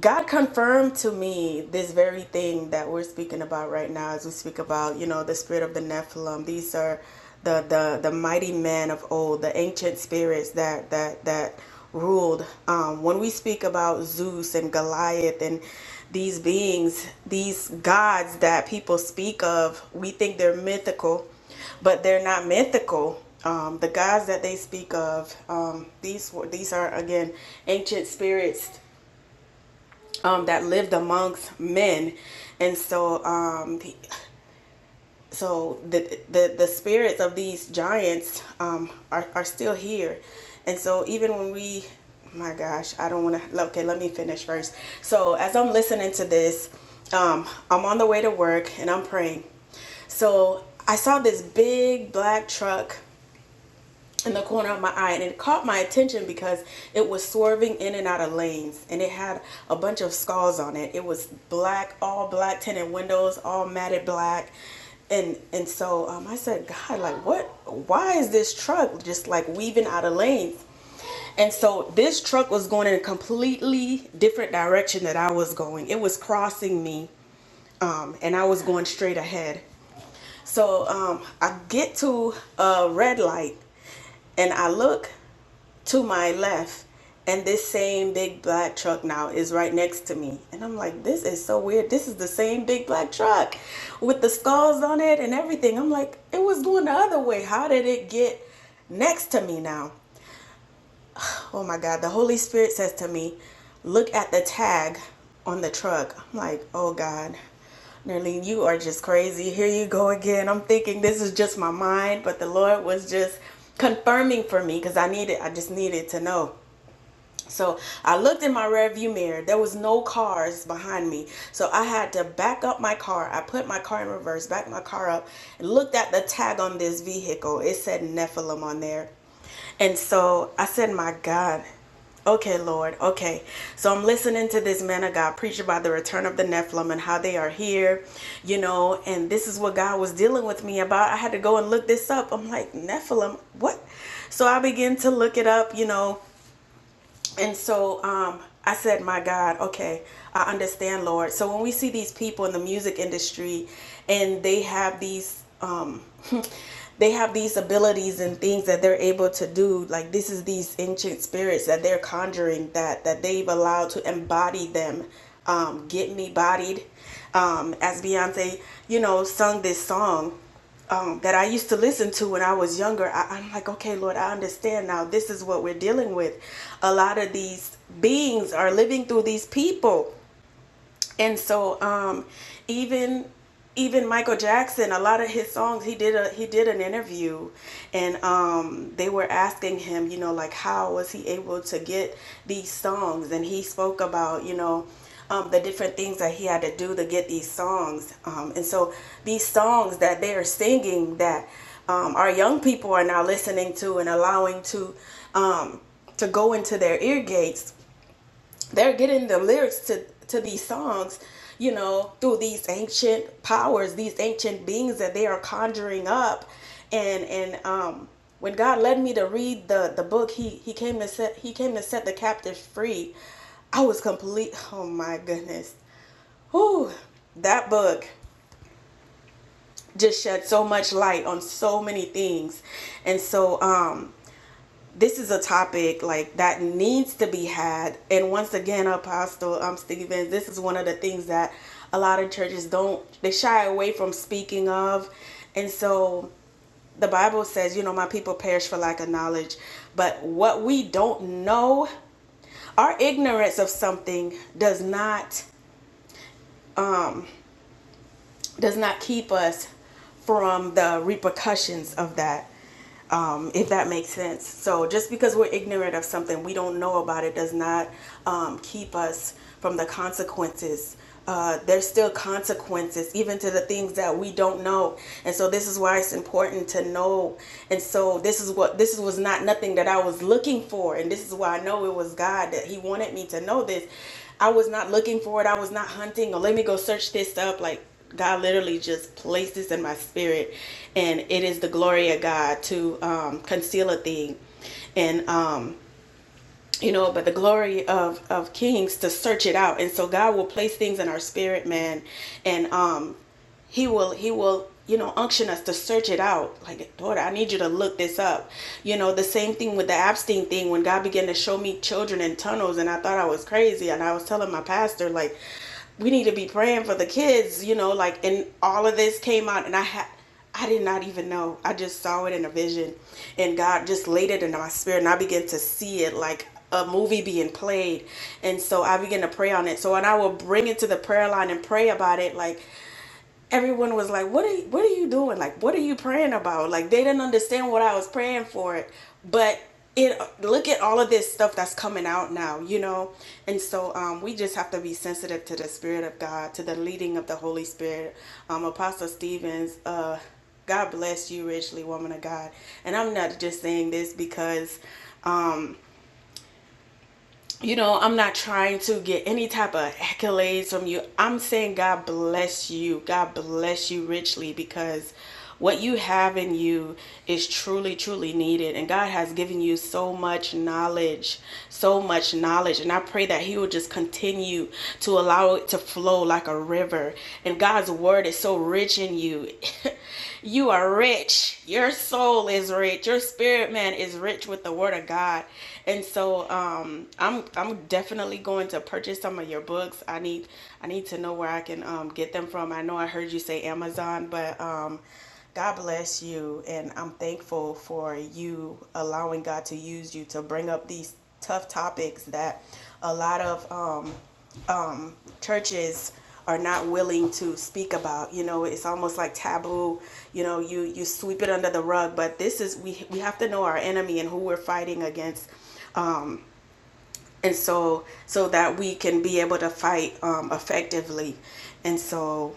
G: God confirmed to me this very thing that we're speaking about right now as we speak about, you know, the spirit of the Nephilim. These are the the, the mighty men of old, the ancient spirits that that that ruled. Um, when we speak about Zeus and Goliath and these beings, these gods that people speak of, we think they're mythical, but they're not mythical. Um, the gods that they speak of, um, these were- these are again ancient spirits um, that lived amongst men, and so um, the, so the, the the spirits of these giants um, are are still here, and so even when we, my gosh, I don't want to. Okay, let me finish first. So as I'm listening to this, um, I'm on the way to work and I'm praying. So I saw this big black truck in the corner of my eye and it caught my attention because it was swerving in and out of lanes and it had a bunch of scars on it it was black all black tinted windows all matted black and and so um, i said god like what why is this truck just like weaving out of lanes and so this truck was going in a completely different direction that i was going it was crossing me um, and i was going straight ahead so um, I get to a red light and I look to my left and this same big black truck now is right next to me and i'm like this is so weird this is the same big black truck with the scars on it and everything i'm like it was going the other way how did it get next to me now oh my God, the Holy Spirit says to me, look at the tag on the truck. I'm like, oh God, Nerlene, you are just crazy. Here you go again. I'm thinking this is just my mind, but the Lord was just confirming for me because I needed, I just needed to know. So I looked in my rearview mirror. There was no cars behind me. So I had to back up my car. I put my car in reverse, backed my car up, and looked at the tag on this vehicle. It said Nephilim on there. And so I said, My God, okay, Lord, okay. So I'm listening to this man of God preach about the return of the Nephilim and how they are here, you know, and this is what God was dealing with me about. I had to go and look this up. I'm like, Nephilim, what? So I begin to look it up, you know and so um, I said, My God, okay, I understand, Lord. So when we see these people in the music industry and they have these, um, they have these abilities and things that they're able to do, like this is these ancient spirits that they're conjuring that, that they've allowed to embody them, um, get me bodied. Um, as Beyonce, you know, sung this song um, that I used to listen to when I was younger, I, I'm like, okay, Lord, I understand now. This is what we're dealing with. A lot of these beings are living through these people and so um even even Michael Jackson, a lot of his songs, he did a he did an interview, and um, they were asking him, you know, like how was he able to get these songs, and he spoke about, you know, um, the different things that he had to do to get these songs, um, and so these songs that they are singing that um, our young people are now listening to and allowing to um, to go into their ear gates they're getting the lyrics to to these songs you know through these ancient powers these ancient beings that they are conjuring up and and um when god led me to read the the book he he came to set he came to set the captives free i was complete oh my goodness Whew, that book just shed so much light on so many things and so um this is a topic like that needs to be had and once again apostle um stevens this is one of the things that a lot of churches don't they shy away from speaking of and so the bible says you know my people perish for lack of knowledge but what we don't know our ignorance of something does not does not keep us from the repercussions of that, um, if that makes sense. So just because we're ignorant of something, we don't know about it, does not um, keep us from the consequences. Uh, there's still consequences, even to the things that we don't know, and so this is why it's important to know. And so this is what this was not nothing that I was looking for, and this is why I know it was God that He wanted me to know this. I was not looking for it. I was not hunting or let me go search this up. Like God literally just placed this in my spirit, and it is the glory of God to um, conceal a thing, and um, you know, but the glory of of kings to search it out. And so God will place things in our spirit, man, and um, he will he will you know unction us to search it out like daughter i need you to look this up you know the same thing with the abstain thing when god began to show me children in tunnels and i thought i was crazy and i was telling my pastor like we need to be praying for the kids you know like and all of this came out and i had i did not even know i just saw it in a vision and god just laid it into my spirit and i began to see it like a movie being played and so i began to pray on it so and i will bring it to the prayer line and pray about it like everyone was like, "What are you, what are you doing? Like, what are you praying about?" Like they didn't understand what I was praying for, but it look at all of this stuff that's coming out now, you know. And so um, we just have to be sensitive to the spirit of God, to the leading of the Holy Spirit. Um, Apostle Stevens, uh, God bless you richly, woman of God. And I'm not just saying this because you know, I'm not trying to get any type of accolades from you. I'm saying God bless you. God bless you richly because what you have in you is truly, truly needed. And God has given you so much knowledge, so much knowledge. And I pray that He will just continue to allow it to flow like a river. And God's word is so rich in you. you are rich. Your soul is rich. Your spirit man is rich with the word of God. And so um, I'm I'm definitely going to purchase some of your books. I need I need to know where I can um, get them from. I know I heard you say Amazon, but um, God bless you, and I'm thankful for you allowing God to use you to bring up these tough topics that a lot of um, churches are not willing to speak about. You know, it's almost like taboo. You know, you you sweep it under the rug, but this is we we have to know our enemy and who we're fighting against Um, and so so that we can be able to fight um, effectively and so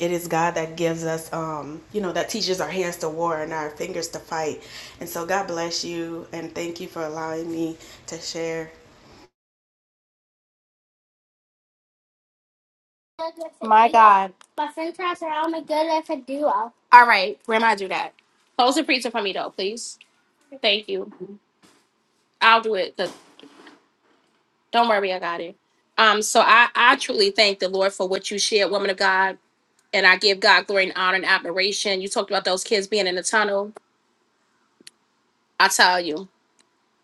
G: it is god that gives us um, you know that teaches our hands to war and our fingers to fight and so god bless you and thank you for allowing me to share
A: All right, remember that. Close it out, please. You with the, don't worry, I got it. Um, so I, I truly thank the Lord for what you shared, woman of God, and I give God glory and honor and admiration. You talked about those kids being in the tunnel. I tell you,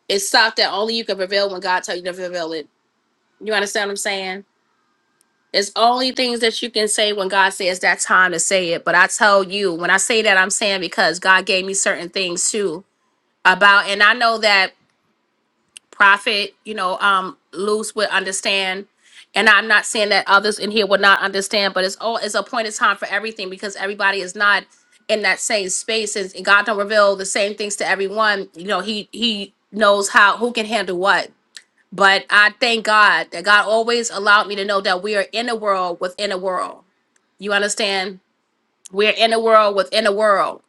A: it's stuff that only you can reveal when God tell you to reveal it. You understand what I'm saying? It's only things that you can say when God says that time to say it. But I tell you, when I say that, I'm saying because God gave me certain things too about, and I know that prophet, you know, um, loose would understand. And I'm not saying that others in here would not understand, but it's all it's a point of time for everything because everybody is not in that same space, and and God don't reveal the same things to everyone. You know, He He knows how who can handle what. But I thank God that God always allowed me to know that we are in a world within a world you understand? We're in a world within a world.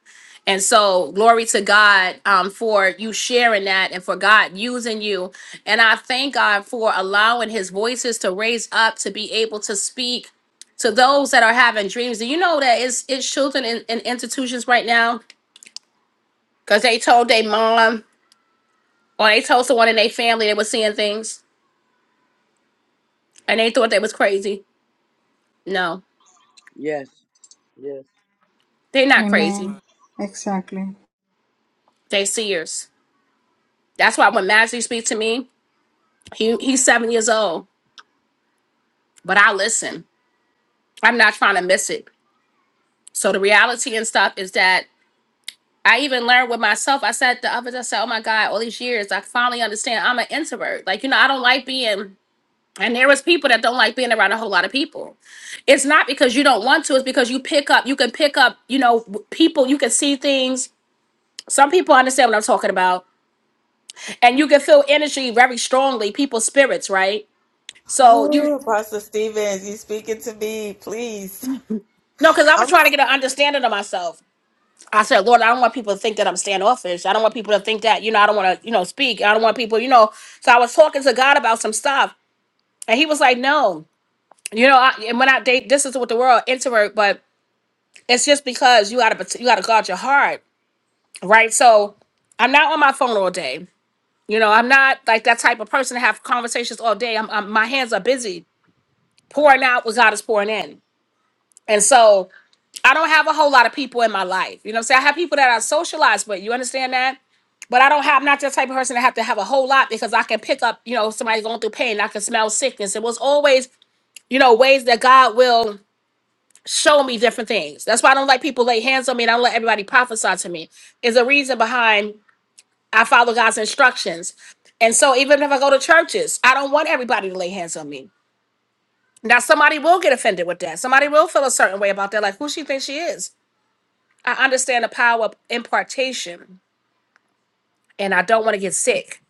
A: And so, glory to God um, for you sharing that and for God using you. And I thank God for allowing his voices to raise up to be able to speak to those that are having dreams. Do you know that it's, it's children in, in institutions right now? No,
K: Yes. Yes.
A: they're
K: Amen.
A: not.
I: Amen. Exactly.
A: That's me. I'm not. So, the reality and stuff is that I even learned with myself. I said the others, I said, oh my God, all these years, I finally understand I'm an introvert. Like, you know, I don't like being And there was people that don't like being around a whole lot of people. It's not because you don't want to, it's because you pick up, you can pick up, you know, w- people, you can see things. Some people understand what I'm talking about. And you can feel energy very strongly, people's spirits, right? So you
G: Ooh, apostle stevens you speaking to me please
A: no, because I was trying to get an understanding of myself. I said, Lord, I don't want people to think that I'm standoffish. I don't want people to think that, you know, I don't want to, you know, speak. I don't want people, you know. So I was talking to God about some stuff. And he was like, No, you know, I, and when I date, this is what the world introvert, but It's just because you gotta you gotta guard your heart, right? So I'm not on my phone all day. You know, I'm not like that type of person to have conversations all day. I'm, I'm my hands are busy pouring out what God is pouring in, and so I don't have a whole lot of people in my life. You know, what I'm saying I have people that I socialize with. You understand that? But I don't have I'm not that type of person to have to have a whole lot because I can pick up. You know, somebody going through pain. I can smell sickness. It was always you know ways that God will show me different things. That's why I don't like people lay hands on me and I don't let everybody prophesy to me. Is a reason behind I follow God's instructions. And so even if I go to churches, I don't want everybody to lay hands on me. Now somebody will get offended with that. Somebody will feel a certain way about that. Like who she thinks she is. I understand the power of impartation and I don't want to get sick.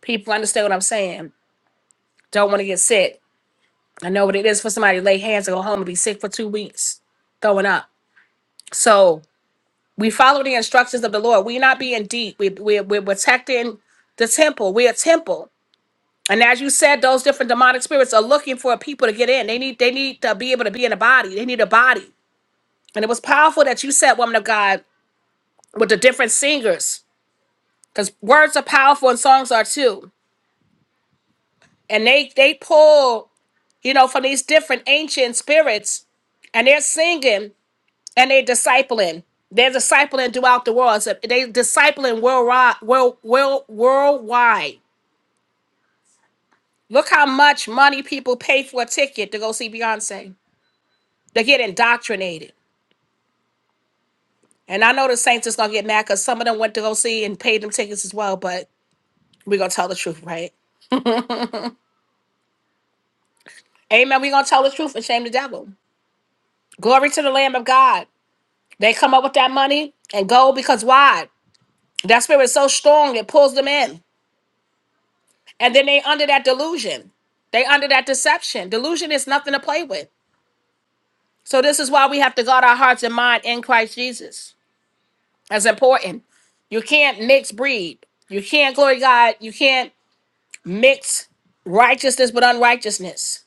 A: People understand what I'm saying. Don't want to get sick. I know what it is for somebody to lay hands and go home and be sick for two weeks, throwing up. So We follow the instructions of the Lord. We're not being deep. We, we, we're protecting the temple. We're a temple. And as you said, those different demonic spirits are looking for people to get in. They need they need to be able to be in a body. They need a body. And it was powerful that you said, woman of God, with the different singers, because words are powerful and songs are too. And they they pull, you know, from these different ancient spirits, and they're singing and they discipling. They're discipling throughout the world. So they discipling worldwide. World, world, worldwide. Look how much money people pay for a ticket to go see Beyonce. They get indoctrinated. And I know the Saints is gonna get mad because some of them went to go see and paid them tickets as well. But we're gonna tell the truth, right? Amen. We're gonna tell the truth and shame the devil. Glory to the Lamb of God. They come up with that money and go because why? That spirit is so strong it pulls them in. And then they under that delusion. They under that deception. Delusion is nothing to play with. So this is why we have to guard our hearts and mind in Christ Jesus. That's important. You can't mix breed. You can't glory to God. You can't mix righteousness with unrighteousness.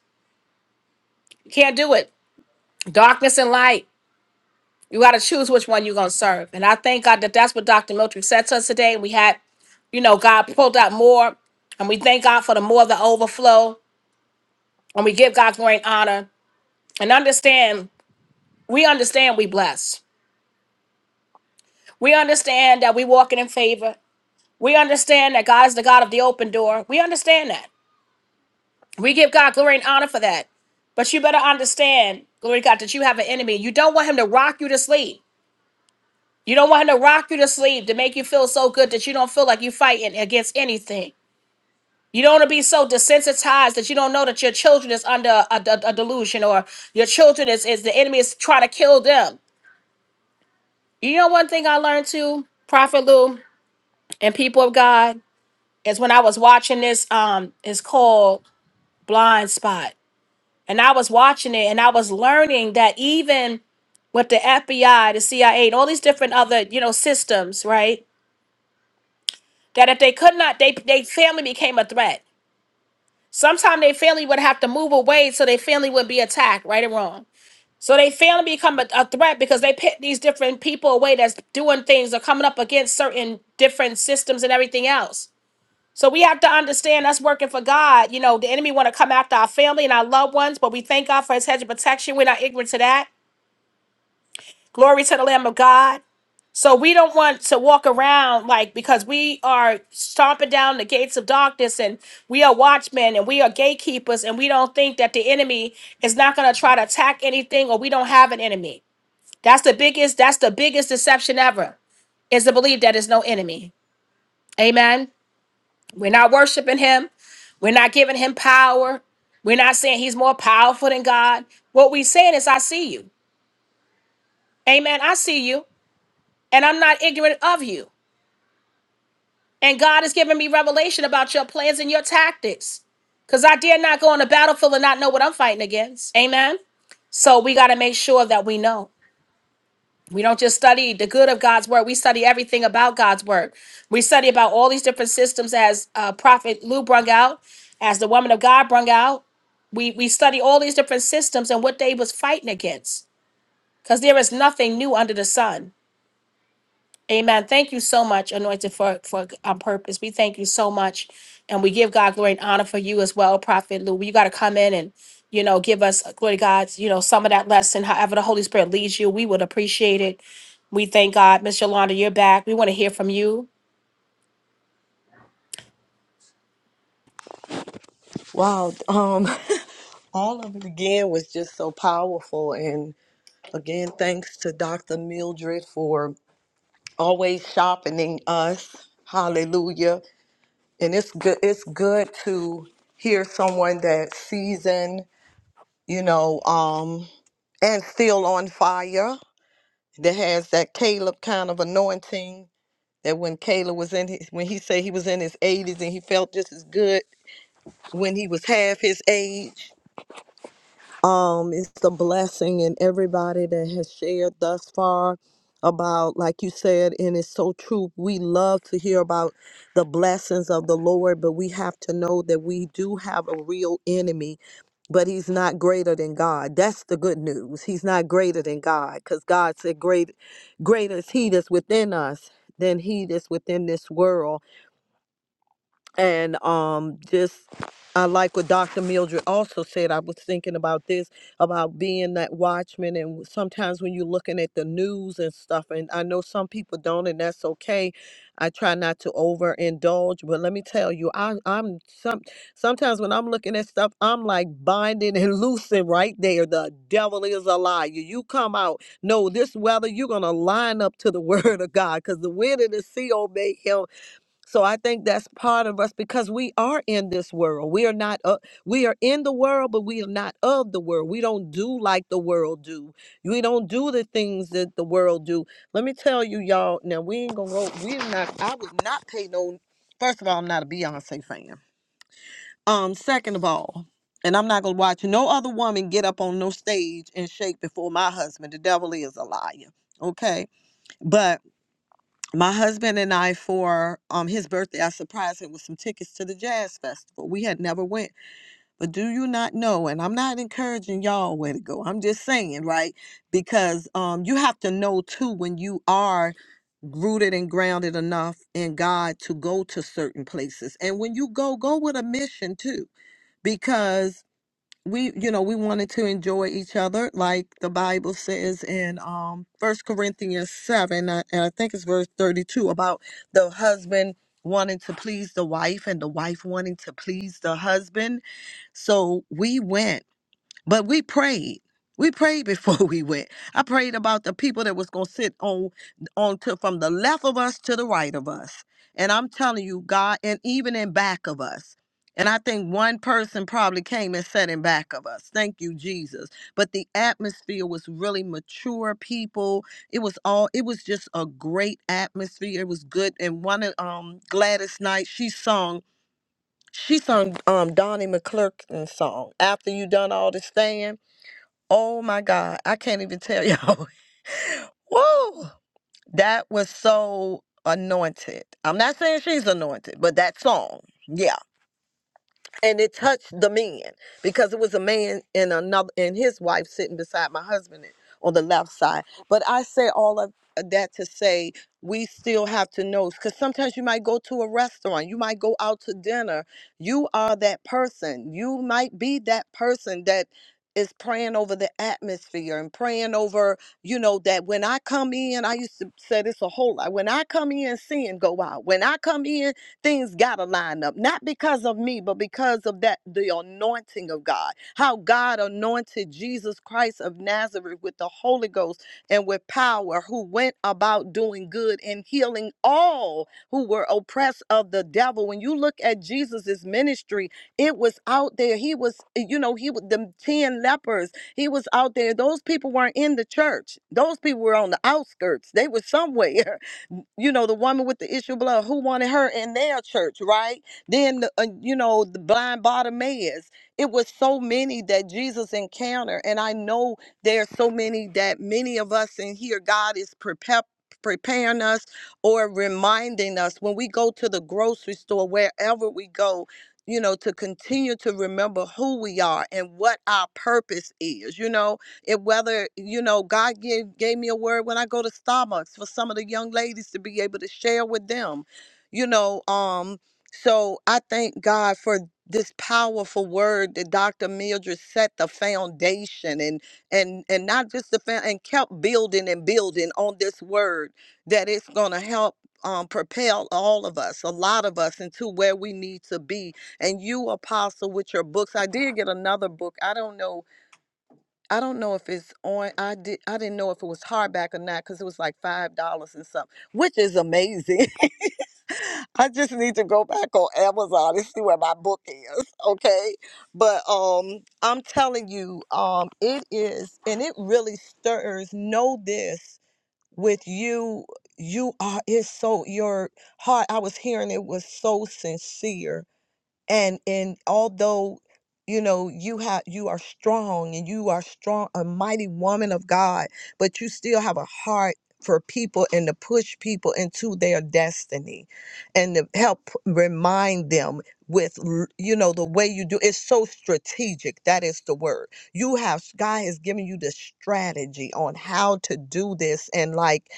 A: You can't do it. Darkness and light. You got to choose which one you're going to serve. And I thank God that that's what Dr. Miltrick said to us today. We had, you know, God pulled out more. And we thank God for the more the overflow. And we give God glory and honor. And understand We understand we bless. We understand that we walking in favor. We understand that God is the God of the open door. We understand that. We give God glory and honor for that. But you better understand, glory to God, that you have an enemy. You don't want him to rock you to sleep. You don't want him to rock you to sleep to make you feel so good that you don't feel like you're fighting against anything. You don't want to be so desensitized that you don't know that your children is under a, a- a delusion or your children is, is the enemy is trying to kill them. You know one thing I learned too, Prophet Lou and people of God? is when I was watching this. Um, it's called Blind Spot, and I was watching it, and I was learning that even with the FBI, the CIA, and all these different other you know systems, right? That if they could not, they they family became a threat. Sometimes their family would have to move away so their family would be attacked, right or wrong. So they family become a, a threat because they pick these different people away that's doing things or coming up against certain different systems and everything else. So we have to understand that's working for God. You know, the enemy want to come after our family and our loved ones, but we thank God for his hedge of protection. We're not ignorant to that. Glory to the Lamb of God. So we don't want to walk around like because we are stomping down the gates of darkness and we are watchmen and we are gatekeepers and we don't think that the enemy is not going to try to attack anything or we don't have an enemy. That's the biggest that's the biggest deception ever is to believe that there's no enemy. Amen. We're not worshiping him. We're not giving him power. We're not saying he's more powerful than God. What we're saying is, I see you. Amen. I see you. And I'm not ignorant of you. And God has given me revelation about your plans and your tactics. Because I dare not go on the battlefield and not know what I'm fighting against. Amen. So we got to make sure that we know. We don't just study the good of God's word, we study everything about God's word. We study about all these different systems, as uh, Prophet Lou brung out, as the woman of God brung out. we we study all these different systems and what they was fighting against because there is nothing new under the sun amen thank you so much anointed for for on purpose we thank you so much and we give god glory and honor for you as well prophet lou you got to come in and you know give us glory to god you know some of that lesson however the holy spirit leads you we would appreciate it we thank god miss yolanda you're back we want to hear from you
C: Wow. Um, all of it again was just so powerful. And again, thanks to Dr. Mildred for always sharpening us. Hallelujah. and it's good it's good to hear someone that seasoned you know um and still on fire that has that caleb kind of anointing that when caleb was in his when he said he was in his 80s and he felt just as good when he was half his age um it's the blessing and everybody that has shared thus far about like you said and it's so true we love to hear about the blessings of the lord but we have to know that we do have a real enemy but he's not greater than God. That's the good news. He's not greater than God because God said, "Great, greater is He that's within us than He that's within this world." and um just I like what Dr. Mildred also said. I was thinking about this about being that watchman, and sometimes when you're looking at the news and stuff, and I know some people don't, and that's okay. I try not to overindulge, but let me tell you, I, I'm some sometimes when I'm looking at stuff, I'm like binding and loosing right there. The devil is a liar. You come out, no, this weather, you're gonna line up to the word of God, because the wind and the sea obey Him, so I think that's part of us because we are in this world. We are not uh, we are in the world, but we are not of the world. We don't do like the world do. We don't do the things that the world do. Let me tell you, y'all. Now we ain't gonna go. We are not. I would not pay no. First of all, I'm not a Beyonce fan. Um, second of all, and I'm not gonna watch no other woman get up on no stage and shake before my husband. The devil is a liar. Okay, but my husband and I for um his birthday, I surprised him with some tickets to the jazz festival. We had never went, but do you not know? And I'm not encouraging y'all where to go. I'm just saying, right? Because um you have to know too when you are rooted and grounded enough in God to go to certain places. And when you go, go with a mission too. Because we you know we wanted to enjoy each other like the bible says in um first corinthians 7 uh, and i think it's verse 32 about the husband wanting to please the wife and the wife wanting to please the husband so we went but we prayed. We prayed before we went. I prayed about the people that was gonna sit on on to from the left of us to the right of us. And I'm telling you, God, and even in back of us. And I think one person probably came and sat in back of us. Thank you, Jesus. But the atmosphere was really mature people. It was all it was just a great atmosphere. It was good. And one of um Gladys Knight, she sung, she sung um Donnie McClurkin's song, After You Done All the Stand Oh my God. I can't even tell y'all. Woo! That was so anointed. I'm not saying she's anointed, but that song. yeah and it touched the man because it was a man and another and his wife sitting beside my husband on the left side but i say all of that to say we still have to know because sometimes you might go to a restaurant you might go out to dinner you are that person you might be that person that is praying over the atmosphere and praying over you know that when i come in i used to say this a whole lot when i come in sin go out when i come in Things got to line up, not because of me, but because of that the anointing of God. How God anointed Jesus Christ of Nazareth with the Holy Ghost and with power, who went about doing good and healing all who were oppressed of the devil. When you look at Jesus's ministry, it was out there. He was, eh, you know, he was the 10 lepers. He was out there. Those people weren't in the church. Those people were on the outskirts. They were somewhere. you know the woman with the issue of blood who wanted her in their church right then the, uh, you know the blind bartimaeus it was so many that jesus encountered and i know there are so many that many of us in here god is prepar- preparing us or reminding us when we go to the grocery store wherever we go you know to continue to remember who we are and what our purpose is you know it whether you know God gave gave me a word when I go to Starbucks for some of the young ladies to be able to share with them, you know. Um, so I thank God for this powerful word that Dr. Mildred set the foundation and and and not just the found and kept building and building on this word that it's gonna help um, propel all of us, a lot of us, into where we need to be. And you, Apostle, with your books, I did get another book. I don't know I don't know if it's on. I did. I didn't know if it was hardback or not because it was like five dollars and something, which is amazing. I just need to go back on Amazon and see where my book is. Okay, but um, I'm telling you, um, it is, and it really stirs. Know this with you. You are. It's so your heart. I was hearing it was so sincere and and although you know you have you are strong and you are strong a mighty woman of god but you still have a heart for people and to push people into their destiny and to help remind them with l- you know the way you do it's so strategic that is the word you have god has given you the strategy on how to do this and like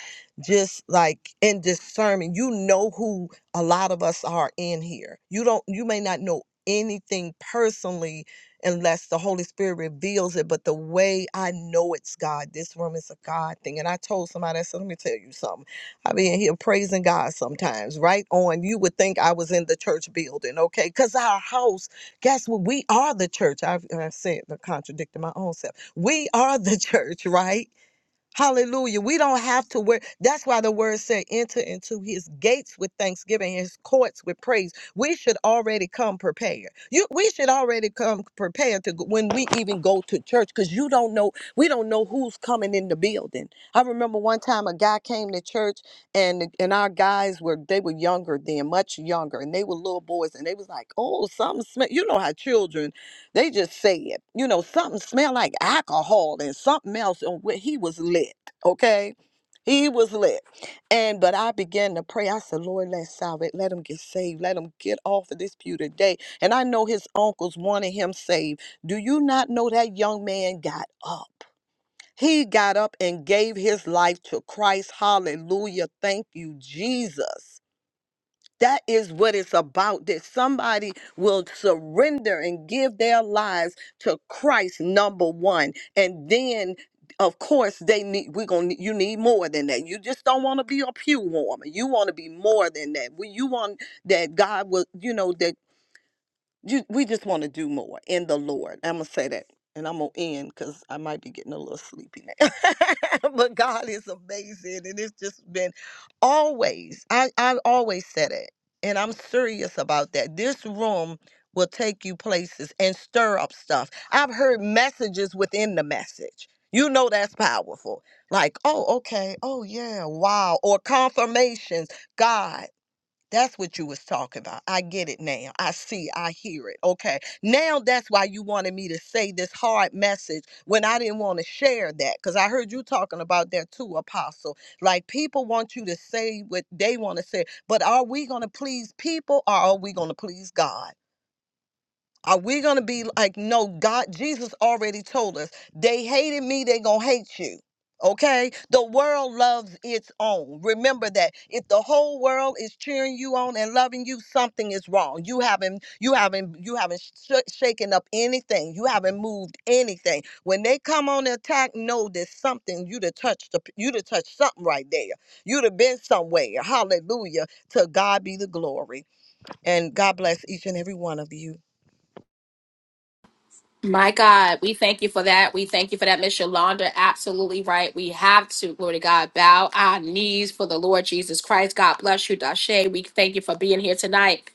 C: just like in discernment you know who a lot of us are in here. You don't you may not know anything personally unless the Holy Spirit reveals it, but the way I know it's God, this room is a God thing. And I told somebody, I said, let me tell you something. I be in here praising God sometimes, right on. You would think I was in the church building, okay? Because our house, guess what? We are the church. I've, I've said, contradicting my own self. We are the church, right? Hallelujah. We don't have to wear. That's why the word said, enter into his gates with thanksgiving, his courts with praise. We should already come prepared. You, we should already come prepared to go- when we even go to church because you don't know, we don't know who's coming in the building. I remember one time a guy came to church and and our guys were they were younger then, much younger, and they were little boys and they was like, oh, something smell. You know how children they just said, you know, something smelled like alcohol and something else, and wh- he was lit. Okay, he was lit, and but I began to pray. I said, Lord, let us it. let him get saved, let him get off of this pew today. And I know his uncles wanted him saved. Do you not know that young man got up? He got up and gave his life to Christ. Hallelujah! Thank you, Jesus. That is what it's about that somebody will surrender and give their lives to Christ number 1 and then of course they need we're going to you need more than that. You just don't want to be a pew warmer. You want to be more than that. When you want that God will you know that you we just want to do more in the Lord. I'm gonna say that, and I'm gonna end because I might be getting a little sleepy now. but God is amazing, and it's just been always. I I always said it, and I'm serious about that. This room will take you places and stir up stuff. I've heard messages within the message. You know that's powerful. Like, oh, okay, oh yeah, wow, or confirmations. God. That's what you was talking about. I get it now. I see. I hear it. Okay. Now that's why you wanted me to say this hard message when I didn't want to share that because I heard you talking about that too, Apostle. Like people want you to say what they want to say, but are we going to please people or are we going to please God? Are we going to be like, no, God, Jesus already told us, they hated me, they going to hate you. Okay? The world loves its own. Remember that. If the whole world is cheering you on and loving you, something is wrong. You haven't you haven't you haven't sh- shaken up anything. You haven't moved anything. When they come on the attack, know there's something you'd have touched the, you'd have touched something right there. You'd have been somewhere. Hallelujah. To God be the glory. And God bless each and every one of you.
A: My God, we thank you for that. We thank you for that, Miss Yolanda. Absolutely right. We have to, glory to God, bow our knees for the Lord Jesus Christ. God bless you, Dashe. We thank you for being here tonight.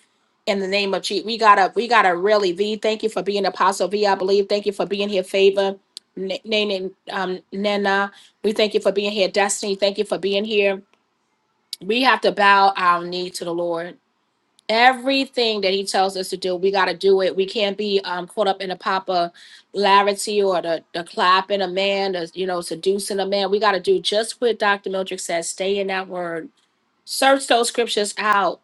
A: In the name of Jesus, we gotta, we gotta really be. Thank you for being Apostle V. I believe. Thank you for being here, Favor, N- Nene, um, Nena. We thank you for being here, Destiny. Thank you for being here. We have to bow our knee to the Lord everything that he tells us to do we got to do it we can't be um, caught up in the popularity or the, the clapping a man the, you know seducing a man we got to do just what dr mildred says stay in that word search those scriptures out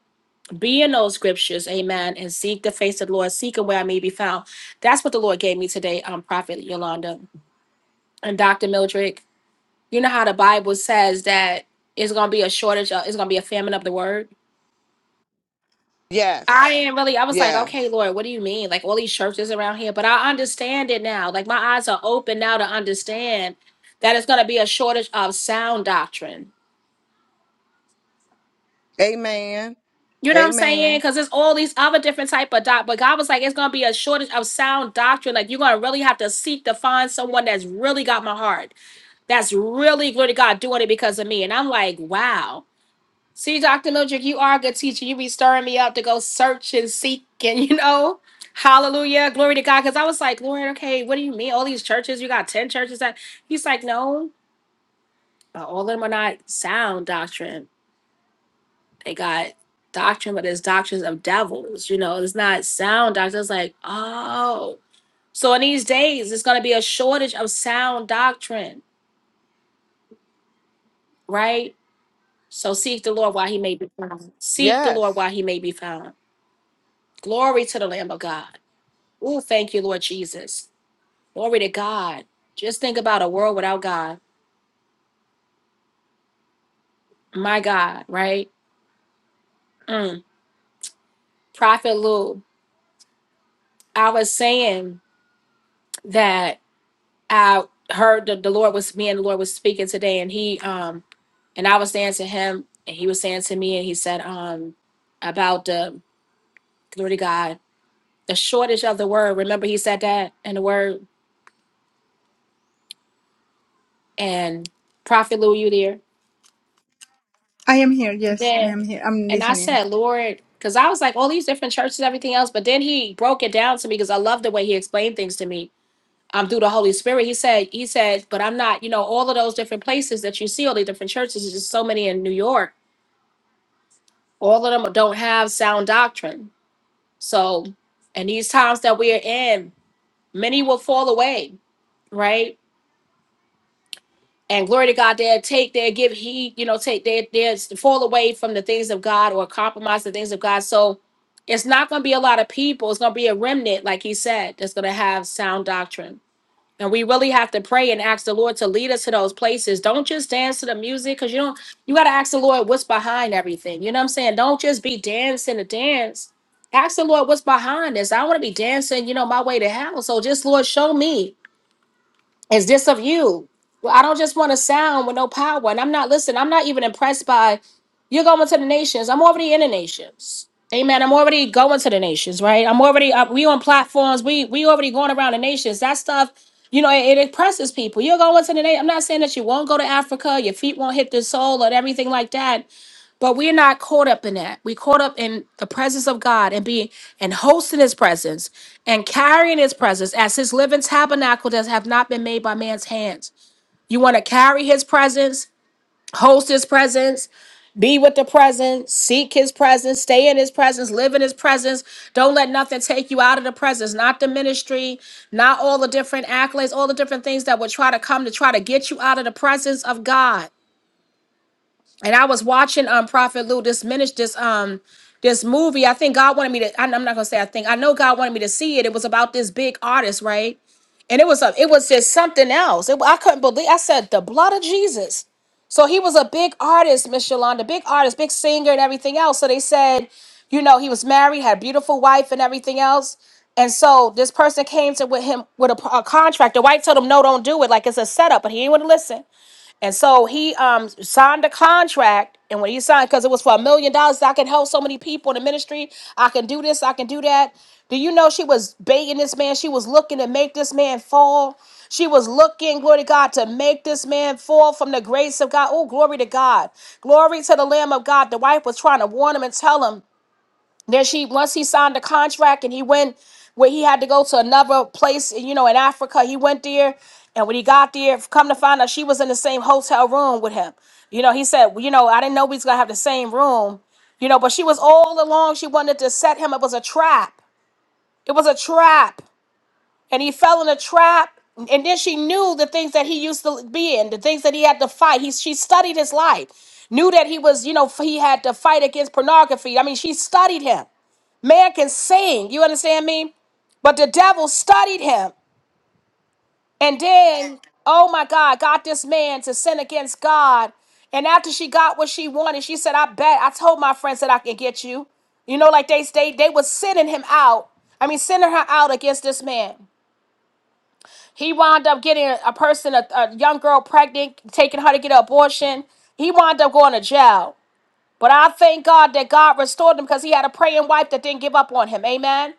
A: be in those scriptures amen and seek the face of the lord seek him where i may be found that's what the lord gave me today um prophet yolanda and dr mildred you know how the bible says that it's going to be a shortage of, it's going to be a famine of the word
C: Yes.
A: I ain't really. I was like,
C: Yeah.
A: okay, Lord, what do you mean? Like all these churches around here, but I understand it now. Like my eyes are open now to understand that it's going to be a shortage of sound doctrine.
C: Amen.
A: You know what
C: Amen.
A: I'm saying? Because there's all these other different type of doc. But God was like, it's going to be a shortage of sound doctrine. Like you're going to really have to seek to find someone that's really got my heart, that's really, really God doing it because of me. And I'm like, wow. See, Dr. Mildred, you are a good teacher. You be stirring me up to go search and seek and, you know, hallelujah, glory to God. Because I was like, Lord, okay, what do you mean? All these churches, you got 10 churches that. He's like, no, uh, all of them are not sound doctrine. They got doctrine, but it's doctrines of devils. You know, it's not sound doctrine. It's like, oh. So in these days, it's going to be a shortage of sound doctrine, right? So seek the Lord while he may be found. Seek the Lord
C: Yes.
A: while he may be found. Glory to the Lamb of God. Oh, thank you, Lord Jesus. Glory to God. Just think about a world without God. My God, right? Mm. Prophet Lou, I was saying that I heard that the Lord was me and the Lord was speaking today, and he um and I was saying to him, and he was saying to me, and he said um about the glory to God, the shortage of the word. Remember, he said that in the word. And Prophet Lou, you there?
I: I am here. Yes, I
A: Yeah.
I: am here. I'm
A: And I
I: listening.
A: said, Lord, because I was like, all these different churches, everything else. But then he broke it down to me because I love the way he explained things to me. Um, through the Holy Spirit. He said, he said, but I'm not, you know, all of those different places that you see, all the different churches, there's just so many in New York. All of them don't have sound doctrine. So in these times that we are in, many will fall away, right? and glory to God, they'll take their give heed, you know, take their their fall away from the things of God or compromise the things of God. So it's not gonna be a lot of people, it's gonna be a remnant, like he said, that's gonna have sound doctrine. And we really have to pray and ask the Lord to lead us to those places. Don't just dance to the music, because you don't you gotta ask the Lord what's behind everything. You know what I'm saying? Don't just be dancing to dance. Ask the Lord what's behind this. I don't want to be dancing, you know, my way to hell. So just Lord, show me is this of you? Well, I don't just want to sound with no power. And I'm not, listen, I'm not even impressed by you're going to the nations. I'm already in the nations. Amen. I'm already going to the nations, right? I'm already up. We on platforms. We we already going around the nations. That stuff, you know, it, it impresses people. You're going to the nation. I'm not saying that you won't go to Africa. Your feet won't hit the soil or everything like that. But we're not caught up in that. We're caught up in the presence of God and being and hosting his presence and carrying his presence as his living tabernacle that have not been made by man's hands. You want to carry his presence, host his presence, be with the presence, seek his presence, stay in his presence, live in his presence. Don't let nothing take you out of the presence, not the ministry, not all the different accolades, all the different things that would try to come to try to get you out of the presence of God and I was watching um Prophet Lou this minister this um this movie. I think God wanted me to. I- I'm not gonna say I think. I know God wanted me to see it. It was about this big artist, right? And it was a it was just something else. It, I couldn't believe. I said the blood of Jesus. So he was a big artist, Miss Yolanda, big artist, big singer, and everything else. So they said, you know, he was married, had a beautiful wife, and everything else. And so this person came to with him with a, a contract. The wife told him, "No, don't do it. Like it's a setup." But he didn't want to listen. And so he um signed a contract, and when he signed, because it was for a million dollars, I can help so many people in the ministry. I can do this, I can do that. Do you know she was baiting this man? She was looking to make this man fall. She was looking, glory to God, to make this man fall from the grace of God. Oh, glory to God. Glory to the Lamb of God. The wife was trying to warn him and tell him. Then she once he signed the contract and he went where he had to go to another place, you know, in Africa. He went there, and when he got there, come to find out she was in the same hotel room with him. You know, he said, well, you know, I didn't know we was gonna have the same room, you know, but she was all along. She wanted to set him. It was a trap. It was a trap, and he fell in a trap. And then she knew the things that he used to be in, the things that he had to fight. He she studied his life, knew that he was, you know, he had to fight against pornography. I mean, she studied him. Man can sing, you understand me? But the devil studied him. And then, oh my God, got this man to sin against God. And after she got what she wanted, she said, I bet I told my friends that I can get you. You know, like they they, they was sending him out. I mean, sending her out against this man. He wound up getting a a person, a, a young girl pregnant, taking her to get an abortion. He wound up going to jail. But I thank God that God restored him because he had a praying wife that didn't give up on him. Amen.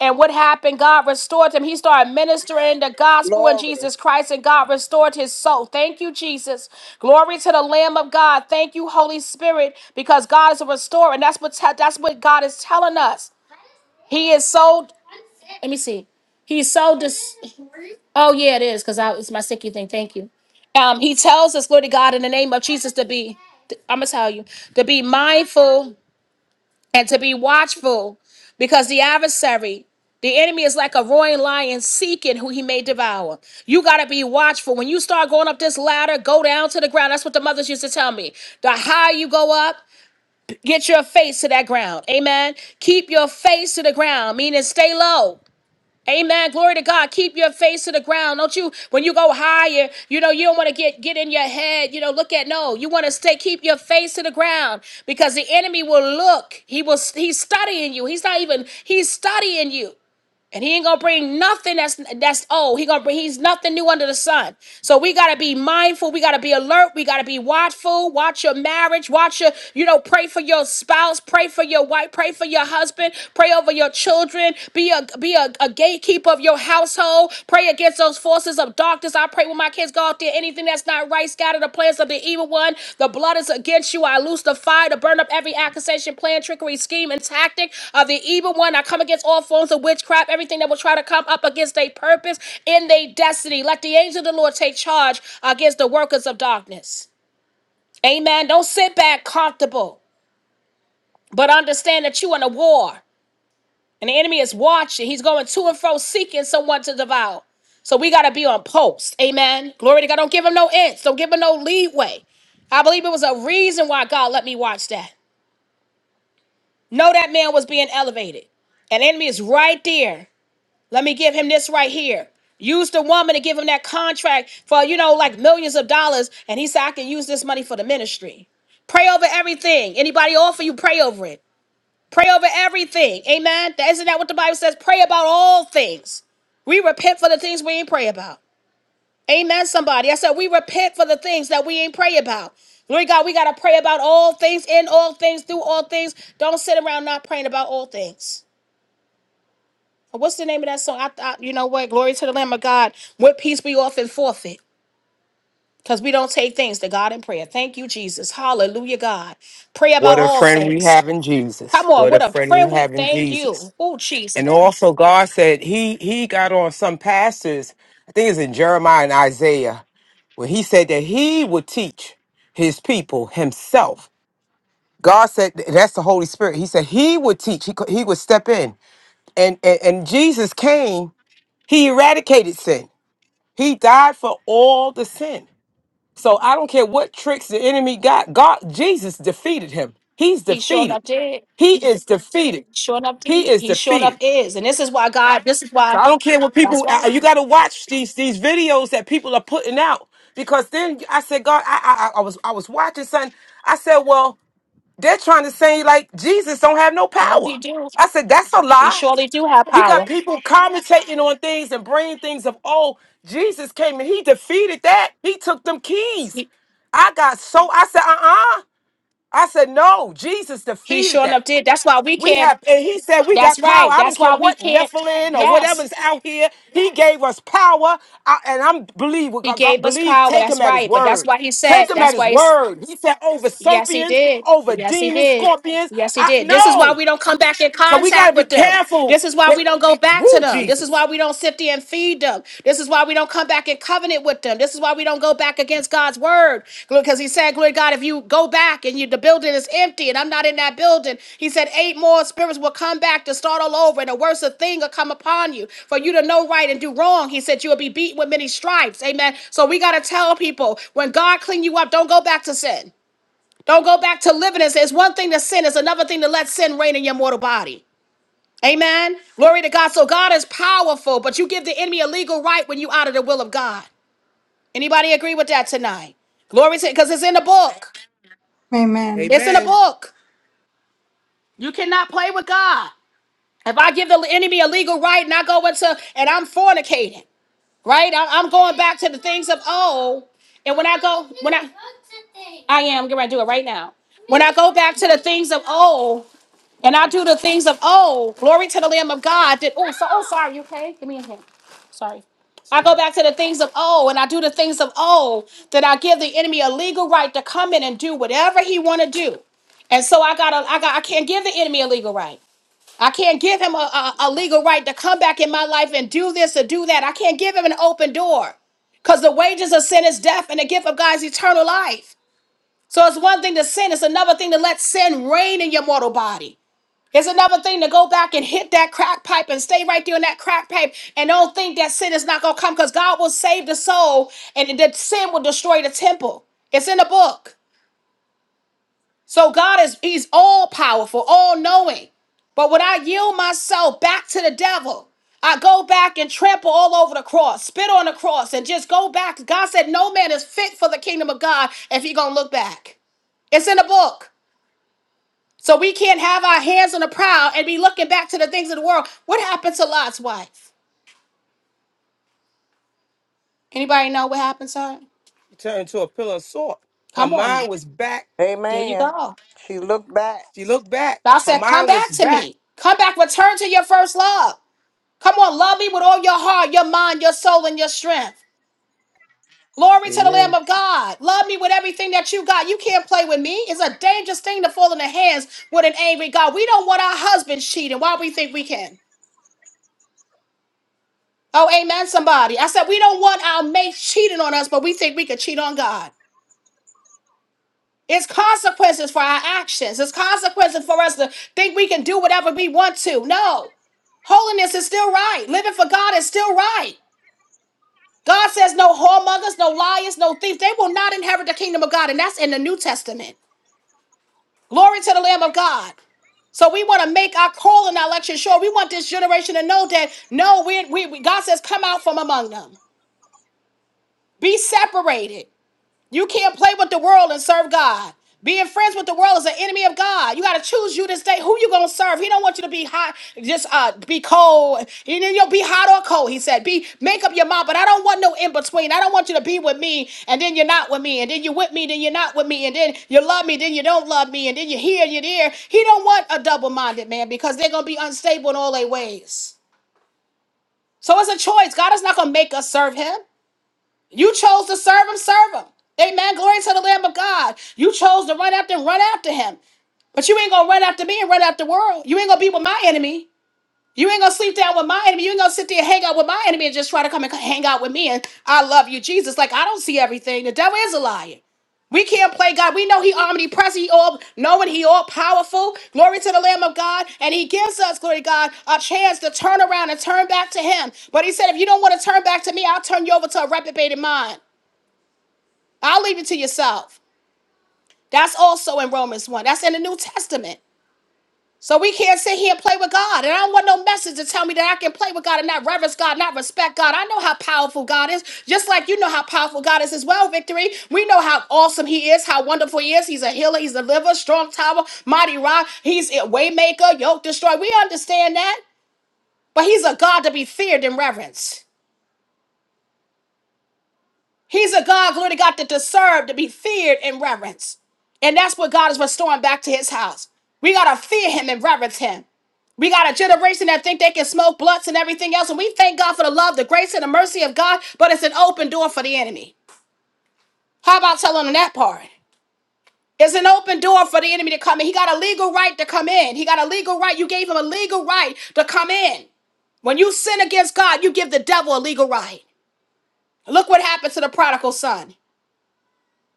A: And what happened? God restored him. He started ministering the gospel in Jesus Christ, and God restored his soul. Thank you, Jesus. Glory to the Lamb of God. Thank you, Holy Spirit, because God is a restorer, and that's what te- that's what God is telling us. He is so. Let me see. He's so dis. Oh yeah, it is because I it's my sticky thing. Thank you. Um, he tells us, glory to God, in the name of Jesus, to be. I'm gonna tell you to be mindful and to be watchful because the adversary the enemy is like a roaring lion seeking who he may devour. You got to be watchful. When you start going up this ladder, go down to the ground. That's what the mothers used to tell me. The higher you go up, get your face to that ground. Amen. Keep your face to the ground, meaning stay low. Amen. Glory to God. Keep your face to the ground. Don't you, when you go higher, you know, you don't want to get, get in your head. You know, look at, no, you want to stay, keep your face to the ground because the enemy will look. He will, he's studying you. He's not even, he's studying you. And he ain't gonna bring nothing that's that's old. He gonna bring he's nothing new under the sun. So we gotta be mindful. We gotta be alert. We gotta be watchful. Watch your marriage. Watch your you know pray for your spouse. Pray for your wife. Pray for your husband. Pray over your children. Be a be a, a gatekeeper of your household. Pray against those forces of darkness Doctors, I pray when my kids go out there, anything that's not right, scatter the plans of the evil one. The blood is against you. I loose the fire to burn up every accusation, plan, trickery, scheme, and tactic of the evil one. I come against all forms of witchcraft, everything that will try to come up against their purpose and their destiny. Let the angel of the Lord take charge against the workers of darkness. Amen. Don't sit back comfortable, but understand that you in a war. And the enemy is watching. He's going to and fro seeking someone to devour. So we got to be on post. Amen. Glory to God. Don't give him no inch. Don't give him no leeway. I believe it was a reason why God let me watch that. No, that man was being elevated. And the enemy is right there. Let me give him this right here. Use the woman to give him that contract for, you know, like millions of dollars. And he said, I can use this money for the ministry. Pray over everything. Anybody offer you, pray over it. Pray over everything. Amen. That- Isn't that what the Bible says? Pray about all things. We repent for the things we ain't pray about. Amen, somebody. I said we repent for the things that we ain't pray about. Glory to God, we got to pray about all things, in all things, through all things. Don't sit around not praying about all things. What's the name of that song? I, I, you know what? Glory to the Lamb of God. What peace we often forfeit because we don't take things to God in prayer. Thank you, Jesus. Hallelujah, God. Pray about
H: What a
A: all
H: friend we
A: things.
H: have in Jesus.
A: Come on,
H: What a
A: what a
H: friend we
A: friend we
H: have in
A: thank
H: Jesus.
A: you. Oh, Jesus.
H: And also, God said he he got on some pastors. I think it's in Jeremiah and Isaiah, where he said that he would teach his people himself. God said that's the Holy Spirit. He said he would teach. He could- he would step in, and and, and Jesus came. He eradicated sin. He died for all the sin. So I don't care what tricks the enemy got. God, Jesus defeated him. He's
A: He sure
H: defeated.
A: enough did.
H: He is defeated.
A: Sure enough
H: He
A: did.
H: is
A: He sure
H: defeated.
A: enough is. And this is why God, this is
H: So
A: why,
H: I don't care what people.
A: that's
H: I-
A: right.
H: You got to watch these these videos that people are putting out because then I said, God, I I, I I was I was watching something. I said, well, they're trying to say like Jesus don't have no
A: Nope, he
H: power.
A: do.
H: I said that's a
A: He
H: lie.
A: surely do have
H: You got
A: power.
H: people commentating on things and bringing things of oh Jesus came and he defeated that. He took them keys.
A: He,
H: I got so I said uh uh I said no. Jesus
A: he
H: defeated
A: sure
H: that.
A: enough did. That's why we
H: We
A: can't,
H: have, and he said we
A: that's
H: got power.
A: right.
H: I don't
A: That's
H: care
A: why we
H: what
A: can't,
H: Nephilim or
A: yes.
H: whatever's out here. He gave us power, I, and I'm believe with
A: He
H: God, God.
A: gave us
H: Believe,
A: power.
H: take him
A: That's
H: at his
A: right. But that's
H: word.
A: why he said,
H: Take him at
A: that's
H: his
A: why
H: word. He said over
A: Yes, he
H: serpents,
A: did.
H: over
A: Yes, he
H: demons,
A: did.
H: scorpions.
A: Yes, he
H: I
A: did. This is why
H: know.
A: we don't come back in
H: So we
A: contact
H: gotta be
A: with them.
H: careful.
A: This is why
H: that-
A: we don't go back to
H: Woo,
A: them. This is
H: Jesus.
A: why we don't sit there and feed them. This is why we don't come back in covenant with them. This is why we don't go back against God's word. Because he said, Glory to God, if you go back and you the building is empty and I'm not in that building, he said, eight more spirits will come back to start all over, and a worse thing will come upon you. For you to know right and do wrong, he said, you will be beaten with many stripes. Amen. So we gotta tell people when God clean you up, don't go back to sin. Don't go back to living as it's one thing to sin, it's another thing to let sin reign in your mortal body. Amen. Glory to God. So God is powerful, but you give the enemy a legal right when you out of the will of God. Anybody agree with that tonight? Glory to because it's in the book.
I: Amen.
A: It's in the
H: Amen.
A: book. You cannot play with God. If I give the enemy a legal right and I go into and I'm fornicating, right? I- I'm going back to the things of old. And when I go, when I I am, I'm gonna do it right now. When I go back to the things of old, And I do the things of, oh, glory to the Lamb of God. Did, oh, so, oh, sorry, you okay? Sorry. I go back to the things of old, and I do the things of old that I give the enemy a legal right to come in and do whatever he want to do. And so I got to I got I can't give the enemy a legal right. I can't give him a, a, a legal right to come back in my life and do this or do that. I can't give him an open door. Because the wages of sin is death, and the gift of God is eternal life. So it's one thing to sin, it's another thing to let sin reign in your mortal body. It's another thing to go back and hit that crack pipe and stay right there in that crack pipe and don't think that sin is not going to come because God will save the soul and that sin will destroy the temple. It's in the book. So God is, he's all powerful, all knowing. But when I yield myself back to the devil, I go back and trample all over the cross, spit on the cross, and just go back. God said, No man is fit for the kingdom of God if he gonna look back. It's in the book. So we can't have our hands on the prowl and be looking back to the things of the world. What happened to Lot's wife? Anybody know what happened to her?
H: She turned to a pillar of salt. Her
A: Come on.
H: mind was back.
A: There
C: Amen.
A: you go.
H: She looked back.
A: God
H: Her
A: said, Come
H: mind was
A: back to
H: back.
A: me. Come back, return to your first love. Come on, love me with all your heart, your mind, your soul, and your strength. Glory to the Lamb
K: Amen.
A: of God. Love me with everything that you got. You can't play with me. It's a dangerous thing to fall in the hands with an angry God. We don't want our husbands cheating while we think we can. Oh, amen, somebody. I said, we don't want our mate cheating on us, but we think we could cheat on God. It's consequences for our actions. It's consequences for us to think we can do whatever we want to. No, holiness is still right. Living for God is still right. God says no whoremongers, no liars, no thieves. They will not inherit the kingdom of God. And that's in the New Testament. Glory to the Lamb of God. So we want to make our call and our election sure. We want this generation to know that no, we, we, we- God says, come out from among them. Be separated. You can't play with the world and serve God. Being friends with the world is an enemy of God. You got to choose you this day who you gonna serve. He don't want you to be hot, just uh, be cold. You know, you'll be hot or cold. He said, "Be make up your mind." But I don't want no in between. I don't want you to be with me and then you're not with me, and then you with me, then you're not with me, and then you love me, then you don't love me, and then you here, you there. He don't want a double minded man because they're gonna be unstable in all their ways. So it's a choice. God is not gonna make us serve Him. You chose to serve him, serve him. Amen. Glory to the Lamb of God. You chose to run after and run after him. But you ain't gonna run after me and run after the world. You ain't gonna be with my enemy. You ain't gonna sleep down with my enemy. You ain't gonna sit there and hang out with my enemy and just try to come and hang out with me. And I love you, Jesus. Like I don't see everything. The devil is a liar. We can't play God. We know He omnipresent, He all knowing, He all powerful. Glory to the Lamb of God. And He gives us, glory to God, a chance to turn around and turn back to Him. But He said, if you don't want to turn back to me, I'll turn you over to a reprobated mind. I'll leave it to yourself. That's also in Romans 1. That's in the New Testament. So we can't sit here and play with God. And I don't want no message to tell me that I can play with God and not reverence God, not respect God. I know how powerful God is, just like you know how powerful God is as well, Victory. We know how awesome He is, how wonderful He is. He's a healer, He's a deliverer, strong tower, mighty rock. He's a waymaker, yoke destroyer. We understand that. But He's a God to be feared and reverenced. He's a God, glory to God, that deserved to be feared and reverenced. And that's what God is restoring back to his house. We got to fear him and reverence him. We got a generation that think they can smoke blunts and everything else. And we thank God for the love, the grace, and the mercy of God, but it's an open door for the enemy. How about telling them that part? It's an open door for the enemy to come in. He got a legal right to come in. He got a legal right. You gave him a legal right to come in. When you sin against God, you give the devil a legal right. Look what happened to the prodigal son.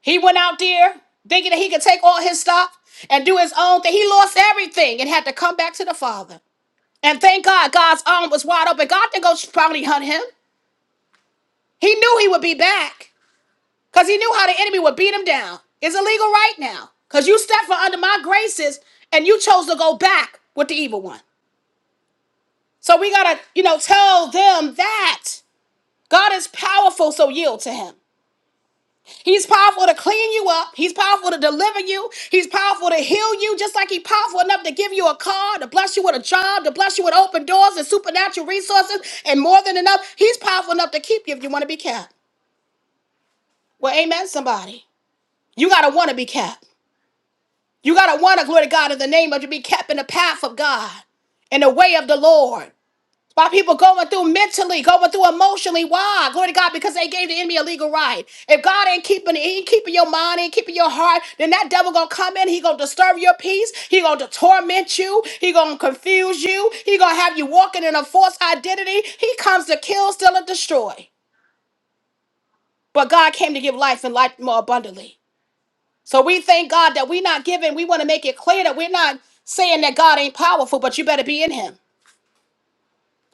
A: He went out there thinking that he could take all his stuff and do his own thing. He lost everything and had to come back to the Father. And thank God, God's arm was wide open. God didn't go bounty hunt him. He knew he would be back because he knew how the enemy would beat him down. It's illegal right now because you stepped for under my graces and you chose to go back with the evil one. So we got to, you know, tell them that God is powerful, so yield to him. He's powerful to clean you up. He's powerful to deliver you. He's powerful to heal you, just like he's powerful enough to give you a car, to bless you with a job, to bless you with open doors and supernatural resources, and more than enough. He's powerful enough to keep you if you want to be kept. Well, amen, somebody. You got to want to be kept. You got to want to, glory to God, in the name of to be kept in the path of God, in the way of the Lord. By people going through mentally, going through emotionally. Why? Glory to God, because they gave the enemy a legal right. If God ain't keeping he ain't keeping your mind, ain't keeping your heart, then that devil gonna come in. He gonna disturb your peace. He gonna torment you. He gonna confuse you. He gonna have you walking in a false identity. He comes to kill, steal, and destroy. But God came to give life and life more abundantly. So we thank God that we're not giving. We want to make it clear that we're not saying that God ain't powerful, but you better be in Him.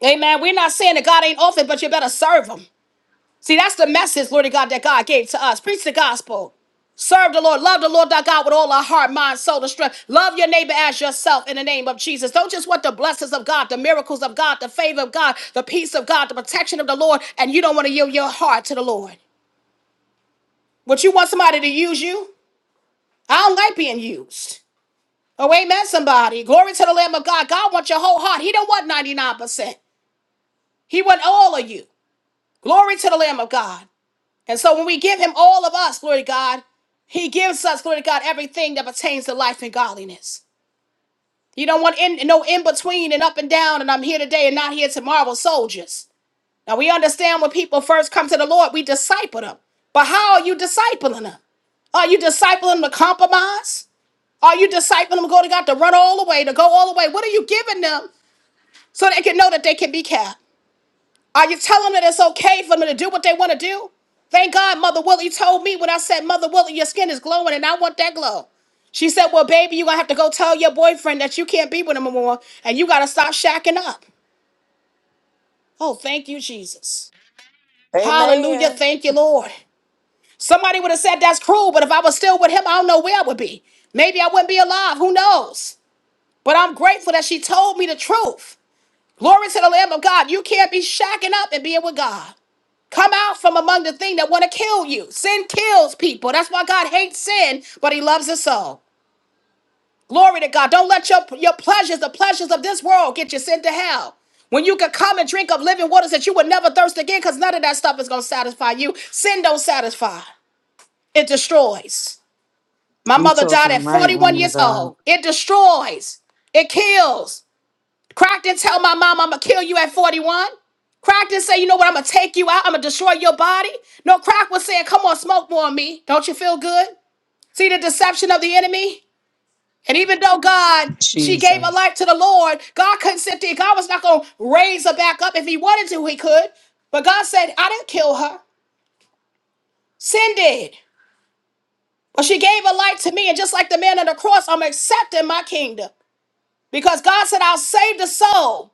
A: Amen. We're not saying that God ain't often, but you better serve Him. See, that's the message, Lord God, that God gave to us. Preach the gospel. Serve the Lord. Love the Lord thy God with all our heart, mind, soul, and strength. Love your neighbor as yourself in the name of Jesus. Don't just want the blessings of God, the miracles of God, the favor of God, the peace of God, the protection of the Lord, and you don't want to yield your heart to the Lord. Would you want somebody to use you? I don't like being used. Oh, amen, somebody. Glory to the Lamb of God. God wants your whole heart. He don't want 99%. He wants all of you. Glory to the Lamb of God. And so when we give him all of us, glory to God, he gives us, glory to God, everything that pertains to life and godliness. You don't want in, no in between and up and down, and I'm here today and not here tomorrow, soldiers. Now we understand when people first come to the Lord, we disciple them. But how are you discipling them? Are you discipling them to compromise? Are you discipling them, glory to God, to run all the way, to go all the way? What are you giving them so they can know that they can be kept? Are you telling them that it's okay for them to do what they want to do? Thank God Mother Willie told me when I said, Mother Willie, your skin is glowing and I want that glow. She said, Well, baby, you're going to have to go tell your boyfriend that you can't be with him anymore and you got to stop shacking up. Oh, thank you, Jesus. Hallelujah.
C: Amen.
A: Thank you, Lord. Somebody would have said that's cruel, but if I was still with him, I don't know where I would be. Maybe I wouldn't be alive. Who knows? But I'm grateful that she told me the truth. Glory to the Lamb of God. You can't be shacking up and being with God. Come out from among the thing that want to kill you. Sin kills people. That's why God hates sin, but he loves us all. Glory to God. Don't let your, your pleasures, the pleasures of this world, get you sent to hell. When you could come and drink of living waters that you would never thirst again, because none of that stuff is going to satisfy you. Sin don't satisfy. It destroys. My
J: You
A: mother died
J: talking
A: at
J: right,
A: 41
J: woman of
A: years
J: God.
A: old. It destroys. It kills. Crockton tell my mom I'm gonna kill you at 41. Crockton say, you know what, I'm gonna take you out, I'm gonna destroy your body. No, Crock was saying, come on, smoke more on me. Don't you feel good? See the deception of the enemy? And even though God, she gave her
J: Jesus.
A: life to the Lord, God couldn't sit there. God was not gonna raise her back up. If he wanted to, he could. But God said, I didn't kill her. Sin did. But she gave her life to me, and just like the man on the cross, I'm accepting my kingdom. Because God said, I'll save the soul.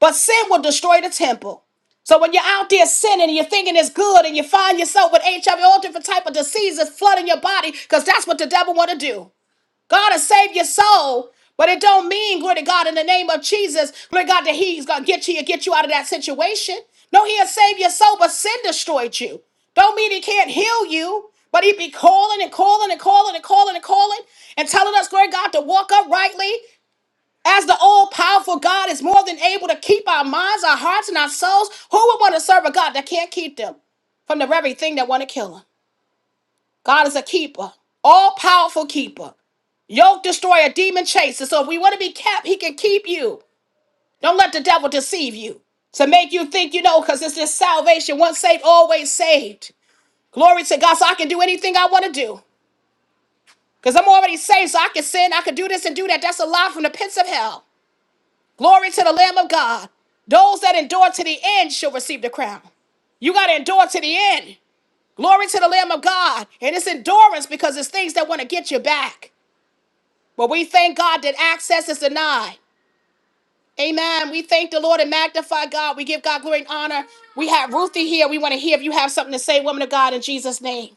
A: But sin will destroy the temple. So when you're out there sinning and you're thinking it's good and you find yourself with HIV, all different type of diseases flooding your body, because that's what the devil want to do. God will save your soul, but it don't mean, glory to God, in the name of Jesus, glory to God, that he's going to get you and get you out of that situation. No, he'll save your soul, but sin destroyed you. Don't mean he can't heal you, but he be calling and calling and calling and calling and calling and telling us, glory to God, to walk uprightly. As the all powerful God is more than able to keep our minds, our hearts, and our souls, who would want to serve a God that can't keep them from the very thing that want to kill them? God is a keeper, all powerful keeper. Yoke destroyer, demon chaser. So if we want to be kept, he can keep you. Don't let the devil deceive you to make you think you know, because it's this salvation. Once saved, always saved. Glory to God. So I can do anything I want to do. Because I'm already saved, so I can sin, I can do this and do that. That's a lie from the pits of hell. Glory to the Lamb of God. Those that endure to the end shall receive the crown. You got to endure to the end. Glory to the Lamb of God. And it's endurance because it's things that want to get you back. But we thank God that access is denied. Amen. We thank the Lord and magnify God. We give God glory and honor. We have Ruthie here. We want to hear if you have something to say, woman of God, in Jesus' name.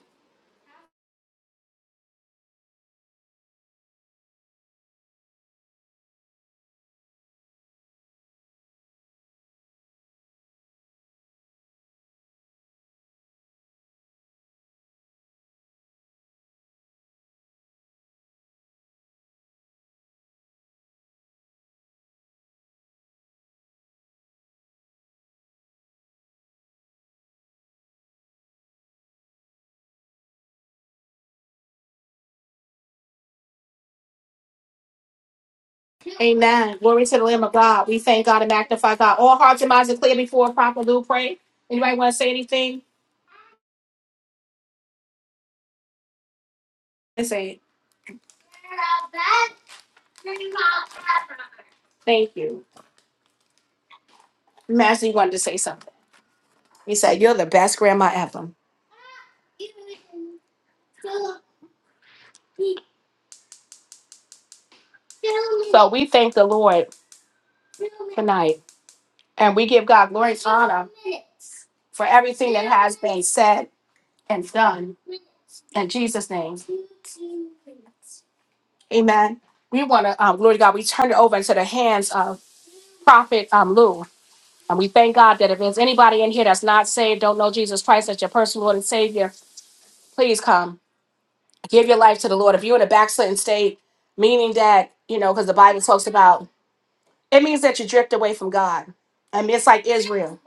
A: Amen. Glory to the Lamb of God. We thank God and magnify God. All hearts and minds are clear before Prophet Lou pray. Anybody want to say anything? Let's say it. Thank you. Master, you wanted to say something. He said, You're the best grandma ever. So we tonight, our glory, everything has been said and done in Jesus' name. Amen. We want to, um, glory to God, we turn it over into the hands of Prophet um, Lou. And we thank God that if there's anybody in here that's not saved, don't know Jesus Christ as your personal Lord and Savior, please come. Give your life to the Lord. If you're in a backslidden state, meaning that, you know, because the Bible talks about, it means that you drift away from God. And it's like Israel.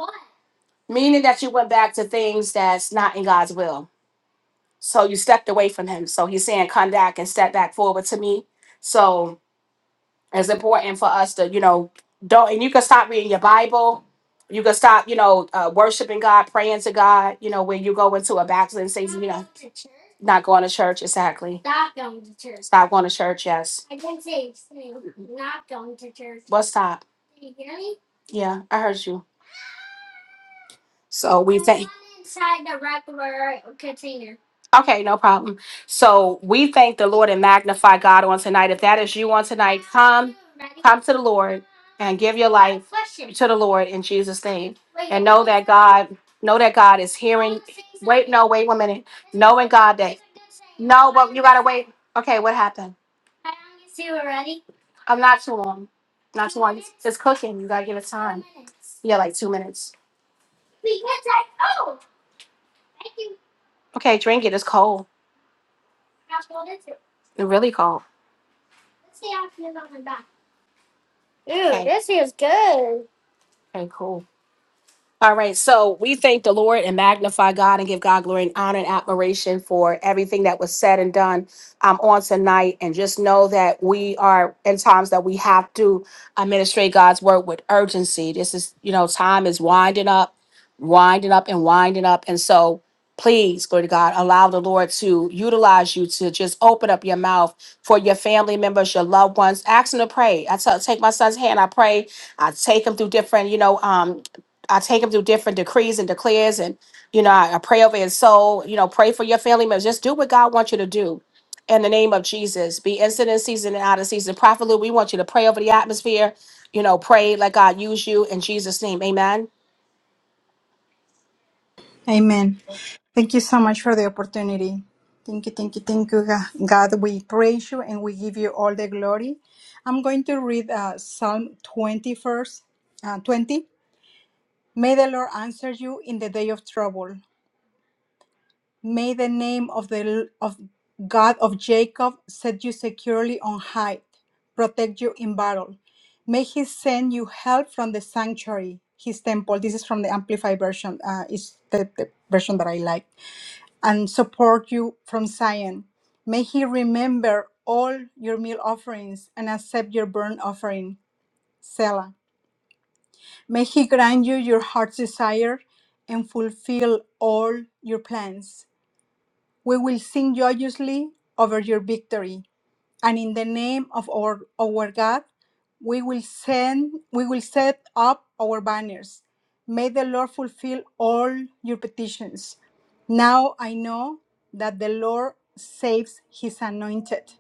A: meaning that you went back to things that's not in God's will. So you stepped away from Him. So He's saying, "Come back and step back forward to Me." So it's important for us to, you know, don't. And you can stop reading your Bible. You can stop, you know, uh, worshiping God, praying to God. You know, when you go into a backsliding state, not going to church exactly. Stop going to church. Yes. What stop? Yeah, I heard you. So we thank. Okay, no problem. So we thank the Lord and magnify God on tonight. If that is you on tonight, come. Come to the Lord and give your life to the Lord in Jesus' name. Know that God, know that God is hearing. No, wait one minute. Knowing God that no, you gotta wait. Okay, what happened? I'm not too long. Not it's cooking. You gotta give it time. Yeah, like two minutes. Okay, drink it. It's cold. It's really cold. Okay, cool. All right, so we thank the Lord and magnify God and give God glory and honor and admiration for everything that was said and done um, on tonight. And just know that we are in times that we have to administrate God's word with urgency. This is, you know, time is winding up, winding up, and winding up. And so please, glory to God, allow the Lord to utilize you to just open up your mouth for your family members, your loved ones. Ask them to pray. I tell, take my son's hand, I pray. I take him through different, you know, um, I take him through different decrees and declares, and you know, I, I pray over his soul. You know, pray for your family members. Just do what God wants you to do. In the name of Jesus, be instant in season and out of season. Prophet Lou, we want you to pray over the atmosphere. You know, pray like God, you and James. Amen.
I: Amen. Thank you so much for the opportunity. Thank you, thank you, thank you, Ga- God. We praise you and we give you all the glory. I'm going to read uh, Psalm 20, verse uh, 20. May the Lord answer you in the day of trouble. May the name of the of God of Jacob set you securely on high, protect you in battle. May he send you help from the sanctuary, his temple. This is from the Amplified version. Uh, it's the, the version that I like. And support you from Zion. May he remember all your meal offerings and accept your burnt offering, Selah. May he grant you your heart's desire and fulfill all your plans. We will sing joyously over your victory, and in the name of our, our God, we will send we will set up our banners. May the Lord fulfill all your petitions. Now I know that the Lord saves his anointed.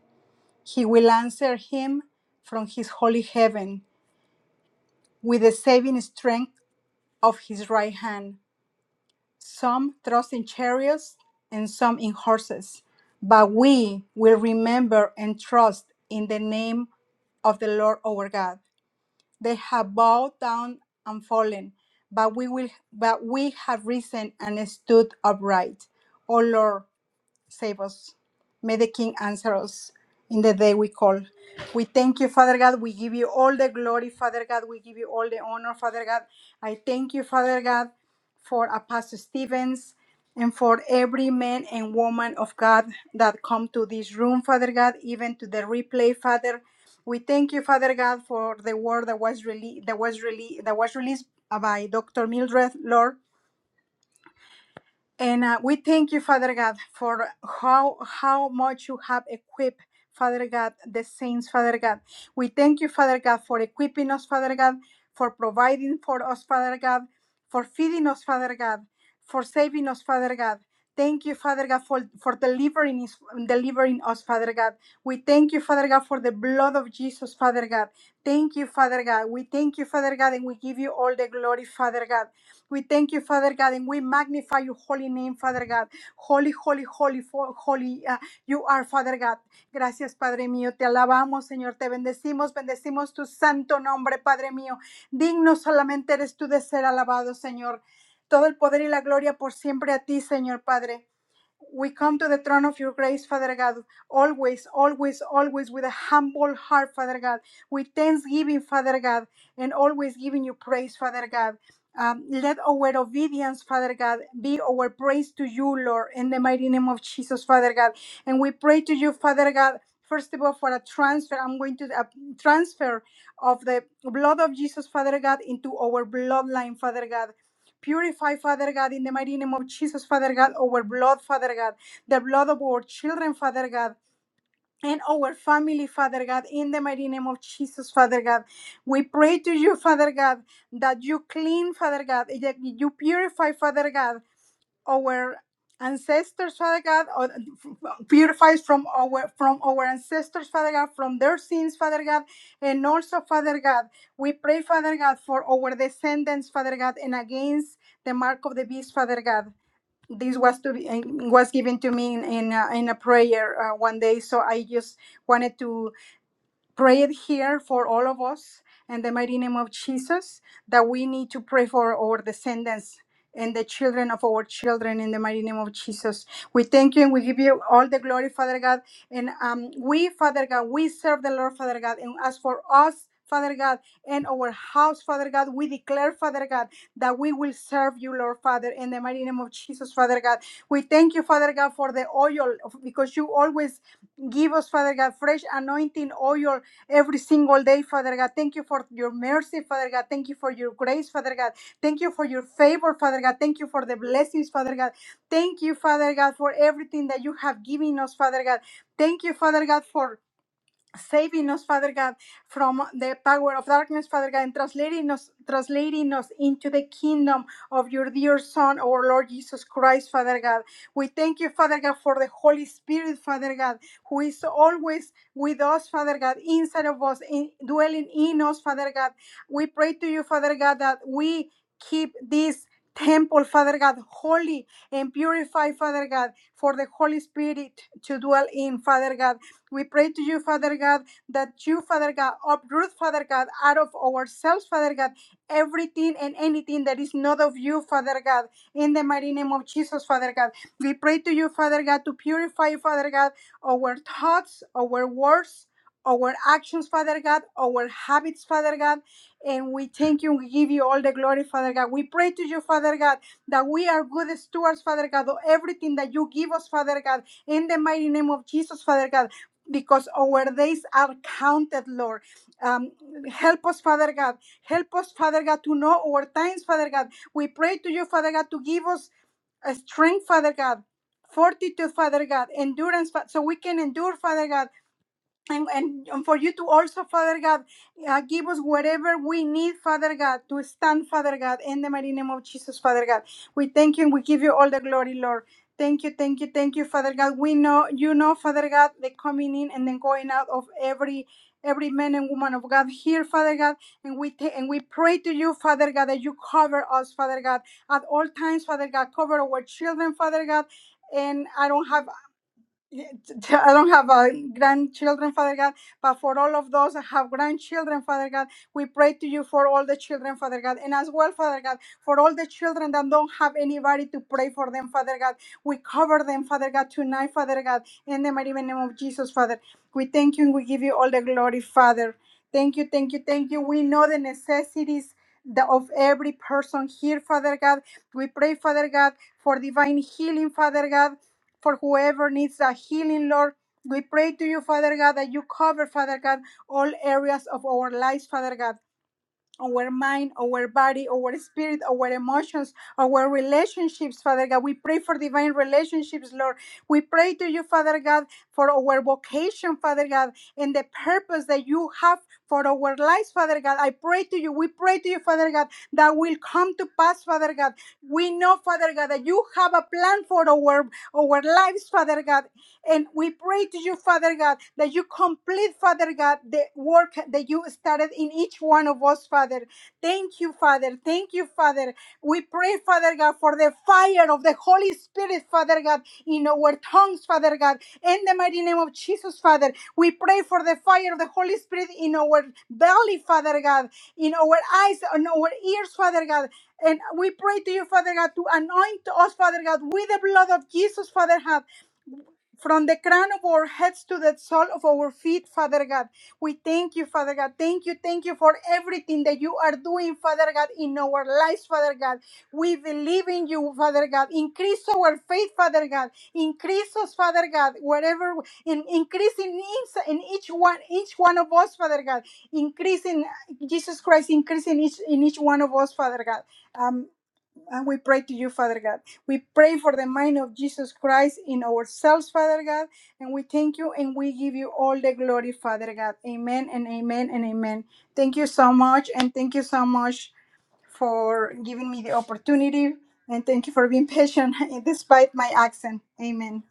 I: He will answer him from his holy heaven with the saving strength of his right hand some trust in chariots and some in horses, but we will remember and trust in the name of the Lord our God. They have bowed down and fallen, but we will but we have risen and stood upright. O Lord, save us. May the King answer us in the day we call. We thank you, Father God. We give you all the glory, Father God. We give you all the honor, Father God. I thank you, Father God, for Apostle Stevens and for every man and woman of God that come to this room, Father God, even to the replay, Father. We thank you, Father God, for the word that was released that was released that was released by Dr. Mildred, Lord. And uh, we thank you, Father God, for how how much you have equipped, Father God, the saints, Father God. We thank you, Father God, for equipping us, Father God, for providing for us, Father God, for feeding us, Father God, for saving us, Father God. Thank you, Father God, for, for delivering us, delivering us, Father God. We thank you, Father God, for the blood of Jesus, Father God. Thank you, Father God. We thank you, Father God, and we give you all the glory, Father God. We thank you, Father God, and we magnify your holy name, Father God. Holy, holy, holy, fo- holy, uh, you are, Father God. Gracias, Padre mío. Te alabamos, Señor. Te bendecimos, bendecimos tu santo nombre, Padre mío. Digno solamente eres tú de ser alabado, Señor. Todo el poder y la gloria por siempre a ti, Señor Padre. We come to the throne of your grace, Father God, always, always, always with a humble heart, Father God, with thanksgiving, Father God, and always giving you praise, Father God. Um, let our obedience, Father God, be our praise to you, Lord, in the mighty name of Jesus, Father God. And we pray to you, Father God, first of all, for a transfer. I'm going to a transfer of the blood of Jesus, Father God, into our bloodline, Father God. Purify, Father God, in the mighty name of Jesus, Father God, our blood, Father God, the blood of our children, Father God, and our family, Father God, in the mighty name of Jesus, Father God. We pray to you, Father God, that you clean, Father God, that you purify, Father God our ancestors, Father God, or purify us from our from our ancestors, Father God, from their sins, Father God, and also, Father God, we pray, Father God, for our descendants, Father God, and against the mark of the beast, Father God. This was to be, eh, was given to me in in a, in a prayer uh, one day, so I just wanted to. Pray it here for all of us in the mighty name of Jesus that we need to pray for our descendants and the children of our children in the mighty name of Jesus. We thank you and we give you all the glory, Father God. And um, we, Father God, we serve the Lord, Father God. And as for us, Father God, and our house, Father God, we declare, Father God, that we will serve you, Lord Father, in the mighty name of Jesus, Father God. We thank you, Father God, for the oil because you always give us, Father God, fresh anointing oil every single day, Father God. Thank you for your mercy, Father God. Thank you for your grace, Father God. Thank you for your favor, Father God. Thank you for the blessings, Father God. Thank you, Father God, for everything that you have given us, Father God. Thank you, Father God, for saving us, Father God, from the power of darkness, Father God, and translating us, translating us into the kingdom of your dear Son, our Lord Jesus Christ, Father God. We thank you, Father God, for the Holy Spirit, Father God, who is always with us, Father God, inside of us, in, dwelling in us, Father God. We pray to you, Father God, that we keep this temple, Father God, holy and purified, Father God, for the Holy Spirit to dwell in, Father God. We pray to you, Father God, that you, Father God, uproot, Father God, out of ourselves, Father God, everything and anything that is not of you, Father God, in the mighty name of Jesus, Father God. We pray to you, Father God, to purify, Father God, our thoughts, our words, our actions, Father God, our habits, Father God, and we thank you and we give you all the glory, Father God. We pray to you, Father God, that we are good stewards, Father God, of everything that you give us, Father God, in the mighty name of Jesus, Father God because our days are counted, Lord. Um, help us, Father God. Help us, Father God, to know our times, Father God. We pray to you, Father God, to give us a strength, Father God. Fortitude, Father God, endurance, Fa- so we can endure, Father God, and, and and for you to also, Father God, uh, give us whatever we need, Father God, to stand, Father God, in the mighty name of Jesus, Father God. We thank you and we give you all the glory, Lord. Thank you, thank you, thank you, Father God. We know, you know, Father God, the coming in and then going out of every every man and woman of God here, Father God, and we ta- and we pray to you, Father God, that you cover us, Father God, at all times, Father God, cover our children, Father God. And I don't have Yeah, t- t- I don't have uh, grandchildren, Father God, but for all of those that have grandchildren, Father God, we pray to you for all the children, Father God, and as well, Father God, for all the children that don't have anybody to pray for them, Father God. We cover them, Father God, tonight, Father God, in the mighty name of Jesus, Father. We thank you and we give you all the glory, Father. Thank you, thank you, thank you. We know the necessities the- of every person here, Father God. We pray, Father God, for divine healing, Father God for whoever needs a healing, Lord. We pray to you, Father God, that you cover, Father God, all areas of our lives, Father God our mind, our body, our spirit, our emotions, our relationships, Father God. We pray for divine relationships, Lord. We pray to you, Father God, for our vocation, Father God, and the purpose that you have for our lives, Father God. I pray to you. We pray to you, Father God, that will come to pass, Father God. We know, Father God, that you have a plan for our our lives, Father God. And we pray to you, Father God, that you complete, Father God, the work that you started in each one of us, Father. Thank you, Father. Thank you, Father. We pray, Father God, for the fire of the Holy Spirit, Father God, in our tongues, Father God. In the mighty name of Jesus, Father, we pray for the fire of the Holy Spirit in our belly, Father God, in our eyes, in our ears, Father God, and we pray to you, Father God, to anoint us, Father God, with the blood of Jesus, Father God. From the crown of our heads to the sole of our feet, Father God. We thank you, Father God. Thank you, thank you for everything that you are doing, Father God, in our lives, Father God. We believe in you, Father God. Increase our faith, Father God. Increase us, Father God, wherever in increase in, each- in each one, each one of us, Father God. Increase in Jesus Christ, increase in each in each one of us, Father God. Um. And we pray to you, Father God. We pray for the mind of Jesus Christ in ourselves, Father God. And we thank you and we give you all the glory, Father God. Amen and amen and amen. Thank you so much. And thank you so much for giving me the opportunity. And thank you for being patient despite my accent. Amen.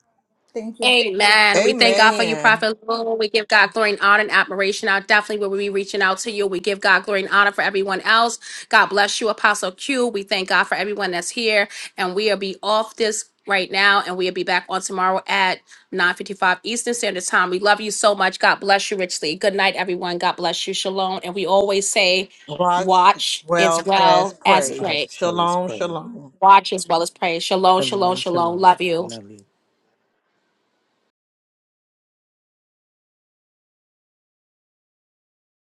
I: Thank you.
A: Amen. We thank God for you,
C: Amen.
A: Prophet Lou. We give God glory and honor and admiration. I definitely will be reaching out to you. We give God glory and honor for everyone else. God bless you, Apostle Q. We thank God for everyone that's here. And we'll be off this right now. And we'll be back on tomorrow at 9.55 Eastern Standard Time. We love you so much. God bless you richly. Good night, everyone. God bless you. Shalom. And we always say,
C: Watch
A: watch as
C: well as
A: well as
C: pray.
A: pray. Watch as well as pray. Shalom, shalom, shalom. Love you.